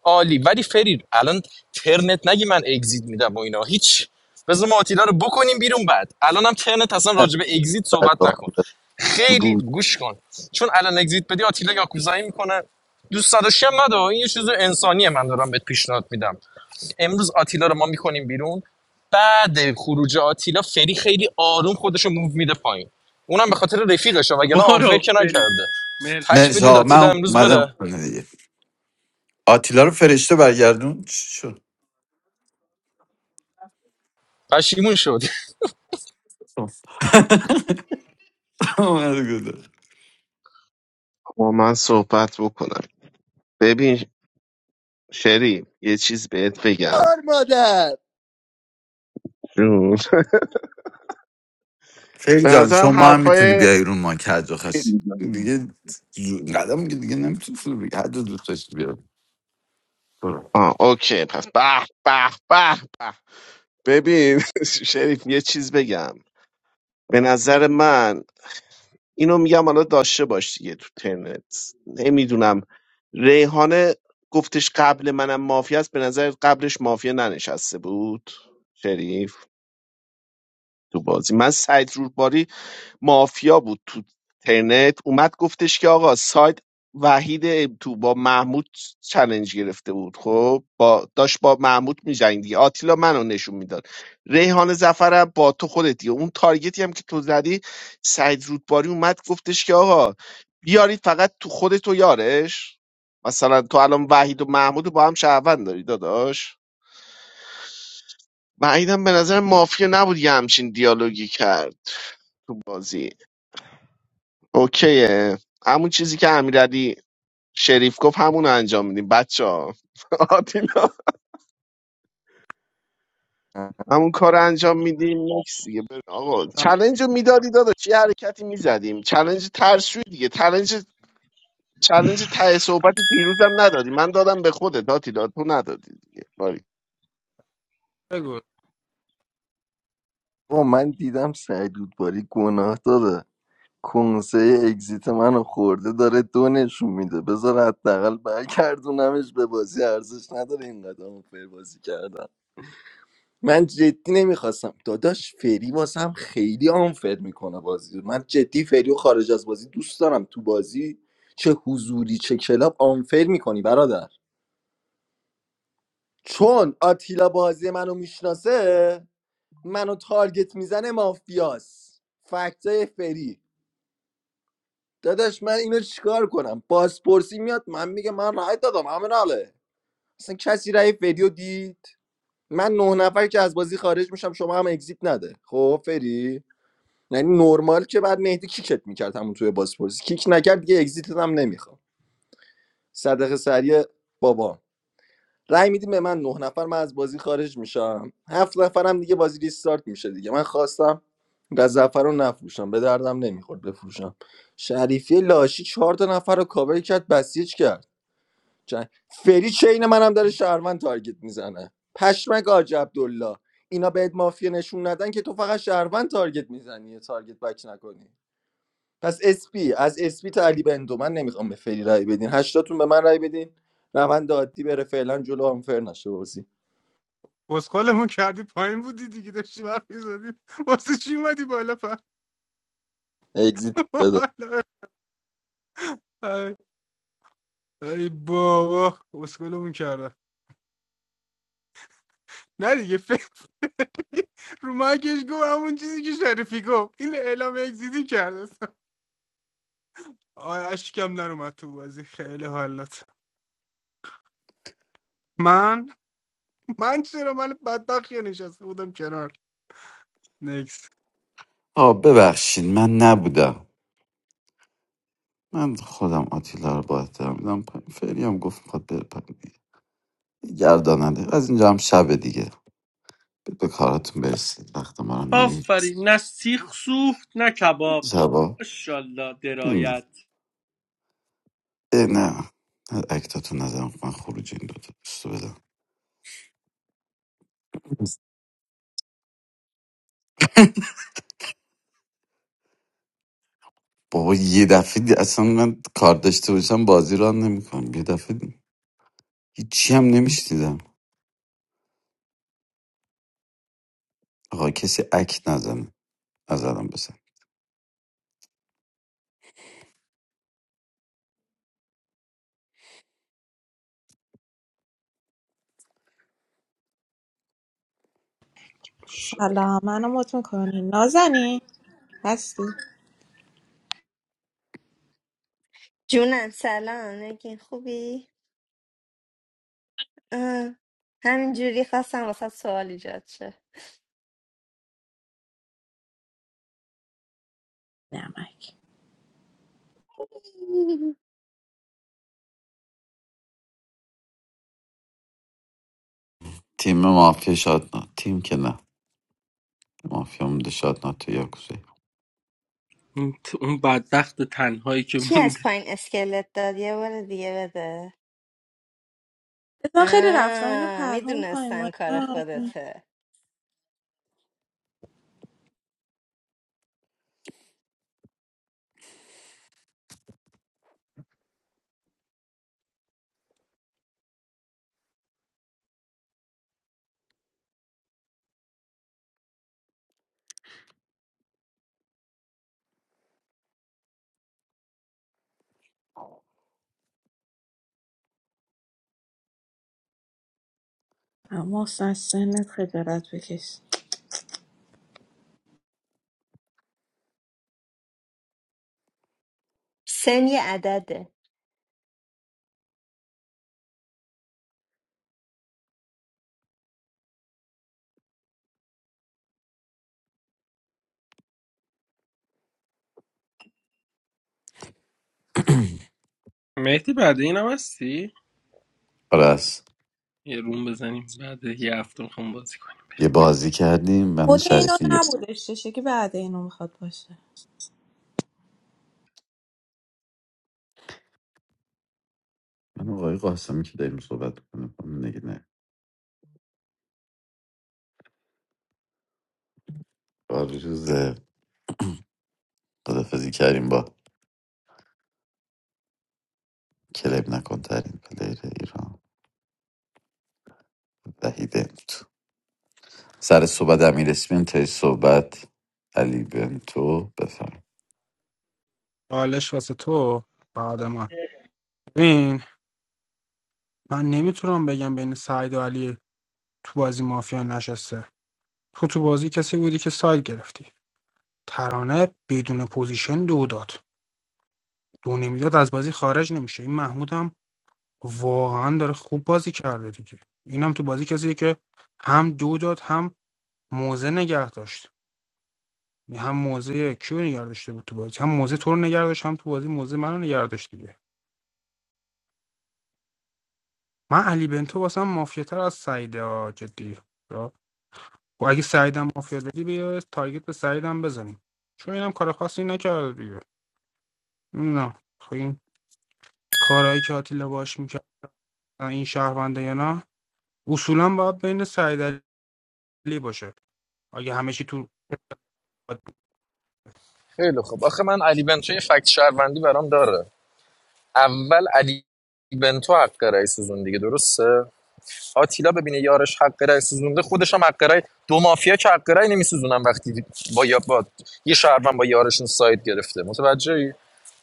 عالی ولی فرید الان ترنت نگی من اگزییت میدم و اینا هیچ بذار ما آتیلا رو بکنیم بیرون بعد الان هم ترنت اصلا راجع به اگزییت صحبت تو نکن خیلی روز گوش کن چون الان اگزییت بدی آتیلا یاکوزایی میکنه دوست داشتم هم این یه چیز انسانیه من دارم بهت پیشنهاد میدم امروز آتیلا رو ما میکنیم بیرون بعد خروج آتیلا فری خیلی آروم خودش رو موو میده پایین اونم به خاطر رفیقشه وگرنه آنفر برو که فری نکرده تک مرسی مرسی بدید آقا آتیلا من امروز اومدم بره خونه دیگه آتیلا رو فرشته برگردون چی شد پشیمون شد اومد گفتم. با من صحبت بکنم ببین شریف یه چیز بهت بگم کار مادر جون خیلی به جان نظرم شما هم میتونی حرفای بیای رو ما که حد خاصی دیگه جو- قدم که دیگه نمیتونی فرو بگی حد رو دوست داشتی بیا برو. آه اوکی پس به به به به ببین شریف یه چیز بگم به نظر من اینو میگم حالا داشته باش دیگه تو ترنت نمیدونم ریحانه گفتش قبل منم مافیا است به نظر قبلش مافیا ننشسته بود شریف تو بازی من سعید رودباری مافیا بود تو ترنت اومد گفتش که آقا سایت وحید تو با محمود چلنج گرفته بود خب با داشت با محمود می‌جنگید دیگه آتیلا منو نشون میداد ریحان زفرم با تو خودت دیگه اون تارگتی هم که تو زدی سعید رودباری اومد گفتش که آقا بیارید فقط تو خودت و یارش مثلا تو الان وحید و محمود رو با هم شهروند داری داداش وحیدم به نظر مافیا نبود یه همچین دیالوگی کرد تو بازی اوکیه همون چیزی که امیرعلی شریف گفت همون رو انجام میدیم بچه ها آتینا همون کار رو انجام میدیم نکس دیگه بریم. آقا چلنج رو میدادی دادا چه حرکتی میزدیم چلنج ترسوی دیگه چلنج چلنج ته صحبت دیروزم ندادی من دادم به خودت آتینا تو ندادی دیگه باری بگو با من دیدم سعید باری گناه داره کنسه اگزیت منو خورده داره دو نشون میده بذار حداقل برگردونمش به بازی ارزش نداره این قدم فر بازی کردن من جدی نمیخواستم داداش فری واسم خیلی آنفر میکنه بازی رو. من جدی فری و خارج از بازی دوست دارم تو بازی چه حضوری چه کلاب آنفر میکنی برادر چون آتیلا بازی منو میشناسه منو تارگت میزنه مافیاس فکتای فری داداش من اینو چیکار کنم بازپرسی میاد من میگه من رأی دادم همین حاله اصلا کسی رای فریو دید من نه نفر که از بازی خارج میشم شما هم اگزیت نده خب فری یعنی نرمال که بعد مهدی کیکت میکرد همون توی بازپرسی کیک نکرد دیگه اگزیتت هم نمیخوام صدقه سریع بابام رای میدیم به من نه نفر من از بازی خارج میشم هفت نفرم دیگه بازی ریستارت میشه دیگه من خواستم گزفر رو نفروشم به دردم نمیخورد بفروشم شریفی لاشی چهار تا نفر رو کاور کرد بسیج کرد چن- فری چین منم داره شهروند تارگت میزنه پشمک آج عبدالله اینا بهت مافیا نشون ندن که تو فقط شهروند تارگت میزنی یه تارگت بک نکنی پس اسپی از اسپی تا علی بندو من نمیخوام به فری رای بدین هشتاتون به من رای بدین روند عادی بره فعلا جلو آنفر نشه بازی بسخالمون کردی پایین بودی دیگه داشتی وقت میزدی واسه چی اومدی بالا پر اگزیت بده بالا. ای ای بابا بسخالمون کردن نه دیگه فکر رو مایکش گفت همون چیزی که شریفی گفت این اعلام اگزیتی کرده آیا اشکم نرومد تو بازی خیلی حالت من من چرا من بدبخت یه نشسته بودم کنار نیکس آه ببخشید من نبودم من خودم آتیلا رو با احترام میدم پایین فعلی هم گفت میخواد بره پایین دیگه گرداننده از اینجا هم شبه دیگه به به کاراتون برسید وقت ما رو نهید آفرین نه سیخ سوخت نه کباب شبا ماشاءالله درایت اه، نه نه، اکتاتو نزن من خروج این دوتا دوستو بدم بابا یه دفعه دی- اصلا من کار داشته باشم بازی رو نمیکنم یه دفعه دی- هیچی هم نمیشنیدم آقا کسی اکت نزنه نزدم بزن ماشاءالله. سلام منو مت میکنی نازنین هستی جونم سلام نگین خوبی آه، همینجوری خواستم واسه سوال ایجاد شه نمک تیم مافیا شادنا تیم که نه مافیا مونده شادنا تو یاکوزه این تو- اون بدبخت تنهایی که کی از مونده پایین اسکلت داد یه بار دیگه بده اتفاقا خیلی رفتم اینا آه پرهام پای میدونستم ما کار نازنین. خودته اما اصلا از سنت خجالت بکش سن یه عدده مهدی بعد این هم هستی آره است. یه روم بزنیم بعد یه هفته میخوام بازی کنیم یه بازی کردیم من خود اینو شریفی نبودش چه که بعد اینو میخواد باشه من آقای قاسمی که داریم صحبت کنیم نگه نه آرزو ز- خدافزی کردیم با کلب نکن ترین پلیر ایران وحیده سر صحبت امیر اسمین تای صحبت علی بنتو بفرم حالش واسه تو بعد من این من نمیتونم بگم بین سعید و علی تو بازی مافیا نشسته تو تو بازی کسی بودی که سایل گرفتی ترانه بدون پوزیشن دو داد دو نمیداد از بازی خارج نمیشه این محمود هم واقعا داره خوب بازی کرده دیگه اینم تو بازی کسی که هم دو داد هم موزه نگه داشت یعنی هم موزه کیو نگه داشته بود تو بازی هم موزه تو رو نگه داشت هم تو بازی موزه منو نگه داشت دیگه من علی بنتو واسم مافیاتر از سعیده ها جدی یا- و اگه سعیدم مافیا داری بیا تارگت به سعیدم بزنیم چون اینم کار خاصی نکرده دیگه نه خب این کارهایی که آتیلا باش میکنه این شهرونده یا نه اصولا باید بین سعید علی باشه اگه همه چی تو خیلی خوب. آخه من علی بنتو یه فکت شهروندی برام داره اول علی بنتو حق رأی سوزون دیگه درسته آتیلا ببینه یارش حق رأی سوزونده خودش هم حق رأی دو مافیا که حق رأی نمیسوزونن وقتی با یا با یه شهروند با یارشون ساید گرفته متوجهی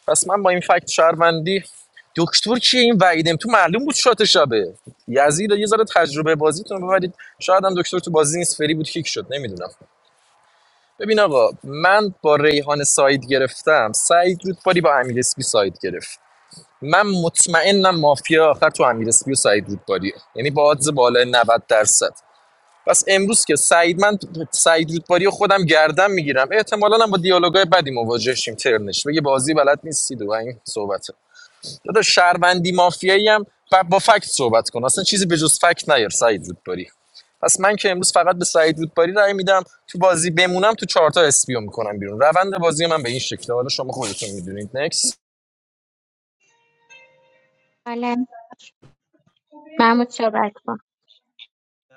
پس من با این فکت شهروندی دکتر کیه این وعیدم تو معلوم بود شات شبه یزید یه ذره تجربه بازیتون رو ببرید شاید هم دکتر تو بازی نیست فری بود کیک شد نمیدونم ببین آقا من با ریحان ساید گرفتم سعید رودباری با امیر اسپی ساید گرفت من مطمئنم مافیا آخر تو امیر اسپی و سعید رودباری یعنی با odds بالای 90 درصد پس امروز که سعید من سعید رودباری و خودم گردم میگیرم احتمالاً هم با دیالوگای بدی مواجه شیم ترنش بگه بازی بلد نیستید و این صحبت دادا شهروندی مافیایی هم با فکت صحبت کن اصلا چیزی به جز فکت نیار سعید رودباری پس من که امروز فقط به سعید رودباری رأی میدم تو بازی بمونم تو چهارتا اسپیو میکنم بیرون روند بازی من به این شکله حالا شما خودتون میدونید نکس حالا محمود صحبت کن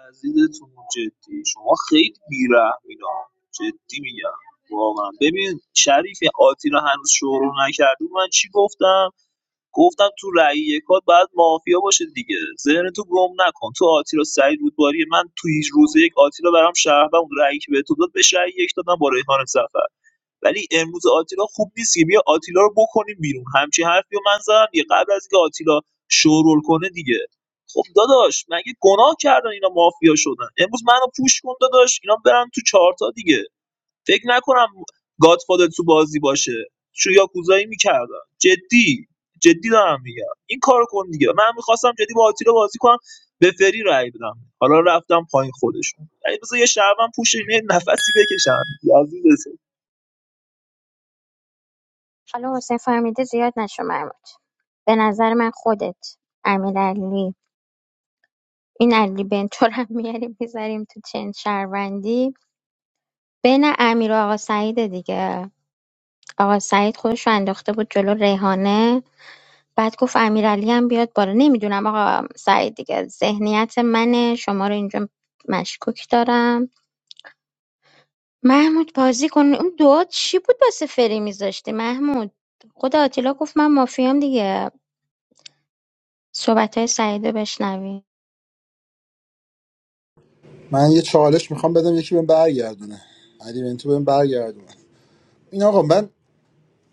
عزیزتون جدی شما خیلی بیرحمینا جدی میگم واقعا ببین شریف این آتیلا هنوز شروع نکرده من چی گفتم گفتم تو رأی یکات باید مافیا باشه دیگه ذهن تو گم نکن تو آتیلا سعید رودباری من تو هیچ روز یک آتیلا برام شهر بود رأیی که به تو داد بهش رأی یک دادم با ریحان سفر ولی امروز آتیلا خوب نیست که بیا آتیلا رو بکنیم بیرون همچین حرفی رو من زدم یه قبل از اینکه آتیلا شورول کنه دیگه خب داداش مگه گناه کردن اینا مافیا شدن امروز منو پوش کن داداش اینا برن تو چارتا دیگه فکر نکنم گادفادر تو بازی باشه شو یاکوزایی میکردن جدی جدی دارم میگم این کارو کن دیگه من میخواستم جدی با آتیلا بازی کنم به فری رای بدم حالا رفتم پایین خودشون ولی بذار یه شهروند پوش یه نفسی بکشم حالا حسین فهمیده زیاد نشو محمود به نظر من خودت امیر علی این علی بنتو رو هم میاریم میذاریم تو چند شهروندی بین امیر و آقا سعید دیگه آقا سعید خودش رو انداخته بود جلو ریحانه بعد گفت امیر علی هم بیاد بالا نمیدونم آقا سعید دیگه ذهنیت منه شما رو اینجا مشکوک دارم محمود بازی کن اون دعا چی بود واسه فری میذاشتی محمود خود آتیلا گفت من مافیام دیگه صحبت های سعیدو بشنوی من یه چالش میخوام بدم یکی بهم برگردونه علی بنتو بهم برگردونه این آقا من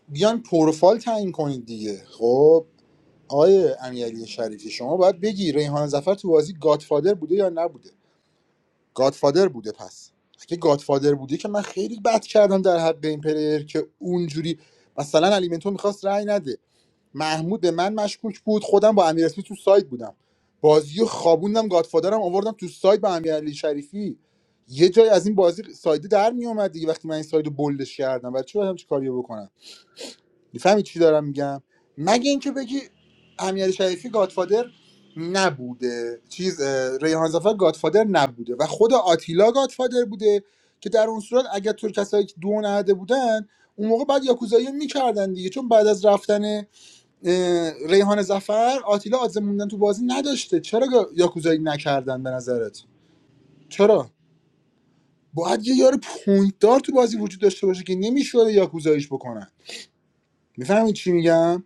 بیان پروفایل تعیین کنید دیگه خب آقای امیرعلی شریفی شما باید بگی ریحان زفر تو بازی گادفادر بوده یا نبوده گادفادر بوده پس اگه گادفادر بوده که من خیلی بد کردم در حد این پلیر که اونجوری مثلا الیمنتو میخواست رأی نده محمود به من مشکوک بود خودم با امیر اسمی تو سایت بودم بازی رو خوابوندم گادفادرم آوردم تو سایت با امیرعلی شریفی یه جای از این بازی سایده در میومد دیگه وقتی من این سایت رو بلدش کردم برای چی باید همچین کاریو بکنم میفهمی چی دارم میگم مگه اینکه بگی امیر شریفی گادفادر نبوده چیز اه، ریحان زفر گادفادر نبوده و خود آتیلا گادفادر بوده که در اون صورت اگر تو کسایی که دو نهده بودن اون موقع بعد یاکوزایی رو میکردن دیگه چون بعد از رفتن اه، ریحان زفر آتیلا آدم موندن تو بازی نداشته چرا گا- یاکوزایی نکردن به نظرت چرا باید یه یار پوینت دار تو بازی وجود داشته باشه که نمیشه یاکوزاییش بکنن میفهمید چی میگم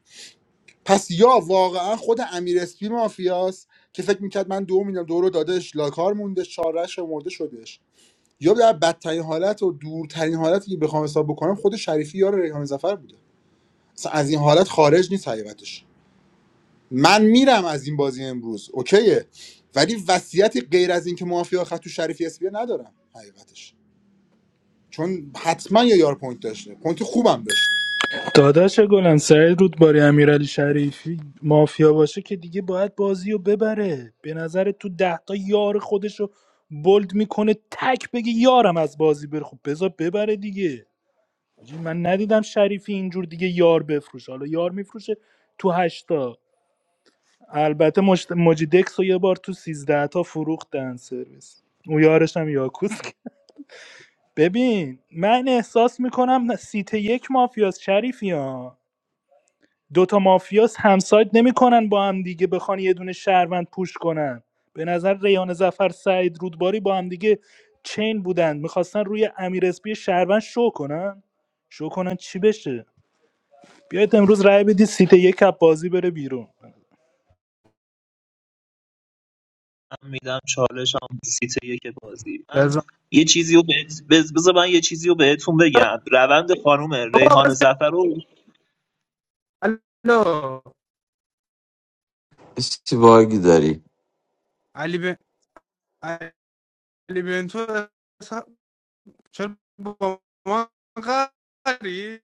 پس یا واقعا خود امیر اسپی مافیاست که فکر میکرد من دو میدم دو رو دادش لاکار مونده چارش مرده شدش یا در بدترین حالت و دورترین حالتی که بخوام حساب بکنم خود شریفی یار ریحان زفر بوده اصلا از این حالت خارج نیست حقیقتش من میرم از این بازی امروز اوکیه ولی وصیتی غیر از اینکه مافیا خط تو شریفی اسپی ندارم حقیقتش چون حتما یه یار پوینت داشته پوینت خوبم داشته داداش گلم سعید رودباری امیرعلی شریفی مافیا باشه که دیگه باید بازی رو ببره به نظر تو ده تا یار خودش رو بولد میکنه تک بگه یارم از بازی بره خب بذار ببره دیگه حاجی، من ندیدم شریفی اینجور دیگه یار بفروشه حالا یار میفروشه تو هشتا البته مجت... مجیدکس رو یه بار تو سیزده تا فروختن سرویس اون یارش هم یاکوس ببین من احساس میکنم سیت یک مافیاست شریفی ها دوتا مافیاس همساید نمیکنن با هم دیگه بخوان یه دونه شهروند پوش کنن به نظر ریان زفر سعید رودباری با هم دیگه چین بودن میخواستن روی امیر اسپی شهروند شو کنن شو کنن چی بشه بیاید امروز رای بدید سیت یک کپ بازی بره بیرون من میدم چالش هم سیت یک بازی من بزن یه چیزی رو بهت بز- بذار من یه چیزی رو بهتون بگم روند خانم بابا ریحان بزن زفر رو الو کسی باگ داری علی بن علی بن تو چرا با ما قری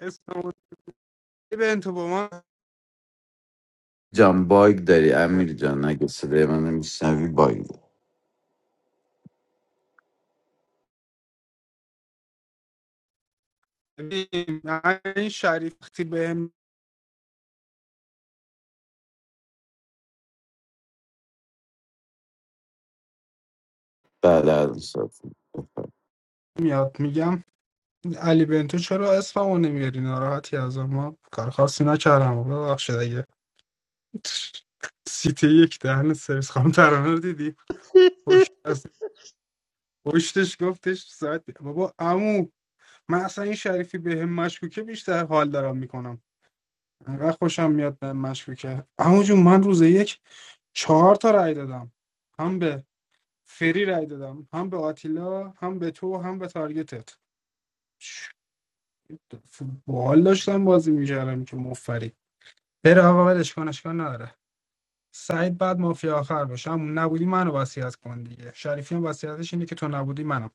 اسم علی بنتو با ما جان باگ داری امیر جان اگه صدای من نمیشنوی باگ داری این شریف وقتی بهم بعد از اون صحبت می‌کنم. میاد میگم. علی بنتو چرا اسممو نمیاری ناراحتی از ما کار خاصی نکردم ببخشید اگه سیتی یک دهن سرویس خانم ترانه رو دیدی پشت از پشتش گفتش ساعت بیا. بابا عمو من اصلا این شریفی به هم مشکوکه بیشتر حال دارم میکنم انقدر خوشم میاد به هم مشکوکه عمو جون من روز یک چهار تا رأی دادم هم به فری رأی دادم هم به آتیلا هم به تو هم به تارگتت چه باحال داشتم بازی میکردم که مفری بره آقا ولش کن اشکال نداره سعید بعد مافیا آخر باشه همون نبودی منو وصیت کن دیگه شریفی هم وصیتش اینه که تو نبودی منو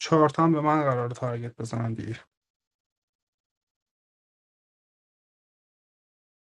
چهار تا هم به من قرار تارگت بزنن دیگه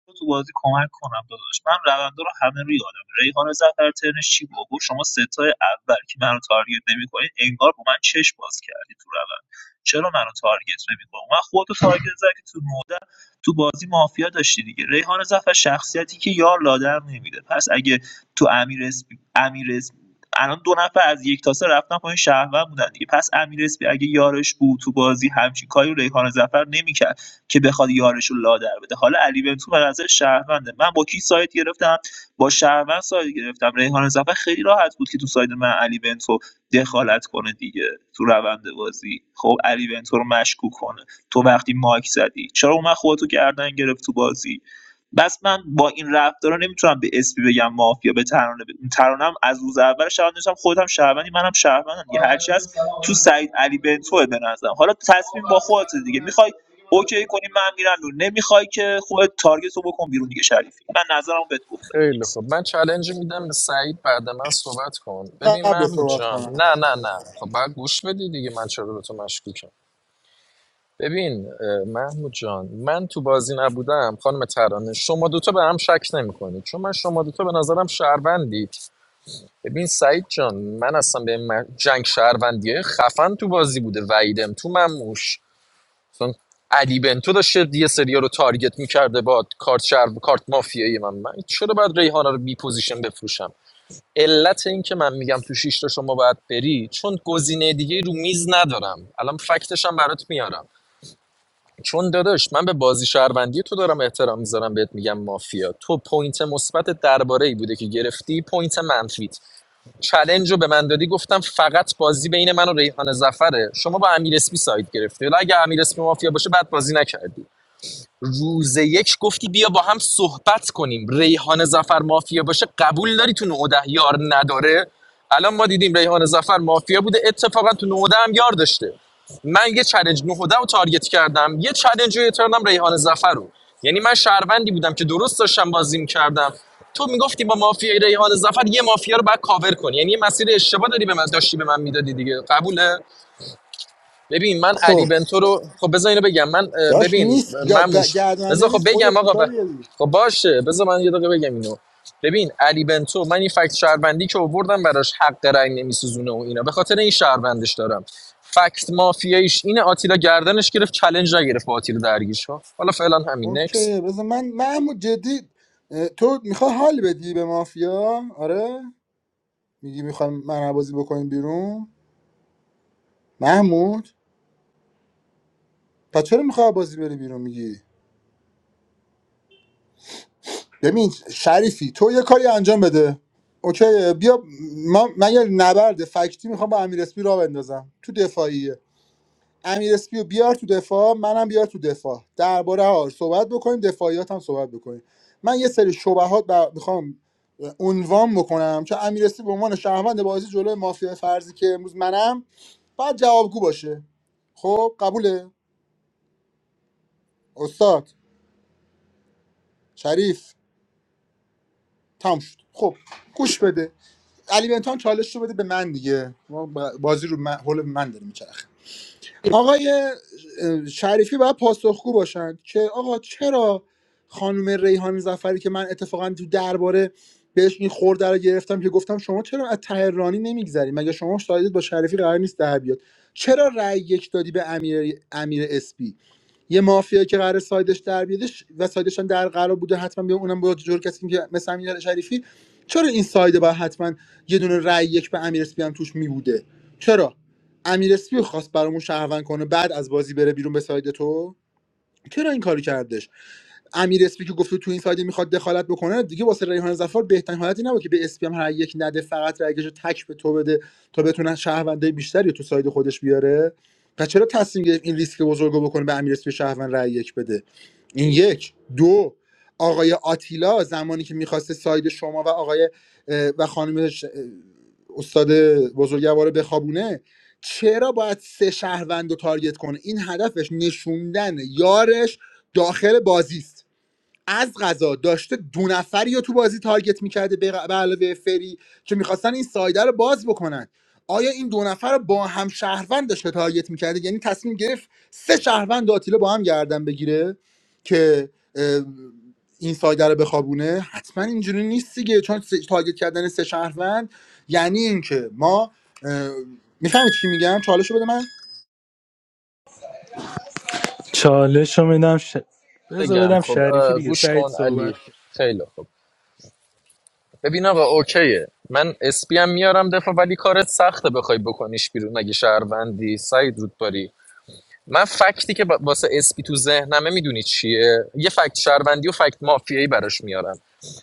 بیا تو بازی کمک کنم داداش من روندا رو همه رو یادم ریحان زفر ترنش چی بود گفت شما ستای اول که منو تارگت نمیکنید انگار با من چش باز کردی تو روند چرا منو تارگت نمیکنی من خودتو تارگت زدی که تو نوده تو بازی مافیا داشتی دیگه ریحان زفر شخصیتی که یار لادر نمیده پس اگه تو امیر اسپی امیر اسپی الان دو نفر از یک تاسه رفتن پایین شهروند بودن دیگه پس امیر اسپی اگه یارش بود تو بازی همچین کاری ریحان زفر نمیکرد که بخواد یارشو لادر بده حالا علی بنتو به نظر شهرونده من با کی سایت گرفتم با شهروند سایت گرفتم ریحان زفر خیلی راحت بود که تو سایت من علی بنتو دخالت کنه دیگه تو روند بازی خب علی بنتو رو مشکوک کنه تو وقتی مایک زدی چرا اومد خودتو گردن گرفت تو بازی بس من با این رفتارا نمیتونم به اسپی بگم مافیا به ترانه ب- ترانم از روز اول شهروند داشتم خودم شهروندی منم شهروندم دیگه هرچی هست تو سعید علی بنتوه به نظرم حالا تصمیم با خودت دیگه میخوای اوکی کنی من میرم بیرون نمیخوای که خودت تارگت رو بکن بیرون دیگه شریفی من نظرم بهت گفتم خیلی نیکس خوب من چالنج میدم به سعید بعد من صحبت کن ببین قبل محمود صحبت جان کنم نه نه نه خب بعد گوش بدی دیگه من چرا به تو مشکوکم ببین اه، محمود جان من تو بازی نبودم خانم ترانه شما دوتا به هم شک نمیکنید چون من شما دوتا به نظرم شهروندید ببین سعید جان من اصلا به من- جنگ شهروندیه خفن تو بازی بوده وعیدم تو مموش مثلا علی بنتو داشته یه سریا رو تارگت میکرده با کارت شهر کارت مافیایی من من چرا باید ریحانه رو بی پوزیشن بفروشم علت این که من میگم تو شیشتا شما باید بری چون گزینه دیگه رو میز ندارم الان فکتش هم برات میارم چون داداش من به بازی شهروندی تو دارم احترام میذارم بهت میگم مافیا تو پوینت مثبت درباره ای بوده که گرفتی پوینت منفیت چلنج رو به من دادی گفتم فقط بازی بین من و ریحان زفره شما با امیر اسپی ساید گرفتی ولی اگه امیر اسپی مافیا باشه بعد بازی نکردی روز یک گفتی بیا با هم صحبت کنیم ریحان زفر مافیا باشه قبول داری تو نوده یار نداره الان ما دیدیم ریحان زفر مافیا بوده اتفاقا تو نوده هم یار داشته من یه چلنج نوده رو تارگت کردم یه چلنج رو تارگت ریحان زفر رو یعنی من شهروندی بودم که درست داشتم بازی کردم تو میگفتی با مافیای ریحان زفر یه مافیا رو باید کاور کنی یعنی یه مسیر اشتباه داری به من داشتی به من میدادی دیگه قبوله ببین من علی خب بنتو رو خب بذار اینو بگم من داشت ببین نیست یا گ- مموش گرداننده بذار خب نیست خودت بگم آقا ب... کوتاه بیا خب باشه بذار من یه دقیقه بگم اینو ببین علی بنتو من این فکت شهروندی که آوردم براش حق رأی نمیسوزونه و اینا به خاطر این شهروندش دارم فکت مافیاییش اینه آتیلا گردنش گرفت چلنج نگرفت با آتیلا درگیش ها حالا فعلا همین نکس اوکی بذار من محمود جدی اه، تو میخوای حال بدی به مافیا آره میگی میخوایم من بازی بکنیم بیرون محمود پس چرا میخوای بازی بری بیرون میگی ببین شریفی تو یه کاری انجام بده اوکی بیا ما من یه نبرد فکتی میخوام با امیر اسپی راه بندازم تو دفاعیه امیر اسپیو بیار تو دفاع منم بیار تو دفاع درباره ها صحبت بکنیم دفاعیات هم صحبت بکنیم من یه سری شبهات بر... میخوام عنوان بکنم چون امیر اسپی به عنوان شهروند بازی جلوی مافیا فرضی که امروز منم باید جوابگو باشه خب قبوله استاد شریف تام شد خب گوش بده علی بنتان چالش رو بده به من دیگه ما ب- بازی رو من... حول من داره می‌چرخه. آقای شریفی باید پاسخگو باشند که آقا چرا خانم ریحان زفری که من اتفاقا تو درباره بهش این خورده رو گرفتم که گفتم شما چرا از تهرانی نمیگذری مگه شما شاهدت با شریفی قرار نیست در بیاد چرا رأی یک دادی به امیر امیر اسپی یه مافیا که قرار سایدش در بیادش و سایدش هم در قرار بوده حتما بیا اونم با جور کسی که مثل امیر شریفی چرا این سایده باید حتما یه دونه رأی یک به امیر اسپی هم توش می بوده چرا امیر اسپی خواست برامون شهروند کنه بعد از بازی بره بیرون به ساید تو چرا این کاری کردش امیر اسپی که گفته تو این سایده میخواد دخالت بکنه دیگه واسه ریحان زفار بهترین حالتی نبود که به اسپی هم هر یک نده فقط رگش رو تک به تو بده تا بتونه شهرونده بیشتری رو تو ساید خودش بیاره پس چرا تصمیم گرفت این ریسک بزرگ رو بکنه به امیر اسپی شهروند رای یک بده این یک دو آقای آتیلا زمانی که میخواسته ساید شما و آقای اه، و خانم ش- اه، استاد بزرگوار رو بخوابونه چرا باید سه شهروند رو تارگت کنه این هدفش نشوندن یارش داخل بازی است از غذا داشته دو نفری رو تو بازی تارگت میکرده به غ- به علاوه فری که میخواستن این سایده رو باز بکنن آیا این دو نفر رو با هم شهروند داشته تارگت میکرده یعنی تصمیم گرفت سه شهروند آتیلا با هم گردن بگیره که اه، این سایده رو بخوابونه حتما اینجوری نیست دیگه چون سه- تارگت کردن سه شهروند یعنی اینکه ما میفهمید چی میگم چالش رو بده من چالش رو میدم ش... بذار بگم بدم خب شریفی دیگه گوش سعید کن علی صحبت کرد خیلی خب ببین آقا اوکیه من اسپی هم میارم دفعه ولی کارت سخته بخوای بکنیش بیرون اگه شهروندی سعید رودباری من فکتی که با- واسه اسپی تو ذهنمه میدونی چیه یه فکت شهروندی و فکت مافیایی براش میارم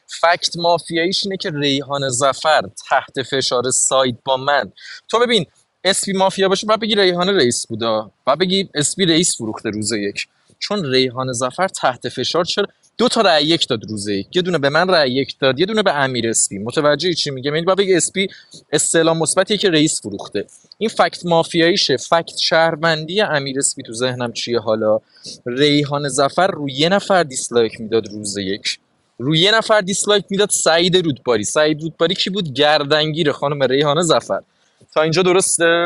فکت مافیاییش اینه که ریحان زفر تحت فشار ساید با من تو ببین اسپی مافیا باشه و بگی ریحان رئیس بودا و بگی اسپی رئیس فروخته روز یک چون ریحان زفر تحت فشار چرا دو تا رأی یک داد روز یک یه دونه به من رأی یک داد یه دونه به امیر اسپی متوجه چی میگم یعنی با بگی اسپی استعلام مثبتیه که رئیس فروخته این فکت مافیاییشه فکت شهروندی امیر اسپی تو ذهنم چیه حالا ریحان زفر رو یه نفر دیسلایک میداد روز یک روی یه نفر دیسلایک میداد سعید رودباری سعید رودباری کی بود گردنگیر خانم ریحانه ظفر تا اینجا درسته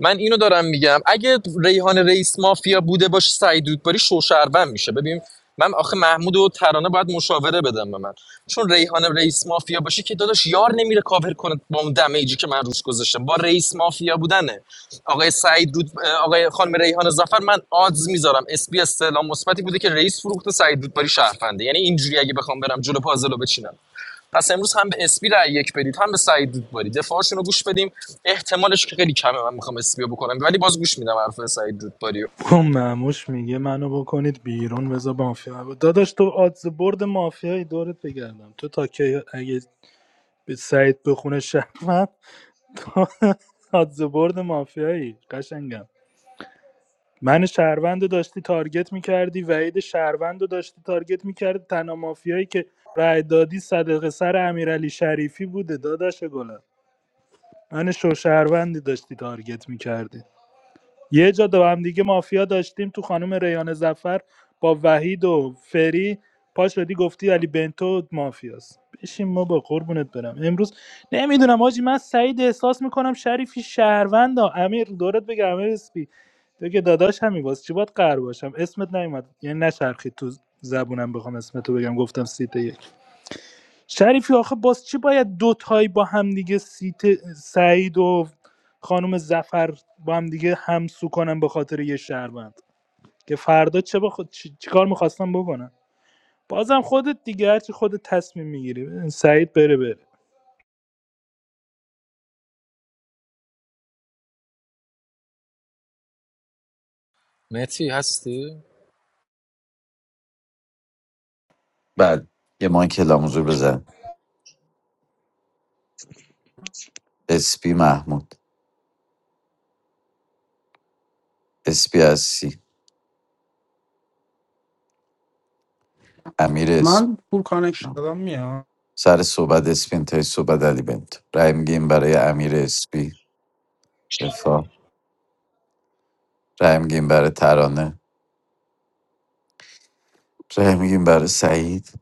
من اینو دارم میگم اگه ریحان رئیس مافیا بوده باشه سعید دودباری شوشروند میشه ببین من آخه محمود و ترانه باید مشاوره بدم به من چون ریحان رئیس مافیا باشه که داداش یار نمیره کاور کنه با اون دمیجی که من روش گذاشتم با رئیس مافیا بودنه آقای سعید دود آقای خانم ریحان زفر من آدز میذارم اس بی استعلام مثبتی بوده که رئیس فروخته سعید دودباری شهرفنده یعنی اینجوری اگه بخوام برم جلو پازلو بچینم پس امروز هم به اسپی رای یک بدید هم به سعید رودباری دفاعشون رو گوش بدیم احتمالش که خیلی کمه من میخوام اسپی رو بکنم ولی باز گوش میدم حرف سعید رودباری رو. اون معموش میگه منو بکنید بیرون بذار مافیا بود داداش تو آدز برد مافیای دورت بگردم تو تا که اگه به سعید بخونه شهروند برد مافیایی قشنگم من شهروند رو داشتی تارگت میکردی وعید شهروند رو داشتی تارگت میکردی تنها مافیایی که رأی دادی صدقه سر امیرعلی شریفی بوده داداش گلم من شو شهروندی داشتی تارگت میکردی یه جا با هم دیگه مافیا داشتیم تو خانم ریان زفر با وحید و فری پا شدی گفتی علی بنتو مافیاست بشین ما با قربونت برم امروز نمیدونم آجی من سعید احساس میکنم شریفی شهروندا امیر دورت بگم امیر اسپی تو که داداش همی باز چی باید قهر باشم اسمت نیومد یعنی نچرخید تو زبونم بخوام اسمتو بگم گفتم سیت یک شریفی آخه باز چی باید دو تایی با همدیگه سیت سعید و خانم زفر با هم دیگه همسو کنن به خاطر یه شهروند که فردا چه با خود چی... چی کار میخواستم بکنن بازم خودت دیگه هرچی خودت تصمیم میگیری سعید بره بره متی هستی بعد یه مایک لاموزور بزن اسپی محمود اسپی هستی امیر اسم من پول کانکشن نه. دادم میاد سر صحبت اسپین تای صحبت علی بنتو رای میگیم برای امیر اسپی دفاع رای میگیم برای ترانه رای میگیم برای سعید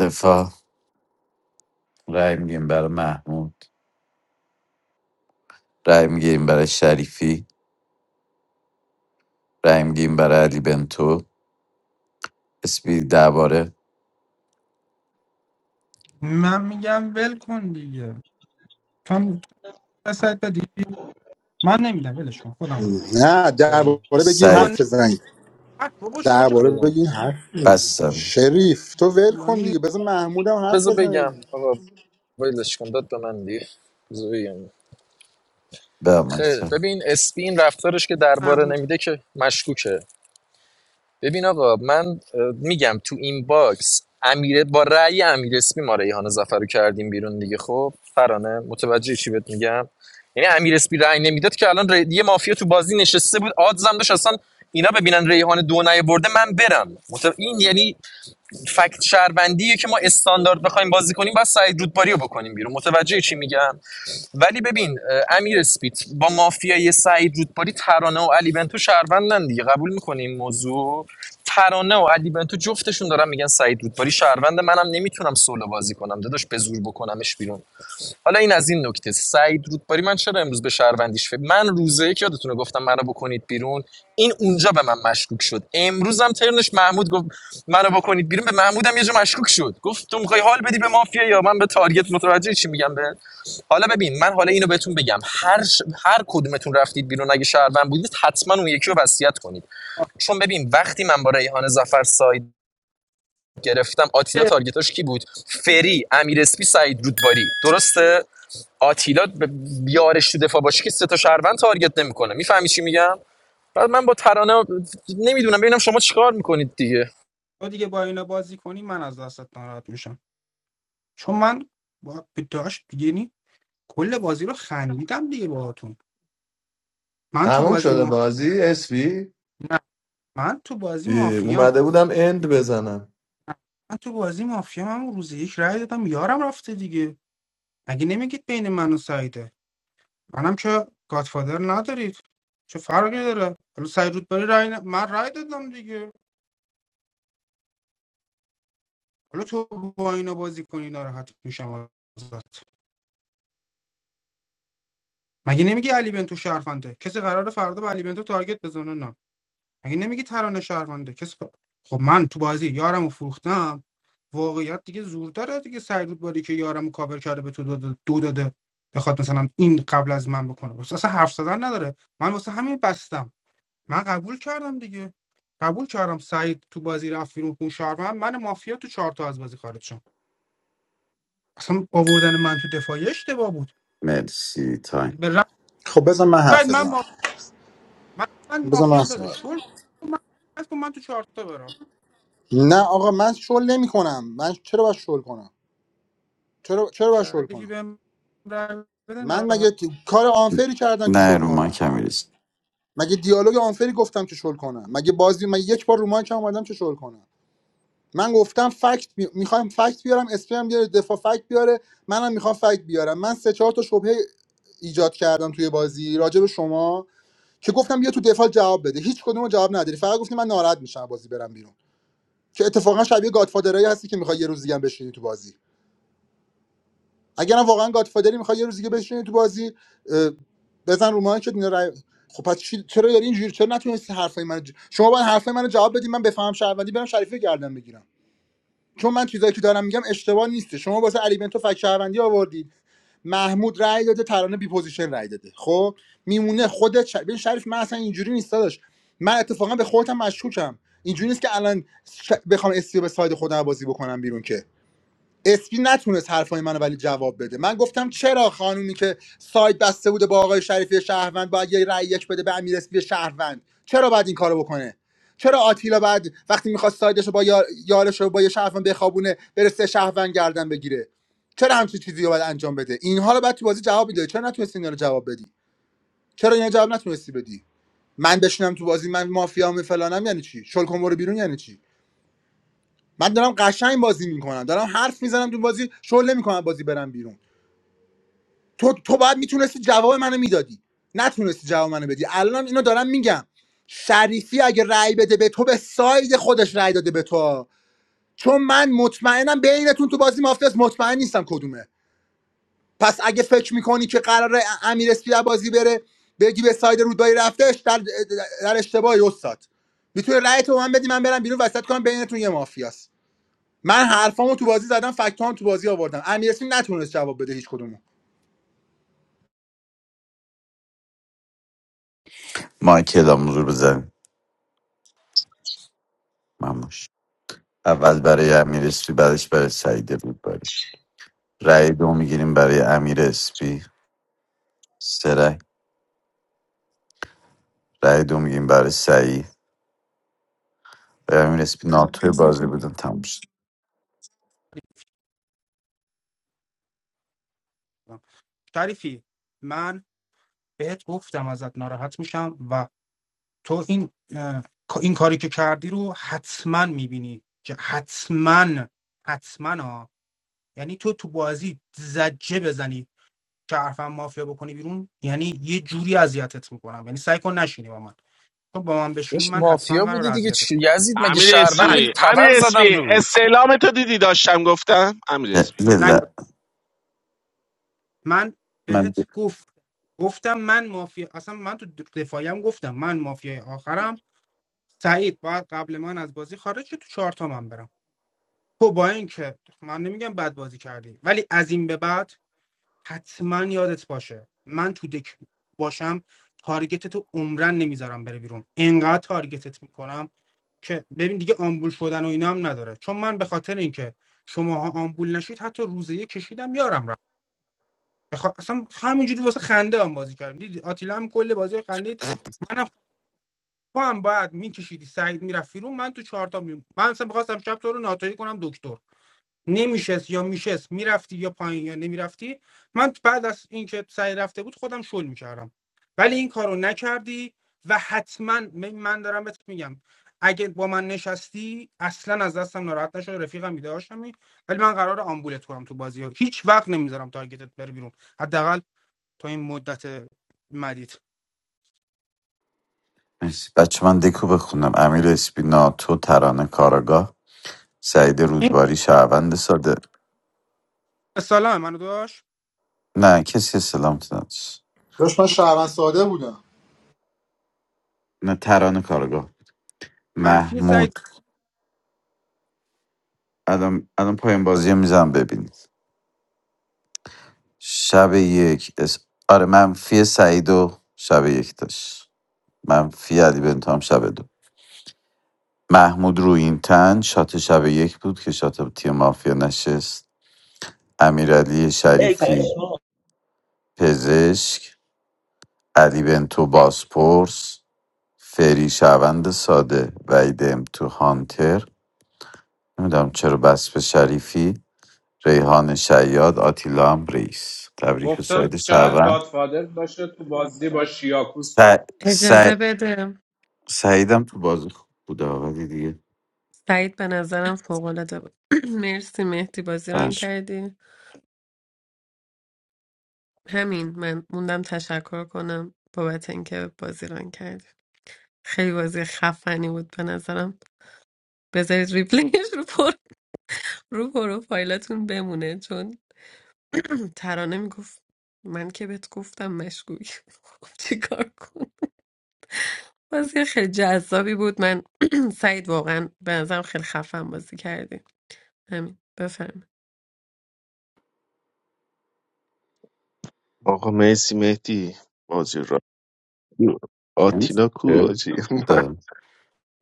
دفاع رای میگیم برای محمود رای میگیریم برای شریفی رای میگیریم برای علی بنتو اسپی درباره من میگم ول کن دیگه تو هم سعید بدی من نمیدم ولش کن خودم حرف بزنم. نه درباره بگیر بابا سعی نه حرف بزن بابا شما چقدر درباره بدم بگین حرف بزنی بستن شریف تو ول کن طولانی دیگه بذار محمودم حرف بذار بزنه بگم دیگه. آقا ولش کن داد به من دیگه بذار بگم به خیلی مایکتر ببین اسپی این رفتارش که درباره محمود نمیده که مشکوکه ببین آقا من میگم تو این باکس امیر با رأی امیر اسمی ما ریحان زفر رو کردیم بیرون دیگه خب فرانه متوجه چی بهت میگم یعنی امیر اسمی رأی نمیداد که الان ری... یه مافیا تو بازی نشسته بود آدزم داشت اصلا اینا ببینن ریحان دو برده من برم مت... این یعنی فکت شهروندیه که ما استاندارد بخوایم بازی کنیم باید سعید رودباری رو بکنیم بیرون متوجه چی میگم ولی ببین امیر اسپیت با مافیای سعید رودباری ترانه و علی بنتو شهروندن دیگه قبول میکنیم موضوع ترانه و علی بنتو جفتشون دارن میگن سعید رودباری شهروند منم نمیتونم سولو بازی کنم داداش به زور بکنمش بیرون حالا این از این نکته سعید رودباری من چرا امروز به شهروندیش فکر من روزه یک یادتونه گفتم منو بکنید بیرون این اونجا به من مشکوک شد امروزم ترنش محمود گفت منو بکنید بیرون به محمودم یه جا مشکوک شد گفت تو میخوای حال بدی به مافیا یا من به تارگت متوجه چی میگم به حالا ببین من حالا اینو بهتون بگم هر ش... هر کدومتون رفتید بیرون اگه شهروند بودید حتما اون یکی رو وصیت کنید چون ببین وقتی من با ریحان ظفر ساید گرفتم آتیلا تارگتاش کی بود فری امیر اسپی سعید رودباری درسته آتیلا بیارش تو دفاع باشه که سه تا شهروند تارگت نمیکنه میفهمی چی میگم بعد من با ترانه نمیدونم ببینم شما چیکار میکنید دیگه تو دیگه با اینا بازی کنی من از دستت ناراحت میشم چون من با داشت یعنی کل بازی رو خندیدم دیگه باهاتون من تو بازی ما... time نه من تو بازی you مافیام met? It was. من تو بازی مافیام هم روز یک رای دادم یارم رفته دیگه مگه نمیگید بین من و سعیده منم که گادفادر ندارید چه فرقی داره حالا سعید رودباری رای ن... من رای دادم دیگه حالا تو با اینا بازی کنی ناراحت میشم ازت مگه نمیگی علی بنتو شهرونده کسی قراره فردا به علی بنتو تارگت بزنه نه مگه نمیگی ترانه شهرونده کسی خب من تو بازی یارم و فروختم واقعیت دیگه زورتره دیگه سعی رود باری که یارم کاور کرده به تو دو داده, دو داده بخواد مثلا این قبل از من بکنه واسه اصلا حرف زدن نداره من واسه همین بستم من قبول کردم دیگه قبول کردم سعید تو بازی رفت بیرون خون شهروند من مافیا تو چهار تا از بازی خارج شدم اصلا آوردن من تو دفاعی اشتباه بود مرسی تایم به رأی خب بذار من بعد حرف من بزنم با من, من بذار من مافیام بده صحبت کنم. شل من من تو چهار تا برم نه آقا من شل نمی کنم من چرا باید شل کنم چرا چرا باید شل شریفی کنم بهم رأی بده من ناراحت مگه ت- کار آنفری کردم که نه شل رو مایک کنم امیرس مگه دیالوگ آنفری گفتم که شل کنم مگه بازی مگه یک بار رو مایک هم اومدم که شل کنم من گفتم فکت می... میخوام فکت بیارم اسپیم بیاره دفاع فکت بیاره منم میخوام فکت بیارم من سه چهار تا شبهه ایجاد کردم توی بازی راجع به شما که گفتم بیا تو دفاع جواب بده هیچ کدوم رو جواب نداری فقط گفتی من ناراحت میشم بازی برم بیرون که اتفاقا شبیه گادفادرایی هستی که میخوای یه روز دیگه هم بشینی تو بازی اگرم واقعا گادفادری میخوای یه روز دیگه بشینی تو بازی اه، بزن رو مایک اینا رای- خب پس چی... چرا داری اینجوری چرا نتونستی حرفای من ج... شما باید حرفای منو جواب بدی من بفهم شهروندی برم شریفی گردن بگیرم چون من چیزایی که دارم میگم اشتباه نیسته شما واسه علی بنتو فک شهروندی آوردید محمود رأی داده ترانه بی پوزیشن رأی داده خب میمونه خودت ش... ببین شریف من اصلا اینجوری نیست داداش من اتفاقا به خودم مشکوکم اینجوری نیست که الان ش... بخوام استیو به ساید خودم بازی بکنم بیرون که اسپی نتونست حرفای منو ولی جواب بده من گفتم چرا خانومی که سایت بسته بوده با آقای شریفی شهروند باید یه رأی یک بده به امیر اسپی شهروند چرا باید این کارو بکنه چرا آتیلا بعد وقتی میخواست سایدش رو با یار... یارش رو با یه شهروند بخوابونه برسه شهروند گردن بگیره چرا همچین چیزی رو باید انجام بده اینها رو بعد تو بازی جواب میده چرا نتونستی اینا رو جواب بدی چرا اینا جواب نتونستی بدی من بشینم تو بازی من مافیام فلانم یعنی چی شل کن برو بیرون یعنی چی من دارم قشنگ بازی میکنم دارم حرف میزنم تو بازی شغل نمیکنم بازی برم بیرون تو تو باید میتونستی جواب منو میدادی نتونستی جواب منو بدی الان اینو دارم میگم شریفی اگه رأی بده به تو به ساید خودش رأی داده به تو چون من مطمئنم بینتون تو بازی مافیاست، مطمئن نیستم کدومه پس اگه فکر میکنی که قراره امیر اسپی از بازی بره بگی به ساید رودباری رفتش در, در اشتباهی استاد میتونه رأی تو به من بدی من برم بیرون وسط کنم بینتون یه مافیاست من حرفامو تو بازی زدم فکتام تو بازی آوردم امیر اسمی نتونست جواب بده هیچ کدومو مایک اعلام حضور بزن مموش اول برای امیر اسپی بعدش برای سعید رودباری رای دو میگیریم برای امیر اسپی سه رای رای دو میگیریم برای سعید برای امیر اسپی ناتوی بازی بودن تموم شد شدم. شریفی من بهت گفتم ازت ناراحت میشم و تو این این کاری که کردی رو حتما میبینی که حتما حتما ها یعنی تو تو بازی زجه بزنی که حرفم مافیا بکنی بیرون یعنی یه جوری اذیتت میکنم یعنی سعی کن نشینی با من تو با من بشینی داش من حتما مافیا قرار بودی دیگه اذیتت چی کنم یزید مگه امیر شهروند نه بودی اسپی تبر امیر زدم اسپی رود استعلام تو دیدی داشتم گفتم امیر یه- اسپی یه نه لحظه. من من بهت گفت گفتم من مافیا اصلا من تو دفاعیم گفتم من مافیای آخرم سعید باید قبل من از بازی خارج شه، تو چهار تا من برم تو با این که من نمیگم بد بازی کردی ولی از این به بعد حتما یادت باشه من تو دک باشم تارگت رو عمرن نمیذارم بره بیرون انقدر تارگتت میکنم که ببین دیگه آمبول شدن و اینا هم نداره چون من به خاطر اینکه شماها آمبول نشید حتی روزه یه کشیدم یارم را. بخوا... اصلا همینجوری واسه خنده هم بازی کردم دیدی آتیلا هم کل بازی خندید منم تو بعد میکشیدی سعید میرفت بیرون من تو چهارتا می... من اصلا میخواستم شب تو رو ناتایی کنم دکتر نمیشست یا میشست میرفتی یا پایین یا نمیرفتی من بعد از اینکه سعی رفته بود خودم شل میکردم ولی این کارو نکردی و حتما من من دارم بهت میگم اگه با من نشستی اصلا از دستم ناراحت نشو رفیقم ایده هاشمی ولی من قرار آمبولت کنم تو بازی ها هیچ وقت نمیذارم تارگتت بره بیرون حداقل تا این مدت مدید مرسی بچه من دکو بخونم امیر اسپینا تو ترانه کاراگاه سعید این رودباری شهروند ساده سلام منو داشت نه کسی سلامت نداشت داشت من شهروند ساده بودم نه ترانه کاراگاه منفی سعید محمود الان الان پایان بازی میزنم ببینید شب یک اس... آره منفی سعید و شب یک داشت منفی علی بنتام شب دو محمود رو این تن شات شب یک بود که شات تیم مافیا نشست امیرعلی ای شریفی پشما پزشک علی بنتو باسپورس فری شهروند ساده وحید ام تو هانتر نمیدونم چرا بس به شریفی ریحان شیاد آتیلا هم رئیس تبریک به گفتم سعید شاید شهروند گادفادر باشه تو بازی با شیاکوس س... کنم س... اجازه بده سعیدم تو بازی خوب بوده ولی دیگه سعید به نظرم فوق‌العاده بود مرسی مهدی بازی ران برش کردی همین من موندم تشکر کنم بابت اینکه بازی ران کردی خیلی بازی خفنی بود به نظرم بذارید ریپلیش رو پر رو پروفایلتون بمونه چون ترانه میگفت من که بهت گفتم مشکوک خب چیکار کن بازی خیلی جذابی بود من سعید واقعا به نظرم خیلی خفن بازی کردی همین بفرمایید آقا مرسی مهدی بازی را آتینا کو آجی بوده.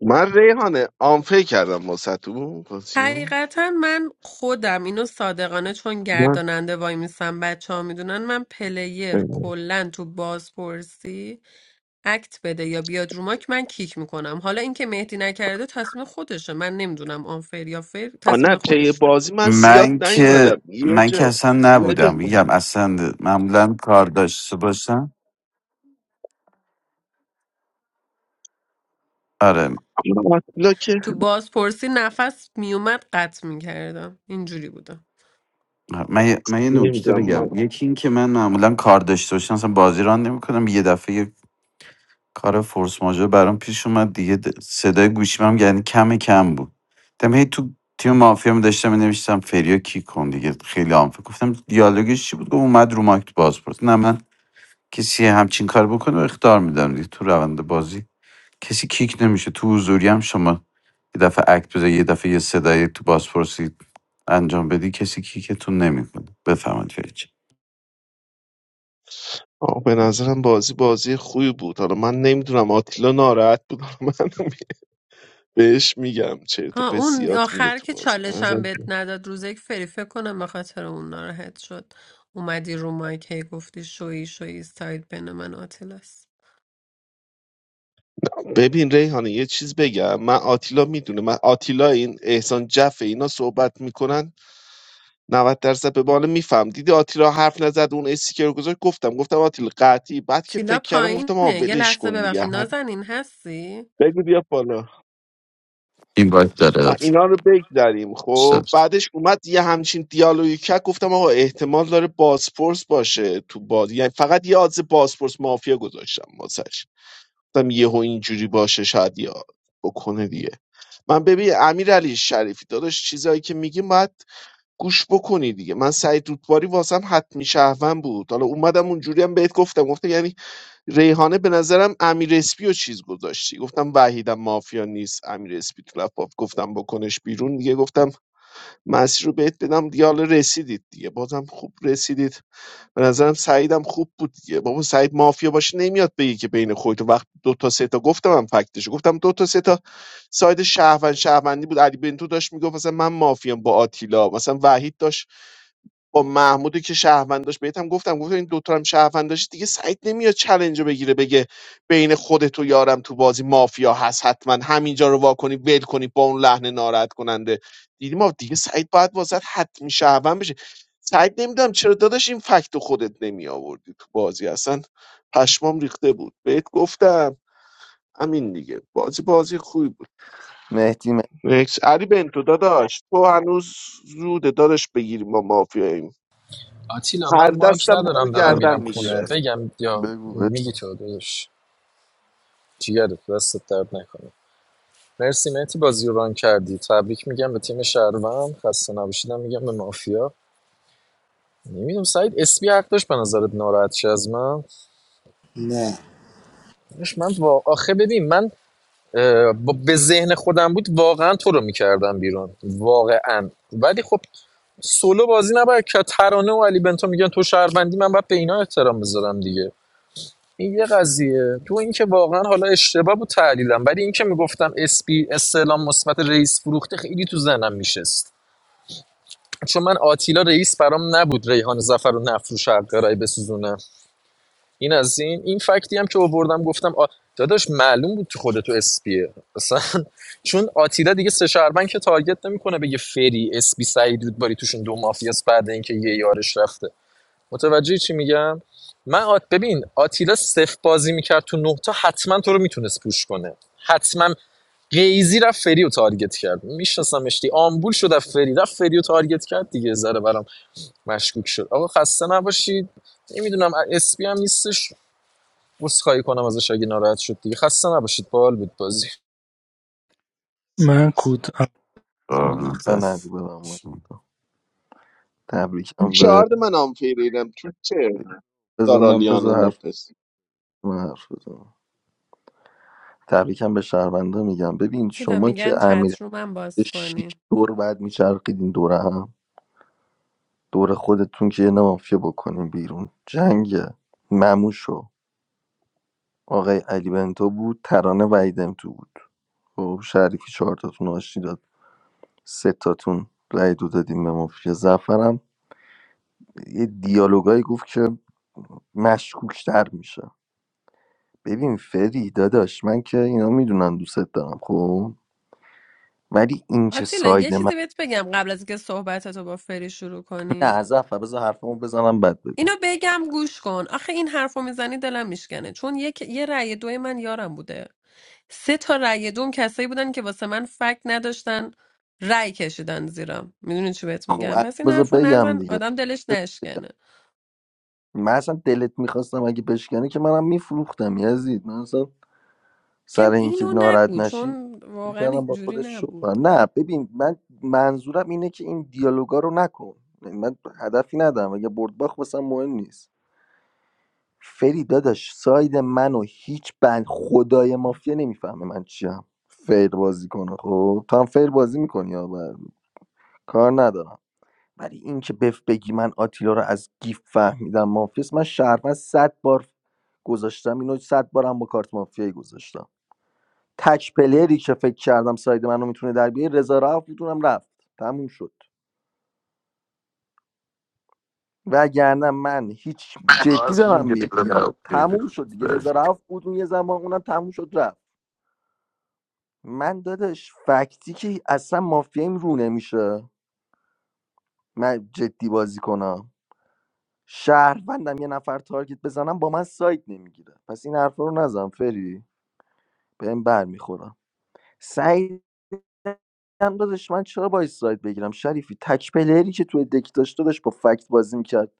من ریحانه آنفه کردم با ستو بازیو حقیقتا من خودم اینو صادقانه چون من گرداننده وای میسم بچه ها میدونن من پلیر کلا تو بازپرسی اکت بده یا بیاد روماک من کیک میکنم حالا اینکه مهدی نکرده تصمیم خودشه من نمیدونم آنفر یا فر آه نه تصمیم طی خودشه بازی من زیاد من که نیومدم یه من که جا اصلا یه جا نبودم میگم اصلا معمولا کار داشته باشم آره آه، آتیلا که تو بازپرسی نفس میومد قطع میکردم اینجوری بودم من, یه- من یه نکته نمیدونم ما بگم یکی این که من معمولا کار داشته باشم اصلا بازی ران نمیکنم یه دفعه کار فورس ماژور برام پیش اومد دیگه د- صدای گوشیم هم یعنی کم کم بود دم هی تو تیم مافیا می داشتم نوشتم فریو کی کن دیگه خیلی هم فکر گفتم دیالوگش چی بود گفت اومد رو ماکت باز پرس نه من کسی همچین کار بکنه و اختار میدم دیگه تو روند بازی کسی کیک نمیشه تو حضوری هم شما یه دفعه اکت بزنی یه دفعه یه صدای تو بازپرسی انجام بدی کسی کیکتون نمیکنه بفهمید فریج آه، به نظرم بازی بازی خوبی بود حالا من نمیدونم آتیلا ناراحت بود حالا من بهش میگم چه تو آه، به اون زیاد میگه آخر تو که بازی به چالش هم نظرم- بهت نداد روز یک فری فکر کنم به خاطر اون ناراحت شد اومدی رو مایک هی گفتی شوی شوی ساید بین من و آتیلاست ببین ریحانه یه چیز بگم من آتیلا میدونه من آتیلا این احسان جفه اینا صحبت میکنن 90% به بالا میفهم دیدی آتیلا حرف نزد اون استیکر رو گذاشت گفتم گفتم آتیلا قطعی بعد که تیلا فکر کردم پایینه گفتم آ یه ولش لحظه کن دیگه ببخشید هر نازنین هستی بگو بیا بالا این باید داره و اینا رو بگذریم خب استاد بعدش اومد یه همچین دیالوگی کرد گفتم آقا احتمال داره بازپرس باشه تو بازی یعنی فقط یه آدز بازپرس مافیا گذاشتم واسش گفتم یهو اینجوری باشه شاید یا بکنه دیگه من ببین امیر علی شریفی داداش چیزایی که میگیم باید گوش بکنی دیگه من سعید رودباری واسم حتمی شهروند بود حالا اومدم اونجوری هم بهت گفتم گفتم یعنی ریحانه به نظرم امیر اسپی و چیز گذاشتی گفتم وحیدم مافیا نیست امیر اسپی تو لپاپ گفتم بکنش بیرون دیگه گفتم مسیر رو بهت بدم دیگه حالا رسیدید دیگه بازم خوب رسیدید به نظرم سعیدم خوب بود دیگه بابا سعید مافیا باشه نمیاد بگی که بین خودت و وقت دو تا سه تا گفتم من فکتش گفتم دو تا سه تا ساید شهروند شهروندی بود علی بنتو داشت میگفت مثلا من مافیام با آتیلا مثلا وحید داشت با محمودی که شهروند داشت بهت هم گفتم گفتم این دوتا هم شهروند دیگه سعید نمیاد چلنج رو بگیره بگه بین خودت و یارم تو بازی مافیا هست حتما همینجا رو وا کنی ول کنی با اون لحن ناراحت کننده دیدی ما دیگه سعید باید واسط حتمی شهروند بشه سعید نمیدونم چرا داداش این فکت رو خودت نمی آوردی تو بازی اصلا پشمام ریخته بود بهت گفتم همین دیگه بازی بازی خوبی بود مهدی مهدی نکس علی بنتو داداش تو هنوز زوده داداش بگیری ما مافیا آتیلا هر من مایک دستم ما رو ندارم دارم آه. گردن میرم خونه میگیره بگم یا میگی تو داداش جیگرت دستت درد نکنه مرسی مهتی بازی رو ران کردی تبریک میگم به تیم شهروند خسته نباشیدم میگم به مافیا نمیدونم سعید اسپی حق داشت به نظرت ناراحت شه از من نه داداش من با آخه ببین من با- به ذهن خودم بود واقعا تو رو میکردم بیرون واقعا ولی خب سولو بازی نباید که ترانه و علی بنتو میگن تو شهروندی من باید به اینا احترام بذارم دیگه این یه قضیه تو اینکه واقعا حالا اشتباه بود تحلیلم ولی اینکه میگفتم اسپی استعلام مثبت رئیس فروخته خیلی تو ذهنم میشست چون من آتیلا رئیس برام نبود ریحان زفر رو نفروش حق رای بسوزونم این از این این فکتی هم که آوردم گفتم آ... داداش معلوم بود تو خودت تو اسپیه اصلا چون آتیلا دیگه سه شهروند که تارگت نمیکنه بگه فری اسپی سعید رودباری توشون دو مافیاس بعد اینکه یه یارش رفته متوجه چی میگم من آت... ببین آتیلا صفر بازی میکرد تو نه تا حتما تو رو میتونست پوش کنه حتما قیزی رفت فری رو تارگت کرد میشناسمش اشتی آمبول شد از فری رفت فری رو تارگت کرد دیگه ذره برام مشکوک شد آقا خسته نباشید نمیدونم اسپی هم نیستش عذرخواهی کنم ازش اگه ناراحت شد دیگه خسته نباشید باحال بود بازی من کود آه، بزن نگو ببم دست. تو تبریکم به چارد من هم تو چه بزن من دارالیان بزن و حرف لوپس من حرف بزنم تبریکم به شهرونده میگم ببین تیلا شما میگن که چت امیر رو من باز شیش کنی دور بعد میچرخیدین دوره هم دور خودتون که یه نه مافیا بکنین بیرون جنگ مموشو آقای علی بنتو بود ترانه ویدم تو بود خب شریفی چهارتاتون آشتی داد سه تاتون رای دو دادیم به مافیا زفرم یه دیالوگایی گفت که مشکوکتر میشه ببین فری داداش من که اینا میدونن دوستت دارم خب ولی این که آتیلا یه ساید من چیزی بهت بگم قبل از اینکه صحبتتو با فری شروع نه کنی از اول بذار حرفمو بزنم بعد بگو اینو بگم گوش کن آخه این حرفو میزنی دلم میشکنه چون یک یه رأی دوی من یارم بوده سه تا رأی دوم کسایی بودن که واسه من فکت نداشتن رأی کشیدن زیرا میدونی چی بهت خب میگم الان پس این بذار حرفو بگم نزن دیگه آدم دلش بذار بگم. نشکنه من اصلا دلت میخواستم اگه بشکنی که منم میفروختم یزید من اصلا سر میگم اینکه اینو ناراحت نگو نشی چون فکر واقعا کردم با اینجوری خودت شو نبود کنم. نه ببین من منظورم اینه که این دیالوگا رو نکن من هدفی ندارم اگه برد باخت واسم مهم نیست فری داداش ساید منو هیچ بند خدای مافیا نمیفهمه من چیم فیر بازی کنه خب تو هم فیر بازی میکنی یا کار ندارم ولی اینکه بف بگی من آتیلا رو از گیف فهمیدم مافیاس من شهروند صد بار گذاشتم اینو صد بارم با کارت مافیایی گذاشتم تک پلیری که فکر کردم ساید منو میتونه در بیاره رضا رفت میتونم رفت تموم شد وگرنه من هیچ جدی Nós não دارم queremos dar میگم o prêmio. تموم شد دیگه رضا رفت بود اون یه زمان اونم تموم شد رفت من داداش فکتی که اصلا مافیایم رو نمیشه من جدی بازی کنم شهروندم یه نفر تارگت بزنم با من سایت نمیگیره پس این حرفا رو نزن فری بهم بر میخورم سعید هم داداش من چرا باید سایت بگیرم شریفی تک پلری که توی دک داشت داداش با فکت بازی میکرد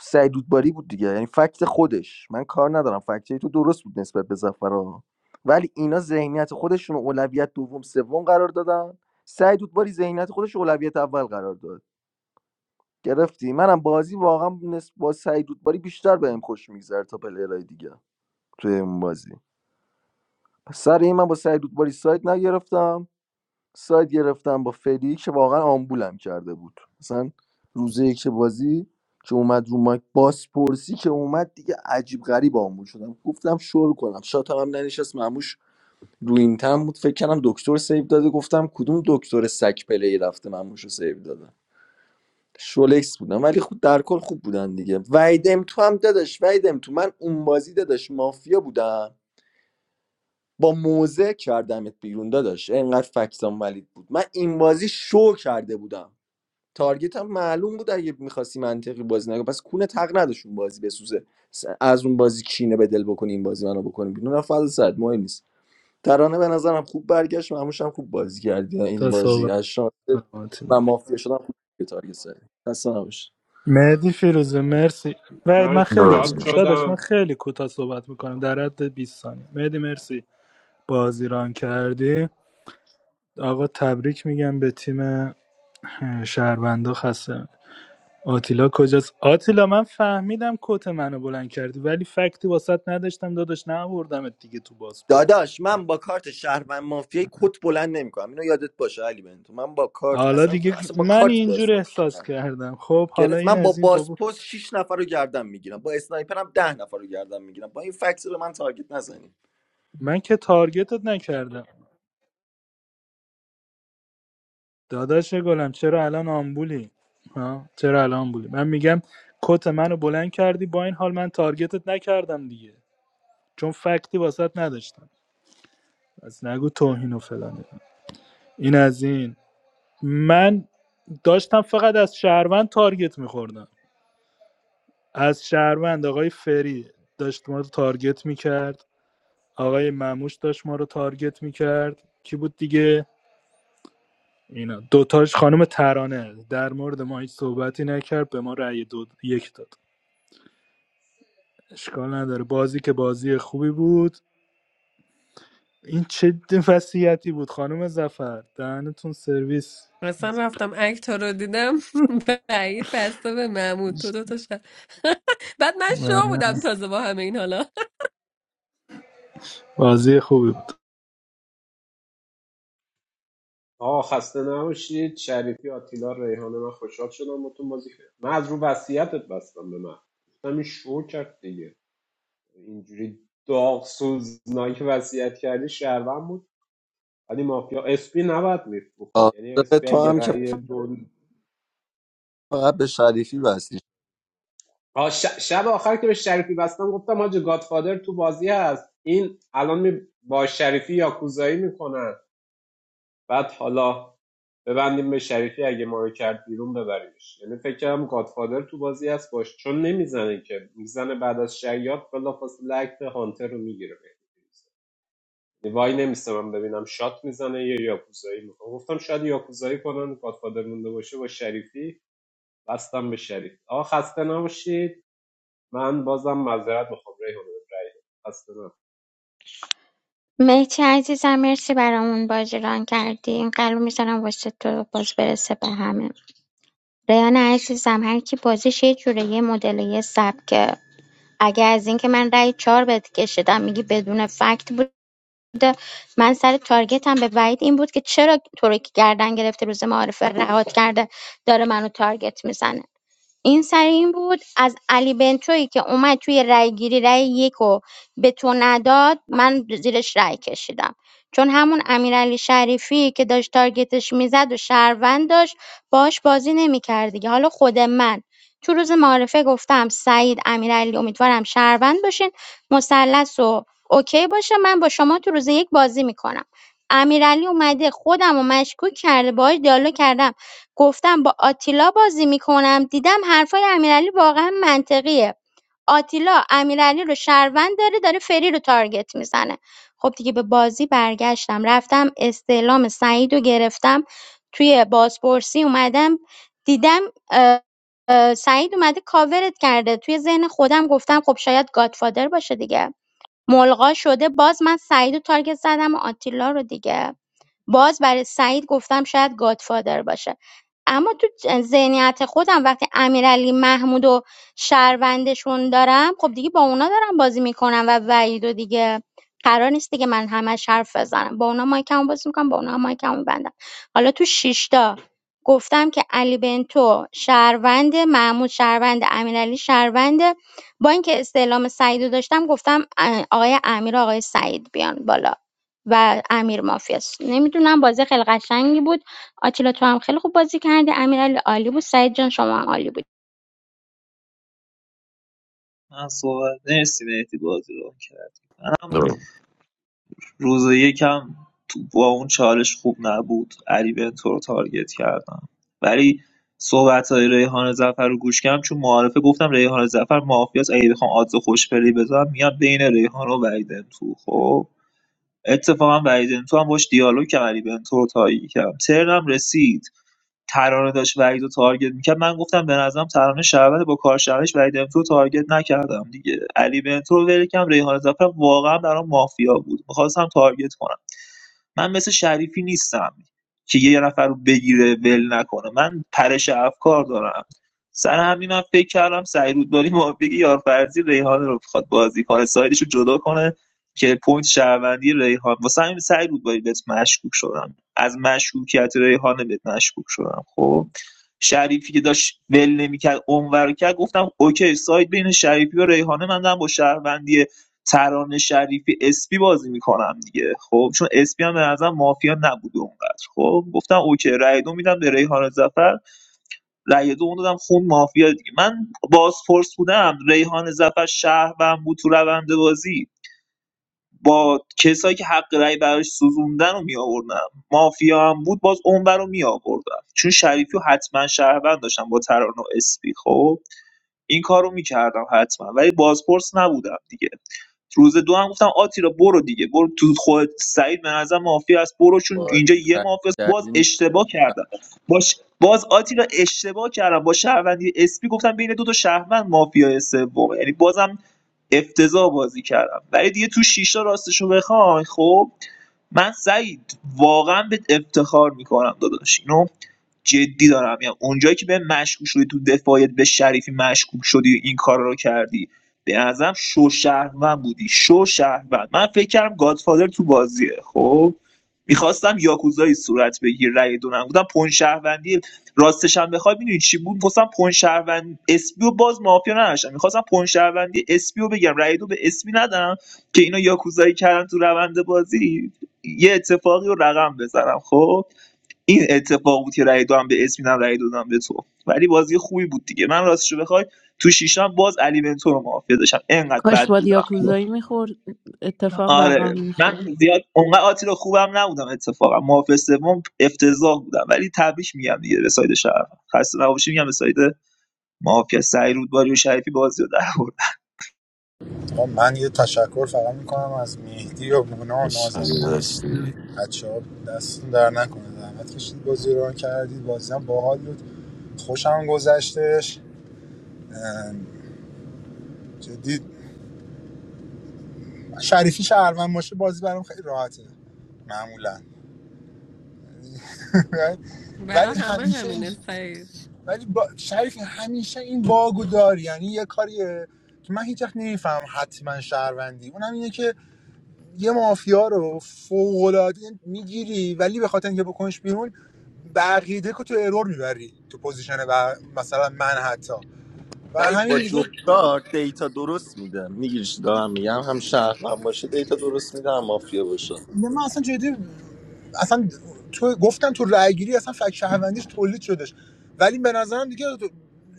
سعید دودباری بود دیگه یعنی فکت خودش من کار ندارم فکت تو درست بود نسبت به زفرا ولی اینا ذهنیت خودشون رو اولویت دوم سوم قرار دادن سعید دودباری ذهنیت خودش رو اولویت اول قرار داد گرفتی منم بازی واقعا نسبت با سعید دودباری بیشتر بهم خوش میگذره تا پلیرای دیگه توی اون بازی پس سر این من با سعید دودباری سایت نگرفتم سایت گرفتم با فدی که واقعا آمبولم کرده بود مثلا روز یک بازی که اومد رو مایک بازپرسی که اومد دیگه عجیب غریب آمبول شدم گفتم شروع کنم شاتم هم ننشست مموش رو این تم بود فکر کردم دکتر سیو داده گفتم کدوم دکتر سگ پلی رفته مموش رو سیو داده شولکس بودن ولی خود در کل خوب بودن دیگه ویدم تو هم داداش ویدم تو من اون بازی داداش مافیا بودم با موزه کردمت بیرون داداش اینقدر فکسام ولید بود من این بازی شو کرده بودم تارگت هم معلوم بود اگه میخواستی منطقی بازی نگه پس کونه تق نداشت اون بازی بسوزه س- از اون بازی کینه به دل بکنی این بازی منو بکنی بیرون نه فضل صد مهم نیست ترانه به نظرم خوب برگشت مهموش هم خوب بازی کردی این تا بازی صحبت از شانست کنم آتیلا. و مافیا شدم خوب تارگت زدی خسته نباشی. مهدی فیروزه مرسی وید من من خیلی Não, شاد کود داداش من شدم خیلی کوتاه صحبت میکنم در حد 20 ثانیه مهدی مرسی بازیران کردی آقا تبریک میگم به تیم شهروندا خسته آتیلا کجاست آتیلا من فهمیدم کت منو بلند کردی ولی فکتی واسط نداشتم داداش نبردمت دیگه تو پاسپورت داداش من با کارت شهروند مافیای کت بلند نمیکنم اینو یادت باشه علی بنتو من با کارت حالا اصلا دیگه اصلا با من کارت اینجور بازی احساس نمیکنم کردم خب حالا گرفت من این با از این بابا بازپست شش نفر رو گردن میگیرم با اسنایپرم ده نفر رو گردن میگیرم با این فکس رو من تارگت نزنیم من که تارگتت نکردم داداش گلم چرا الان آمبولی ها چرا الان آمبولی من میگم کت منو بلند کردی با این حال من تارگتت نکردم دیگه چون فکتی واسط نداشتم از نگو توهین و فلانه این از این من داشتم فقط از شهروند تارگت میخوردم از شهروند آقای فری داشت ما رو تارگت میکرد آقای مموش داشت ما رو تارگت میکرد کی بود دیگه اینا دوتاش خانم ترانه در مورد ما هیچ صحبتی نکرد به ما رأی دو یک داد اشکال نداره بازی که بازی خوبی بود این چه وصیتی بود خانم زفر دهنتون سرویس اصلا رفتم اکتا رو دیدم بعید بسته به محمود تو دوتا شد بعد من شو بله. بودم تازه با همه این حالا بازی خوبی بود آه خسته نباشید شریفی آتیلا ریحانه من خوشحال شدم با تو بازی کردم من از رو وصیتت بستم به من گفتم این شو کرد دیگه اینجوری داغ سوزناک وصیت کرده شهروند بود ولی مافیا اسپی نباید میفروخت آره یعنی اسپی تو اگه هم که رأی دو فقط به شریفی بستی آه، ش- شب آخر که به شریفی بستم گفتم حاج گادفادر تو بازی هست این الان می با شریفی یاکوزایی میکنن بعد حالا ببندیم به شریفی اگه ما رو کرد بیرون ببریمش یعنی فکر کردم گادفادر تو بازی هست باش چون نمیزنه که میزنه بعد از شیاد بلافاصله اکت هانتر رو میگیره وای نمیستم ببینم شات میزنه یا یاکوزایی میکنه گفتم شاید یاکوزایی کنن گادفادر مونده باشه با شریفی بستم به شریف آقا خسته نباشید من بازم معذرت میخوام ریحان رای خسته نباشید. مهتی عزیزم مرسی برامون بازی ران کردی این قلب میذارم واسه تو باز برسه به همه ریان عزیزم هر کی بازیش یه جوره یه مدل یه سبکه اگه از اینکه من رأی چهار بهت کشیدم میگی بدون فکت بوده من سر تارگتم به وحید این بود که چرا تو رو که گردن گرفته روز معارفه رهات کرده داره منو تارگت میزنه این سر این بود از علی بنتویی که اومد توی رأیگیری رای یک و به تو نداد من زیرش رای کشیدم چون همون امیرعلی شریفی که داشت تارگتش میزد و شهروند داشت باش بازی نمیکرد دیگه حالا خود من تو روز معارفه گفتم سعید امیرعلی امیدوارم شهروند باشین مثلث و اوکی باشه من با شما تو روز یک بازی میکنم امیرعلی اومده خودم و مشکوک کرده باهاش دیالوگ کردم گفتم با آتیلا بازی میکنم دیدم حرفای امیرعلی واقعا منطقیه آتیلا امیرعلی رو شهروند داره داره فری رو تارگت میزنه خب دیگه به بازی برگشتم رفتم استعلام سعید رو گرفتم توی بازپرسی اومدم دیدم اه، اه، سعید اومده کاورت کرده توی ذهن خودم گفتم خب شاید گادفادر باشه دیگه ملغا شده باز من سعید و تارگت زدم و آتیلا رو دیگه باز برای سعید گفتم شاید گادفادر باشه اما تو ذهنیت خودم وقتی امیرعلی محمود و شهروندشون دارم خب دیگه با اونا دارم بازی میکنم و وحید و دیگه قرار نیست دیگه من همش حرف بزنم با اونا مایکمو باز میکنم با اونا مایکمو بندم حالا تو شیشتا گفتم که علی بنتو شهروند محمود شهروند امیرعلی شهروند با اینکه استعلام سعید رو داشتم گفتم آقای امیر و آقای سعید بیان بالا و امیر مافیاست نمیدونم بازی خیلی قشنگی بود آتیلا تو هم خیلی خوب بازی کردی امیرعلی عالی بود سعید جان شما هم عالی بود من صحبت مرسی مهدی بازی رو کردم não. روز یکم تو با اون چالش خوب نبود علی به تو رو تارگت کردم ولی صحبت های ریحان زفر رو گوش کردم چون معارفه گفتم ریحان زفر مافیاست اگه بخوام آدز خوش پلی بذارم میاد بین ریحان و ویدن تو خب اتفاقا ویدن تو هم باش دیالوگ کردم علی بنتو رو تایید کردم ترنم رسید ترانه داشت وحید رو تارگت میکرد من گفتم به نظرم ترانه شهروند با کارشناسش وحید امتو رو تارگت نکردم دیگه علی بنتو رو ول کم ریحان زفر واقعا برام مافیا بود میخواستم تارگت کنم من مثل شریفی نیستم که یه نفر رو بگیره ول نکنه من پرش افکار دارم سر همین من فکر کردم سعیرودباری موافقی یارفرزی ریحان رو بخواد بازی کنه سایدش رو جدا کنه که پوینت شهروندی ریحان واسه همین سعیرودباری بهت مشکوک شدم از مشکوکیت ریحان بهت مشکوک شدم خب شریفی که داشت ول نمیکرد اونور رو کرد گفتم اوکی ساید بین شریفی و ریحانه من دارم با شهروندی ترانه شریفی اسپی بازی میکنم دیگه خب چون اسپی هم به نظرم مافیا نبود اونقدر خب گفتم اوکی رای دو میدم به ریحان زفر رای دو اون دادم خون مافیا دیگه من بازپرس بودم ریحان زفر شهروند بود تو روند بازی با کسایی که حق رأی براش سوزوندن رو میآوردم مافیا هم بود باز اونور رو میآوردم چون شریفی و حتما شهروند داشتم با ترانه و اسپی خب این کارو میکردم حتما ولی بازپرس نبودم دیگه روز دو هم گفتم آتیلا برو دیگه برو تو خود سعید به نظر مافیا است برو چون اینجا بازی یه مافیا است باز کردیم اشتباه کردم باش باز آتیلا اشتباه کردم با شهروندی اسپی گفتم بین دو تا شهروند مافیا سوم یعنی بازم افتضاح بازی کردم ولی دیگه تو شیشتا راستشو بخوای خب من سعید واقعا به افتخار میکنم داداش اینو جدی دارم میگم اونجایی که به مشکوک شدی تو دفاعیت به شریفی مشکوک شدی این کار رو کردی به نظرم شو شهروند بودی شو شهروند من فکر کردم گادفادر تو بازیه خب میخواستم یاکوزایی صورت بگیر رأی دونم بودم پون شهروندی راستش هم بخوای میدونی چی بود میخواستم پون شهروند اسپی و باز مافیا نداشتم میخواستم پون شهروندی اسپی رو بگم رأی دو به اسپی ندم که اینا یاکوزایی کردن تو روند بازی یه اتفاقی رو رقم بزنم خب این اتفاق بود که رأی دادم به اسمینم رأی دادم به تو ولی بازی خوبی بود دیگه من راستش راستشو بخوای تو شیشم باز علی بنتو رو مافیا داشتم انقدر کاش بد با بودم دیاکوزایی میخورد اتفاق رقم آره میخورد من زیاد اونقدر آتیلا خوبم نبودم اتفاقا مافیا سوم افتضاح بودم ولی تبریک میگم دیگه به ساید شهر خسته نباشی میگم به ساید مافیا سعی رودباری و شریفی بازی رو در آورد. آقا من یه تشکر فقط میکنم از مهدی و مونا و Essa نازنین و é a بچه ها دستتون در نکنه زحمت کشید بازی رو ران کردید بازی هم باحال بود خوشم گذشتش ام، جدی شریفی شهروند باشه بازی برام خیلی راحته معمولا ولی برا همه همیشه این همینه سعید ولی با... شریف همیشه این باگو داری یعنی یه کاریه که من هیچ وقت نمیفهم حتما شهروندی اونم اینه که یه مافیا رو فوق العاده میگیری ولی به خاطر اینکه بکنش بیرون بقیده که تو ارور میبری تو پوزیشن و مثلا من حتی و سعید همین با دیگه جفتار دیتا درست میده میگیری چی دارم میگم هم شهروند باشه دیتا درست میده هم مافیا باشه نه، من اصلا جدی اصلا تو گفتن تو رأیگیری اصلا فک شهروندیش تولید شدش ولی به نظرم دیگه تو-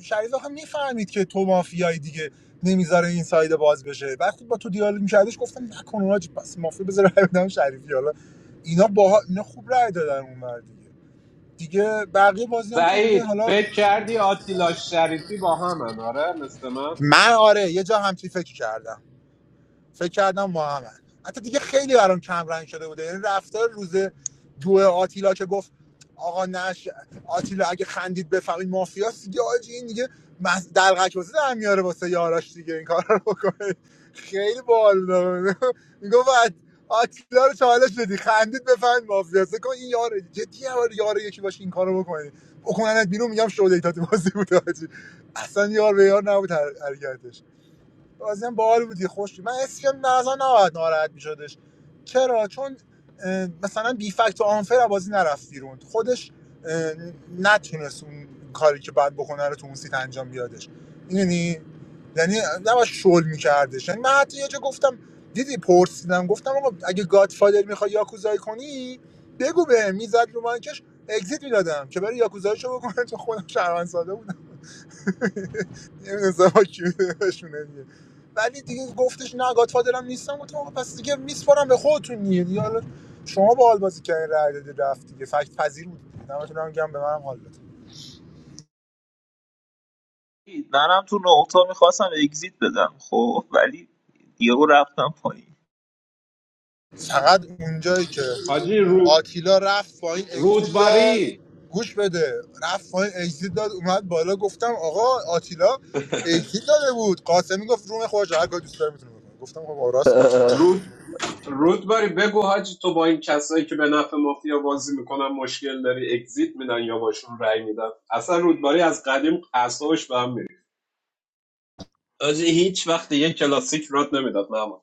شریف آخه میفهمید که تو مافیای دیگه نمیذاره این سایده باز بشه وقتی با تو دیالوگ میکردش گفتم نکن اونا چی- پس مافیا بذاره رأی بدم شریفی حالا اینا با اینا خوب رأی دادن اون ور دیگه دیگه بقیه بازی هم که دیگه سعید حالا فکر کردی آتیلا شریفی با هم آره مثل من من آره یه جا همچی فکر کردم فکر کردم محمد حتی دیگه خیلی برام کم رنگ شده بوده یعنی رفتار روز دو آتیلا که گفت آقا نش آتیلا اگه خندید بفهمید مافیاست دیگه آجی این دیگه مز... دلغک واسه در میاره واسه یاراش دیگه این کار رو بکنه خیلی بال میگفت آتیلا رو چالش بدی خندید بفهمید مافیاست کن این یاره جدی یاره یاره یکی باشه این کارو بکنه بکننت بیرون میگم شو دیتات بازی بود آجی اصلا یار به یار نبود حر- حرکتش بازم بال بودی خوش بود. من اسم که نظر نباید ناراحت می‌شدش چرا چون اه، مثلا بی فکت و آنفر بازی نرفت بیرون خودش اه، نتونست اون کاری که باید بکنه رو تو اون سیت انجام بیادش یعنی یعنی نباید شل میکردش یعنی من حتی یه جا گفتم دیدی پرسیدم گفتم آقا اگه گادفادر میخوای یاکوزایی کنی بگو به میزد رو مانکش اگزیت میدادم که برای یاکوزاییشو بکنه تو خودم شهروند ساده نمیدونم سوا کیوشونه دیگه ولی دیگه گفتش نه گادفادرم نیستم گفتم آقا پس دیگه میسپارم به خودتون دیگه دیگه حالا شما با حال بازی کردین رای دادی رفت دیگه فکت پذیر بود دمتون هم گم به منم حال داد منم تو نقطه میخواستم اگزییت بدم خب ولی یهو رفتم پایین فقط اونجایی که حاجی رو آتیلا رفت پایین اگزیت داد رودباری گوش بده رفت پایین اگزیت داد اومد بالا گفتم آقا آتیلا اگزیت داده بود قاسمی گفت روم خودش هر کاری دوست داره میتونه بکنه گفتم خب آقا راست میگه رود رودباری بگو حاجی تو با این کسایی که به نفع مافیا بازی میکنن مشکل داری اگزییت میدن یا باشون رای میدن اصلا رودباری از قدیم اعصابش به هم می‌ریخت. حاجی هیچ وقت یه کلاسیک رات نمیداد محمد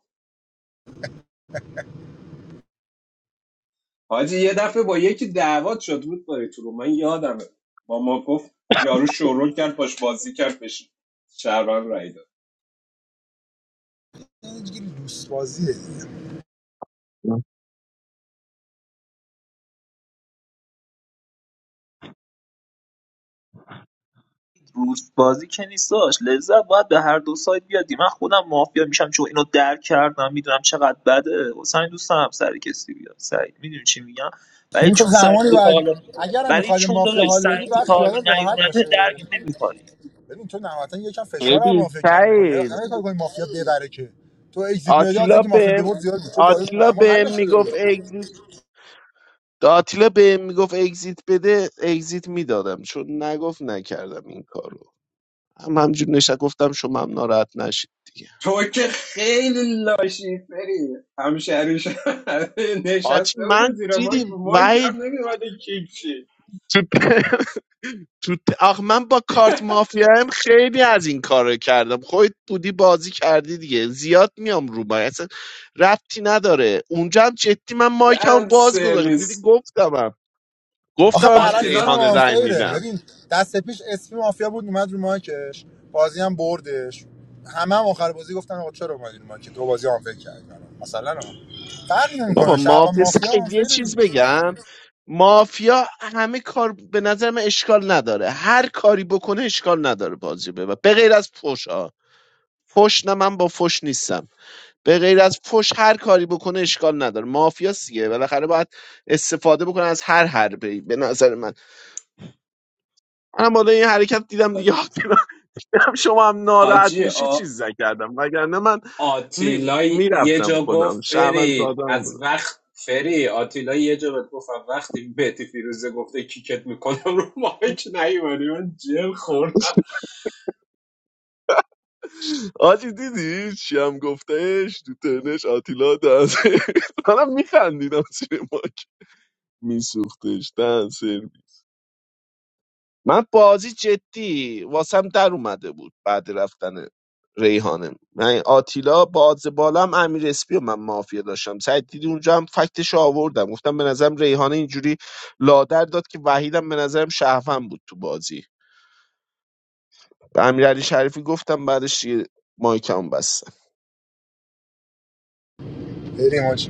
حاجی یه دفعه با یکی دعوات شد بود داری تو رو من یادمه با ما گفت یارو شورول کرد باش بازی کرد بشین شهروند رای داد این دیگه لوس بازیه دیگه. روز بازی که نیستاش لذت باید به هر دو سایت بیادی من خودم مافیا میشم چون اینو درک کردم میدونم چقدر بده واسه این دوست هم سر کسی بیاد سعید میدونی چی میگم ولی این تو چون سر زمانی تو تا باید حالا اگر هم ولی میخوای به چون مافیا داداش حال سر بدی تو باید تا حالا خیالت راحت نیومده باشه درک نمیکنی ببین تو نهایتا یکم فشار هم ببین مافیا کم میکنی نه نه یه سعید کار کنی مافیا ببره که تو اگزییت میدی از آتیلا اینکه مافیا بهم ببرد زیاد بود تو باید آتیلا معما بهم حل نشده بود میگفت اگزیت آتیلا بهم میگفت اگزیت بده اگزیت میدادم چون نگفت نکردم این کارو هم همجور نشه گفتم شما هم ناراحت نشید دیگه تو که خیلی لاشی فری همشهریش آجی نشسته بود من زیر ماک دیدی رو ماک وحید هم نمیمده کیک چی تو ت- آخ من با کارت مافیایم خیلی از این کارو کردم خودت بودی بازی کردی دیگه زیاد میام رو باید اصلا ربطی نداره اونجا هم جدی من مایکم دن باز گذاشتم دیدی سرویس گفتمم آخه گفتمم به برعکسش هم آتیلا ریحان رای آنفیره میدم ببین دست پیش اسپی مافیا بود اومد رو مایکش بازی هم بردش همه هم آخر بازی گفتن آقا چرا اومدی رو مایک تو بازی آنفیر کردی برام. مثلا هم. فرقی بابا نمیکنه شعب مافیا مافیا سعید یه آنفیره چیز دیگه بگم مافیا همه کار به نظر من اشکال نداره هر کاری بکنه اشکال نداره بازی ببر به غیر از فوش ها فوش نه من با فوش نیستم به غیر از فش هر کاری بکنه اشکال نداره مافیاسیه دیگه بالاخره باید استفاده بکنه از هر حربه‌ای به نظر من منم بالا این حرکت دیدم دیگه دیدم شما هم ناراحت حاجی میشی آ... چیز نکردم وگرنه من می... آتیلا یه میرفتم جا گفت خودم شهرون فرید سادم از بودم وقت فری آتیلا یه جا بهت گفت از وقتی بهتی فیروزه گفته کیکت میکنم رو مایک نیومدی من جر خوردم آجی دیدی چی هم گفتش تو تنش آتیلا دنس منم میخندیدم زیر ماک میسوختش دنس من بازی جدی واسم در اومده بود بعد رفتن ریحانه من آتیلا باز بالام امیر اسپی و من مافیا داشتم سعید دیدی اونجا هم فکتش آوردم گفتم به نظرم ریحانه اینجوری لادر داد که وحیدم به نظرم شهفن بود تو بازی به امیرعلی علی شریفی گفتم بعدش دیگه مایکم بستم بریم حاجی.